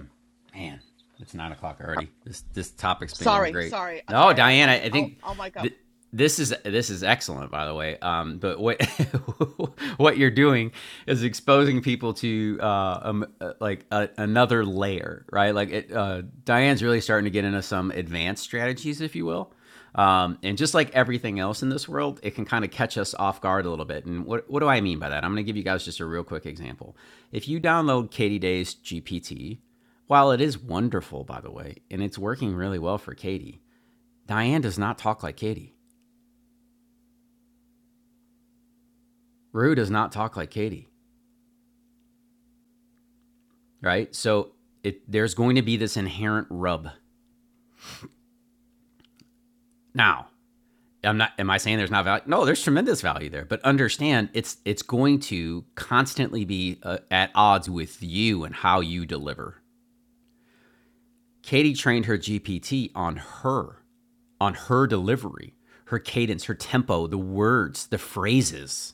Speaker 1: man, it's nine o'clock
Speaker 16: Uh,
Speaker 1: already. This this topic's been going
Speaker 16: Sorry,
Speaker 1: great.
Speaker 16: sorry, uh,
Speaker 1: No,
Speaker 16: sorry. I'll
Speaker 1: Diane,
Speaker 16: I'll
Speaker 1: I, I
Speaker 16: I'll,
Speaker 1: think
Speaker 16: I'll mic up.
Speaker 1: th- this is this is excellent, by the way. Um, but what what you're doing is exposing people to uh, um, uh, like a, another layer, right? Like it, uh, Diane's really starting to get into some advanced strategies, if you will. Um, and just like everything else in this world, it can kind of catch us off guard a little bit. And what, what do I mean by that? I'm going to give you guys just a real quick example. If you download Katie Day's GPT, while it is wonderful, by the way, and it's working really well for Katie, Diane does not talk like Katie. Rue does not talk like Katie, right? So it, there's going to be this inherent rub. Now, I'm not. Am I saying there's not value? No, there's tremendous value there. But understand, it's it's going to constantly be uh, at odds with you and how you deliver. Katie trained her GPT on her, on her delivery, her cadence, her tempo, the words, the phrases.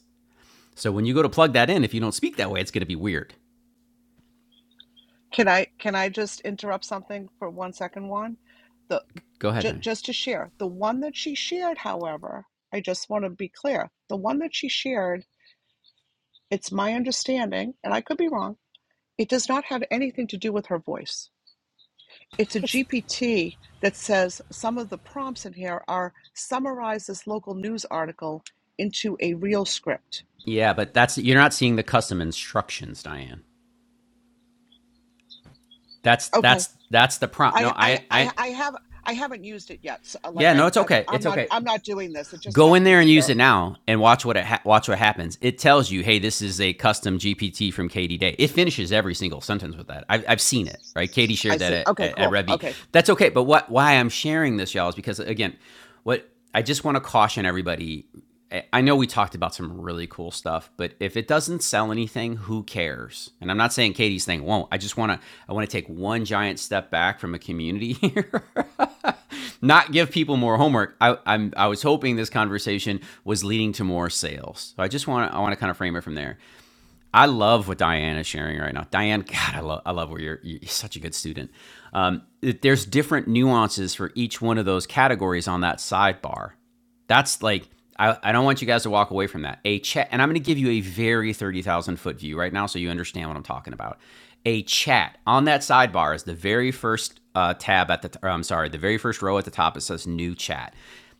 Speaker 1: So when you go to plug that in, if you don't speak that way, it's going to be weird.
Speaker 16: Can I can I just interrupt something for one second, Juan? The
Speaker 1: Go ahead,
Speaker 16: j-
Speaker 1: Diane.
Speaker 16: just to share the one that she shared, however, I just want to be clear. The one that she shared, it's my understanding, and I could be wrong. It does not have anything to do with her voice it's a
Speaker 13: It's
Speaker 16: GPT that says some of the prompts in here are summarize this local news article into a real script.
Speaker 1: Yeah, but that's you're not seeing the custom instructions, Diane. That's
Speaker 16: Okay,
Speaker 1: that's that's the prompt. No,
Speaker 16: I I
Speaker 1: I
Speaker 16: I,
Speaker 1: I
Speaker 16: I have. I haven't used it yet. So, like
Speaker 1: yeah, no,
Speaker 16: I,
Speaker 1: it's
Speaker 16: I'm,
Speaker 1: okay.
Speaker 16: I'm
Speaker 1: It's
Speaker 16: not,
Speaker 1: okay.
Speaker 16: I'm not doing this. It just
Speaker 1: Go in
Speaker 16: happened to
Speaker 1: there and
Speaker 16: be
Speaker 1: use
Speaker 16: there.
Speaker 1: it now, and watch what it ha- watch what happens. It tells you, hey, this is a custom GPT from Katie Day. It finishes every single sentence with that. I've, I've seen it. Right? Katie
Speaker 16: I
Speaker 1: shared that
Speaker 16: see.
Speaker 1: at,
Speaker 16: Okay,
Speaker 1: at, at
Speaker 16: cool.
Speaker 1: Revy.
Speaker 16: Okay.
Speaker 1: That's okay. But what why I'm sharing this, y'all, is because again, what I just want to caution everybody. I- I know we talked about some really cool stuff, but if it doesn't sell anything, who cares? And I'm not saying Katie's thing won't. I just want to I want to take one giant step back from a community here not give people more homework. I, I'm I was hoping this conversation was leading to more sales. So I just want to, I want to kind of frame it from there. I love what Diane is sharing right now. Diane, God, I love I love where you're you're such a good student. Um, there's different nuances for each one of those categories on that sidebar. That's like I, I don't want you guys to walk away from that. A chat, and I'm going to give you a very 30,000 foot view right now so you understand what I'm talking about. A chat on that sidebar is the very first uh, tab at the, t- I'm sorry, the very first row at the top. It says new chat.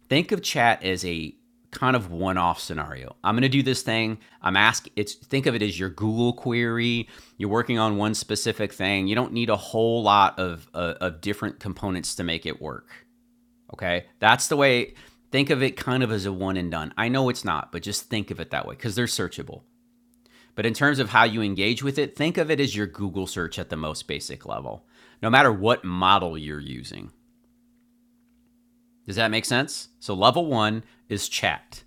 Speaker 1: Think of chat as a kind of one off scenario. I'm going to do this thing. I'm asking, it's, think of it as your Google query. You're working on one specific thing. You don't need a whole lot of, uh, of different components to make it work. Okay. That's the way, think of it kind of as a one and done. I know it's not, but just think of it that way because they're searchable. But in terms of how you engage with it, think of it as your Google search at the most basic level, no matter what model you're using. Does that make sense? So level one is chat.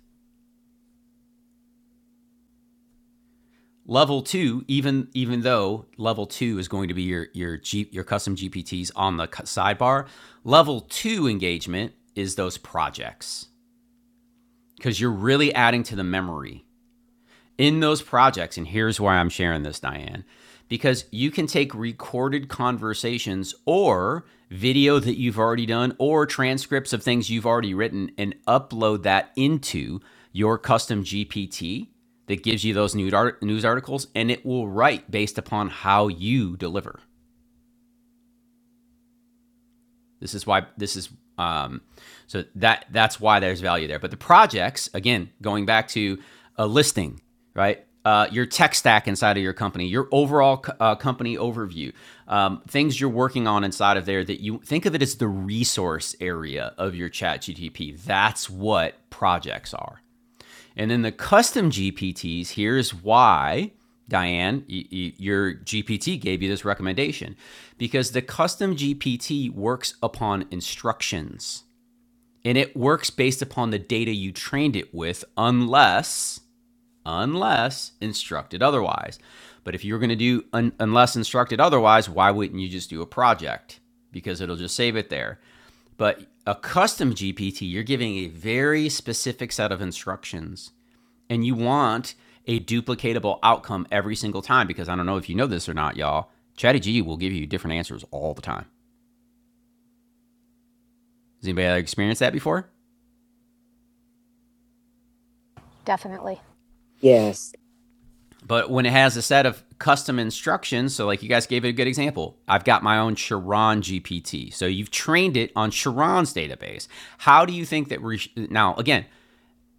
Speaker 1: Level two, even even though level two is going to be your your G, your custom GPTs on the sidebar, level two engagement is those projects because you're really adding to the memory in those projects. And here's why I'm sharing this, Diane, because you can take recorded conversations or video that you've already done or transcripts of things you've already written and upload that into your custom GPT that gives you those news articles and it will write based upon how you deliver. This is why this is um, so that that's why there's value there. But the projects, again, going back to a listing, right? Uh, your tech stack inside of your company, your overall co- uh, company overview, um, things you're working on inside of there that you think of it as the resource area of your chat That's what projects are. And then the custom GPTs, here's why, Diane, your GPT gave you this recommendation because the custom GPT works upon instructions and it works based upon the data you trained it with, unless, unless instructed otherwise. But if you're going to do un- unless instructed otherwise, why wouldn't you just do a project? Because it'll just save it there. But a custom GPT, you're giving a very specific set of instructions and you want a duplicatable outcome every single time because I don't know if you know this or not, y'all. ChatGPT will give you different answers all the time. Has anybody ever experienced that before?
Speaker 13: definitely
Speaker 8: Yes.
Speaker 1: But when it has a set of custom instructions, so like you guys gave it a good example, I've got my own Chiron GPT. So you've trained it on Chiron's database. How do you think that re- now again,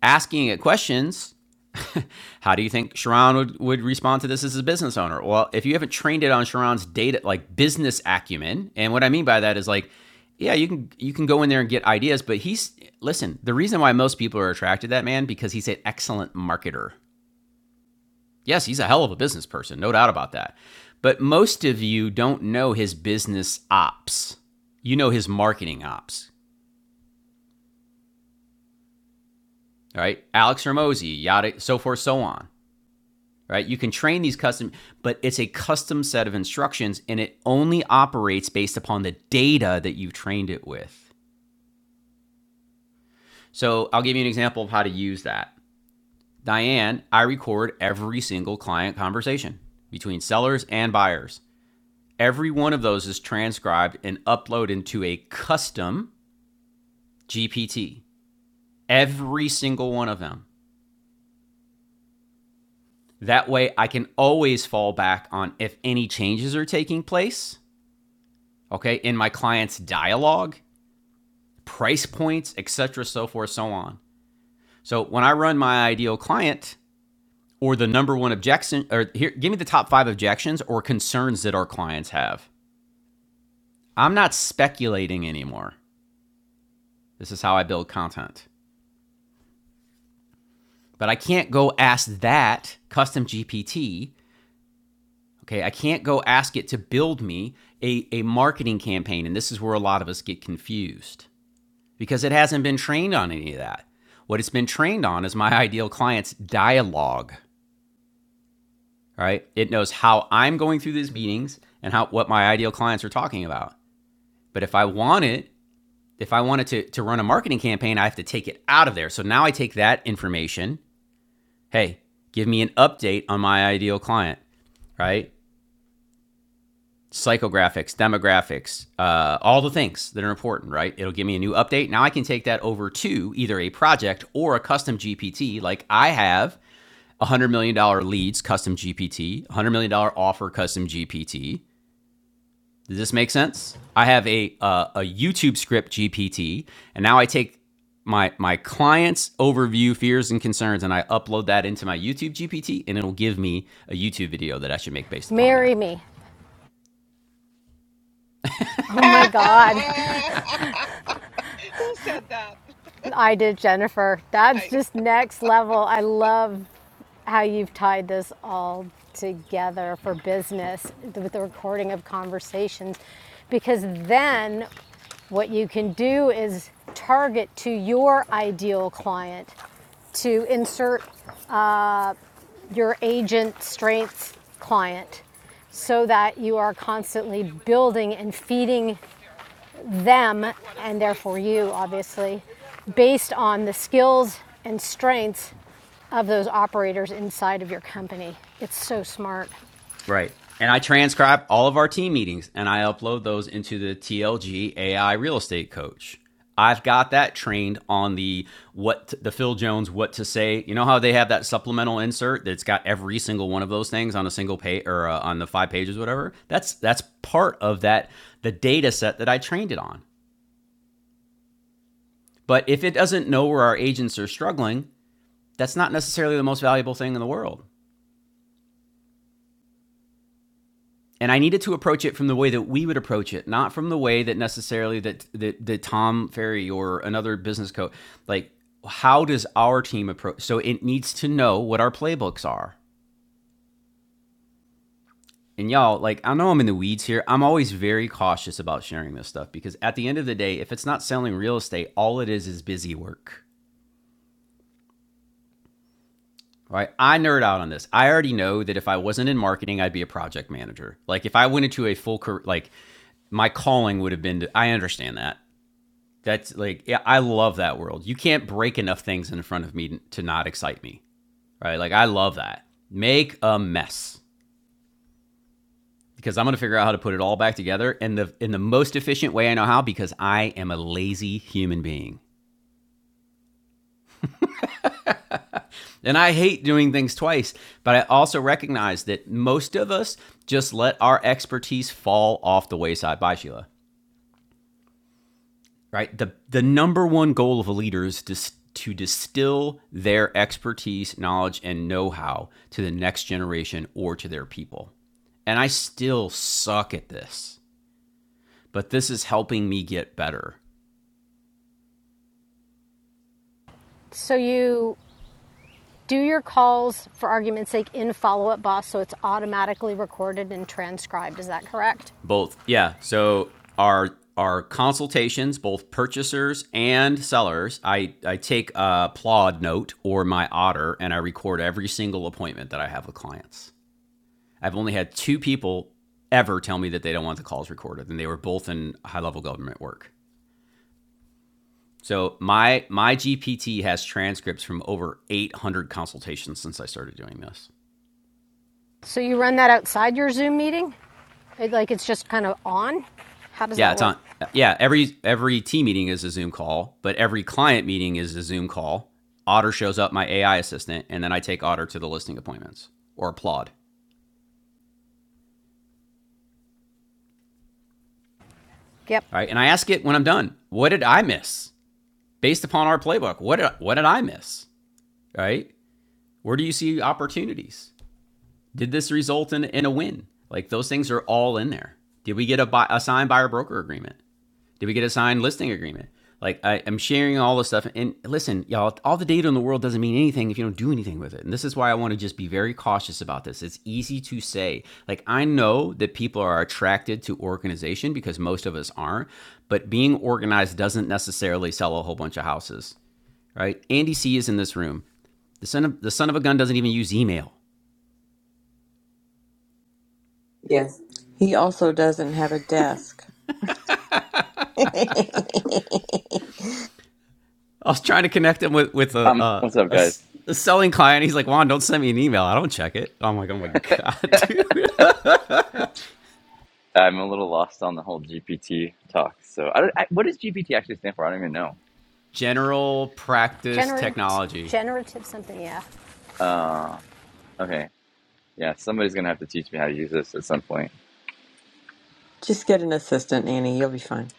Speaker 1: asking it questions. How do you think Sharon would, would respond to this as a business owner? Well, if you haven't trained it on Sharon's data, like business acumen, and what I mean by that is like, yeah, you can you can go in there and get ideas, but he's listen. The reason why most people are attracted to that man because he's an excellent marketer. Yes, he's a hell of a business person, no doubt about that. But most of you don't know his business ops. You know his marketing ops, all right? Alex Ramosi, yada, so forth, so on. right? You can train these custom, but it's a custom set of instructions and it only operates based upon the data that you've trained it with. So I'll give you an example of how to use that. Diane, I record every single client conversation between sellers and buyers. Every one of those is transcribed and uploaded into a custom GPT. Every single one of them. That way, I can always fall back on if any changes are taking place, okay, in my client's dialogue price points, etc., so forth, so on. So when I run my ideal client or the number one objection, or here, give me the top five objections or concerns that our clients have. I'm not speculating anymore. This is how I build content. But I can't go ask that custom GPT. Okay, I can't go ask it to build me a, a marketing campaign. And this is where a lot of us get confused because it hasn't been trained on any of that. What it's been trained on is my ideal client's dialogue right? It knows how I'm going through these meetings and how what my ideal clients are talking about. But if I want it, if I wanted to, to run a marketing campaign, I have to take it out of there. So now I take that information. Hey, give me an update on my ideal client, right? Psychographics, demographics, uh, all the things that are important, right? It'll give me a new update. Now I can take that over to either a project or a custom GPT, like I have $100 million dollar leads custom GPT, $100 million dollar offer custom GPT, Does this make sense? I have a uh, a YouTube script GPT, and now I take my my client's overview, fears, and concerns, and I upload that into my YouTube GPT, and it'll give me a YouTube video that I should make based upon that.
Speaker 13: marry me. Oh
Speaker 16: Who
Speaker 13: my God.
Speaker 16: said that?
Speaker 13: I did, Jennifer. That's
Speaker 16: I
Speaker 13: just next level. I love how you've tied this all together for business with the recording of conversations because then what you can do is target to your ideal client to insert your agent strengths client so that you are constantly building and feeding them and therefore you obviously based on the skills and strengths of those operators inside of your company it's so smart
Speaker 1: Right. And I transcribe all of our team meetings and I upload those into the TLG AI Real Estate Coach. I've got that trained on the what to, the Phil Jones what to say. You know how they have that supplemental insert that's got every single one of those things on a single page or uh, on the five pages whatever. That's that's part of that the data set that I trained it on. But if it doesn't know where our agents are struggling, that's not necessarily the most valuable thing in the world. and I needed to approach it from the way that we would approach it, not from the way that necessarily that that, that Tom Ferry or another business coach like how does our team approach so it needs to know what our playbooks are. And y'all, like I know I'm in the weeds here. I'm always very cautious about sharing this stuff because at the end of the day, if it's not selling real estate, all it is is busy work. Right? I nerd out on this. I already know that if I wasn't in marketing, I'd be a project manager. Like if I went into a full career like my calling would have been to, I understand that That's like yeah, I love that world. You can't break enough things in front of me to not excite me, right? Like I love that. Make a mess because I'm going to figure out how to put it all back together in the in the most efficient way I know how because I am a lazy human being. And I hate doing things twice, but I also recognize that most of us just let our expertise fall off the wayside. Bye, Sheila. right? The the number one goal of a leader is dis- to distill their expertise, knowledge, and know-how to the next generation or to their people. And I still suck at this, but this is helping me get better.
Speaker 13: so you do your calls for argument's sake in follow-up boss so it's automatically recorded and transcribed is that correct
Speaker 1: Both, yeah. So our our consultations, both purchasers and sellers, I, I take a Plod note or my Otter and I record every single appointment that I have with clients. I've only had two people ever tell me that they don't want the calls recorded, and they were both in high level government work. So my my GPT has transcripts from over 800 consultations since I started doing this.
Speaker 13: so you run that outside your zoom meeting It- like it's just kind of on how does
Speaker 1: Yeah,
Speaker 13: that
Speaker 1: it's
Speaker 13: work
Speaker 1: on. Yeah, every every team meeting is a Zoom call, but every client meeting is a Zoom call. Otter shows up, my AI assistant, and then I take Otter to the listing appointments or applaud.
Speaker 13: yep
Speaker 1: All right, and I ask it when I'm done, what did I miss based upon our playbook? What did, what did I miss? All right, where do you see opportunities? Did this result in, in a win? Like those things are all in there. Did we get a, buy, a signed buyer broker agreement? Did we get a signed listing agreement? Like I, I'm sharing all this stuff. And listen, y'all, all the data in the world doesn't mean anything if you don't do anything with it. And this is why I want to just be very cautious about this. It's easy to say. Like I know that people are attracted to organization because most of us aren't, but being organized doesn't necessarily sell a whole bunch of houses, right? Andy C is in this room. The son of the son of a gun doesn't even use email.
Speaker 7: Yes. He also doesn't have a desk.
Speaker 1: I was trying to connect him with with a a
Speaker 17: Um,
Speaker 1: a,
Speaker 17: what's up,
Speaker 1: a
Speaker 17: guys?
Speaker 1: selling client. He's like, Juan, don't send me an email. I don't check it. I'm like, oh my god, dude.
Speaker 17: I'm a little lost on the whole GPT talk. So, I don't, I, what does GPT actually stand for? I don't even know.
Speaker 1: General practice
Speaker 13: Generative,
Speaker 1: technology.
Speaker 13: generative something, yeah.
Speaker 17: Uh, okay, yeah, somebody's gonna have to teach me how to use this at some point.
Speaker 7: Just get an assistant, Annie. You'll be fine.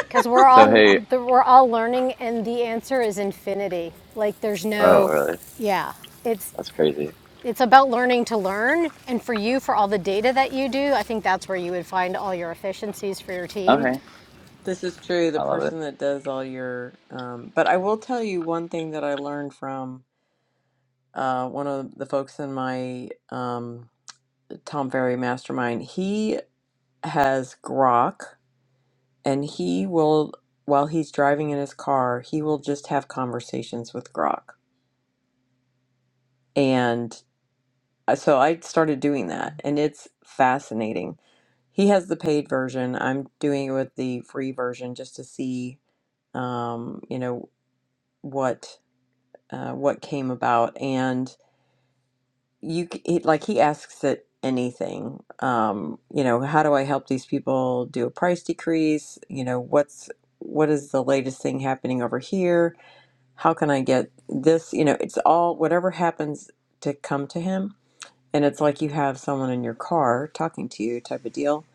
Speaker 13: Because we're
Speaker 17: So,
Speaker 13: all
Speaker 17: hey,
Speaker 13: we're all learning, and the answer is infinity. Like there's
Speaker 17: oh,
Speaker 13: no,
Speaker 17: really?
Speaker 13: yeah. It's
Speaker 17: That's crazy.
Speaker 13: it's about learning to learn, and for you, for all the data that you do, I think that's where you would find all your efficiencies for your team.
Speaker 17: Okay,
Speaker 7: This is true. The
Speaker 17: I love it.
Speaker 7: person that does all your, um, but I will tell you one thing that I learned from uh, one of the folks in my um, Tom Ferry mastermind. He has Grok, and he will, while he's driving in his car, he will just have conversations with Grok. And uh, so I started doing that, and it's fascinating. He has the paid version. I'm doing it with the free version just to see, um, you know, what. uh, what came about and you c- it, like he asks it anything um you know how do i help these people do a price decrease you know what's what is the latest thing happening over here how can i get this you know it's all whatever happens to come to him and it's like you have someone in your car talking to you type of deal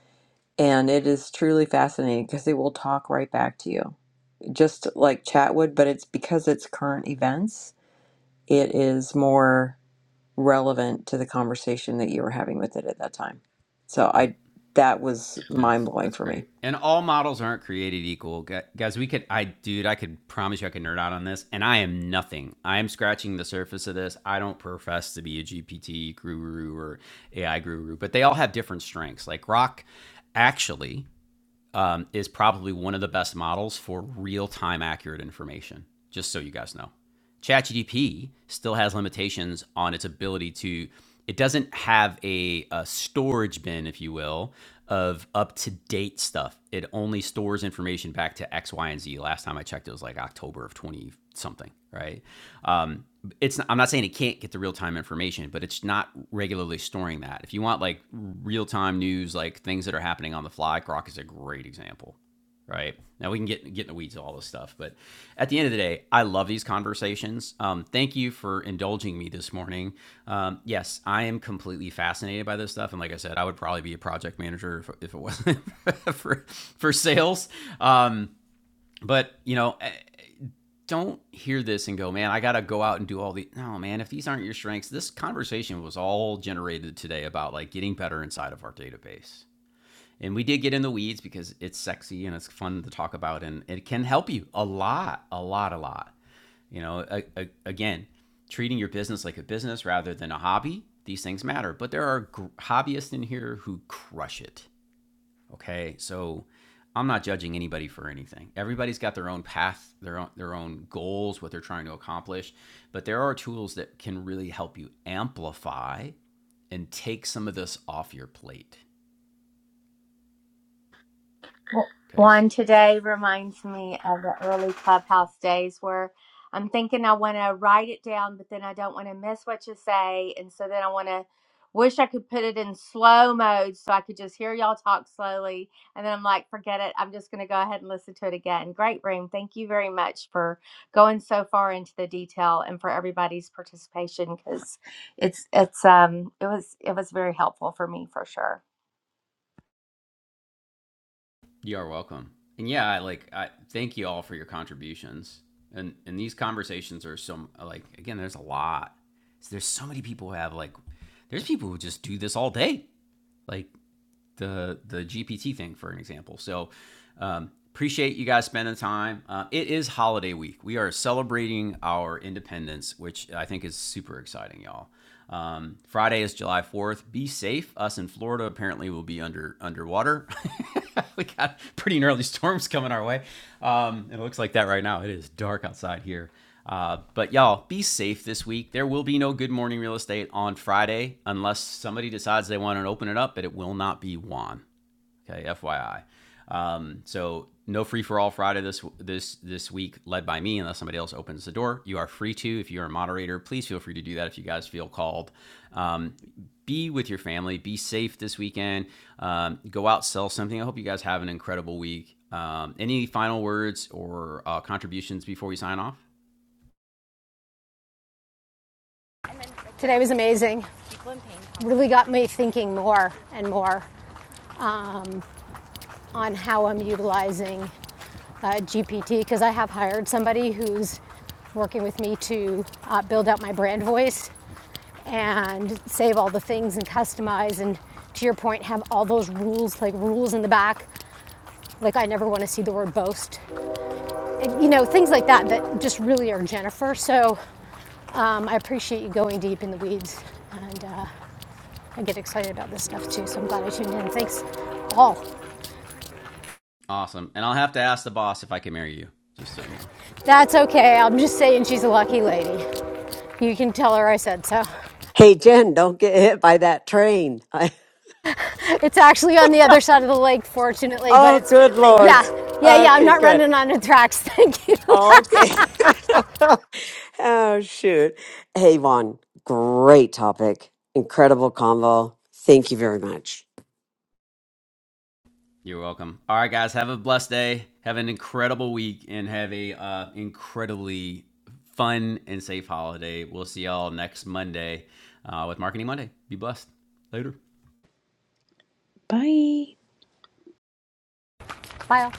Speaker 7: and it is truly fascinating because they will talk right back to you just like chat would but it's because it's current events it is more relevant to the conversation that you were having with it at that time. So
Speaker 1: Yep,
Speaker 7: I that was mind
Speaker 1: that's
Speaker 7: blowing
Speaker 1: that's
Speaker 7: for me.
Speaker 1: great. And all models aren't created equal, guys. We could, I dude, I could promise you, I could nerd out on this. And I am nothing. I am scratching the surface of this. I don't profess to be a GPT guru or AI guru, but they all have different strengths. Like Rock, actually um, is probably one of the best models for real time accurate information, just so you guys know. ChatGPT still has limitations on its ability to. It doesn't have a, a storage bin, if you will, of up to date stuff. It only stores information back to X, Y, and Z. Last time I checked, it was like October of twenty something, right? Um, it's. I'm not saying it can't get the real time information, but it's not regularly storing that. If you want like real time news, like things that are happening on the fly, Grok is a great example right? Now we can get get in the weeds of all this stuff, but at the end of the day, I love these conversations. Um, thank you for indulging me this morning. Um, yes, I am completely fascinated by this stuff, and like I said, I would probably be a project manager if, if it wasn't for for sales. Um, but you know. eh, Don't hear this and go, man, I got to go out and do all the. No, man, if these aren't your strengths, this conversation was all generated today about like getting better inside of our database. And we did get in the weeds because it's sexy and it's fun to talk about, and it can help you a lot, a lot, a lot. You know, a, a, again, treating your business like a business rather than a hobby, these things matter. But there are gr- hobbyists in here who crush it. Okay, so I'm not judging anybody for anything. Everybody's got their own path, their own their own goals, what they're trying to accomplish. But there are tools that can really help you amplify and take some of this off your plate. Okay,
Speaker 15: One today reminds me of the early clubhouse days where I'm thinking I want to write it down, but then I don't want to miss what you say. And so then I want to wish I could put it in slow mode so I could just hear y'all talk slowly. And then I'm like, forget it. I'm just going to go ahead and listen to it again. Great room. Thank you very much for going so far into the detail and for everybody's participation because it's, it's, um, it was, it was very helpful for me for sure.
Speaker 1: You are welcome. And yeah, I like I thank you all for your contributions. And and these conversations are so like again, there's a lot. So there's so many people who have like there's people who just do this all day. Like the the GPT thing for an example. So um, appreciate you guys spending time. Uh, it is holiday week. We are celebrating our independence, which I think is super exciting, y'all. Um, Friday is July Fourth. Be safe. Us in Florida apparently will be under underwater. we got pretty gnarly storms coming our way. Um, it looks like that right now. It is dark outside here. Uh, but y'all, be safe this week. There will be no Good Morning Real Estate on Friday unless somebody decides they want to open it up, but it will not be Juan. Okay, FYI. Um, so no free for all Friday this this this week, led by me, unless somebody else opens the door. You are free to if you're a moderator. Please feel free to do that if you guys feel called. Um, be with your family. Be safe this weekend. Um, go out, sell something. I hope you guys have an incredible week. Um, any final words or uh, contributions before we sign off?
Speaker 13: Today was amazing. Really got me thinking more and more on how I'm utilizing uh, GPT because I have hired somebody who's working with me to uh, build out my brand voice and save all the things and customize and to your point have all those rules like rules in the back like i never want to see the word boast And, you know things like that that just really are jennifer so um, i appreciate you going deep in the weeds and uh, i get excited about this stuff too so i'm glad i tuned in thanks all
Speaker 1: Awesome. And I'll have to ask the boss if I can marry you, just so you know.
Speaker 13: that's okay i'm just saying she's a lucky lady you can tell her i said so
Speaker 8: Hey, Jen, don't get hit by that train. I-
Speaker 13: it's actually on the other side of the lake fortunately but
Speaker 8: oh,
Speaker 13: it's
Speaker 8: good Lord.
Speaker 13: yeah yeah yeah i'm
Speaker 8: Okay,
Speaker 13: not
Speaker 8: good.
Speaker 13: running on the tracks thank you
Speaker 8: Okay. oh, shoot. Hey, Vaughn, great topic. Incredible convo. Thank you very much.
Speaker 1: You're welcome. All right, guys. Have a blessed day. Have an incredible week and have a uh, incredibly fun and safe holiday. We'll see y'all next Monday uh, with Marketing Monday. Be blessed. Later.
Speaker 7: Bye.
Speaker 13: bye all.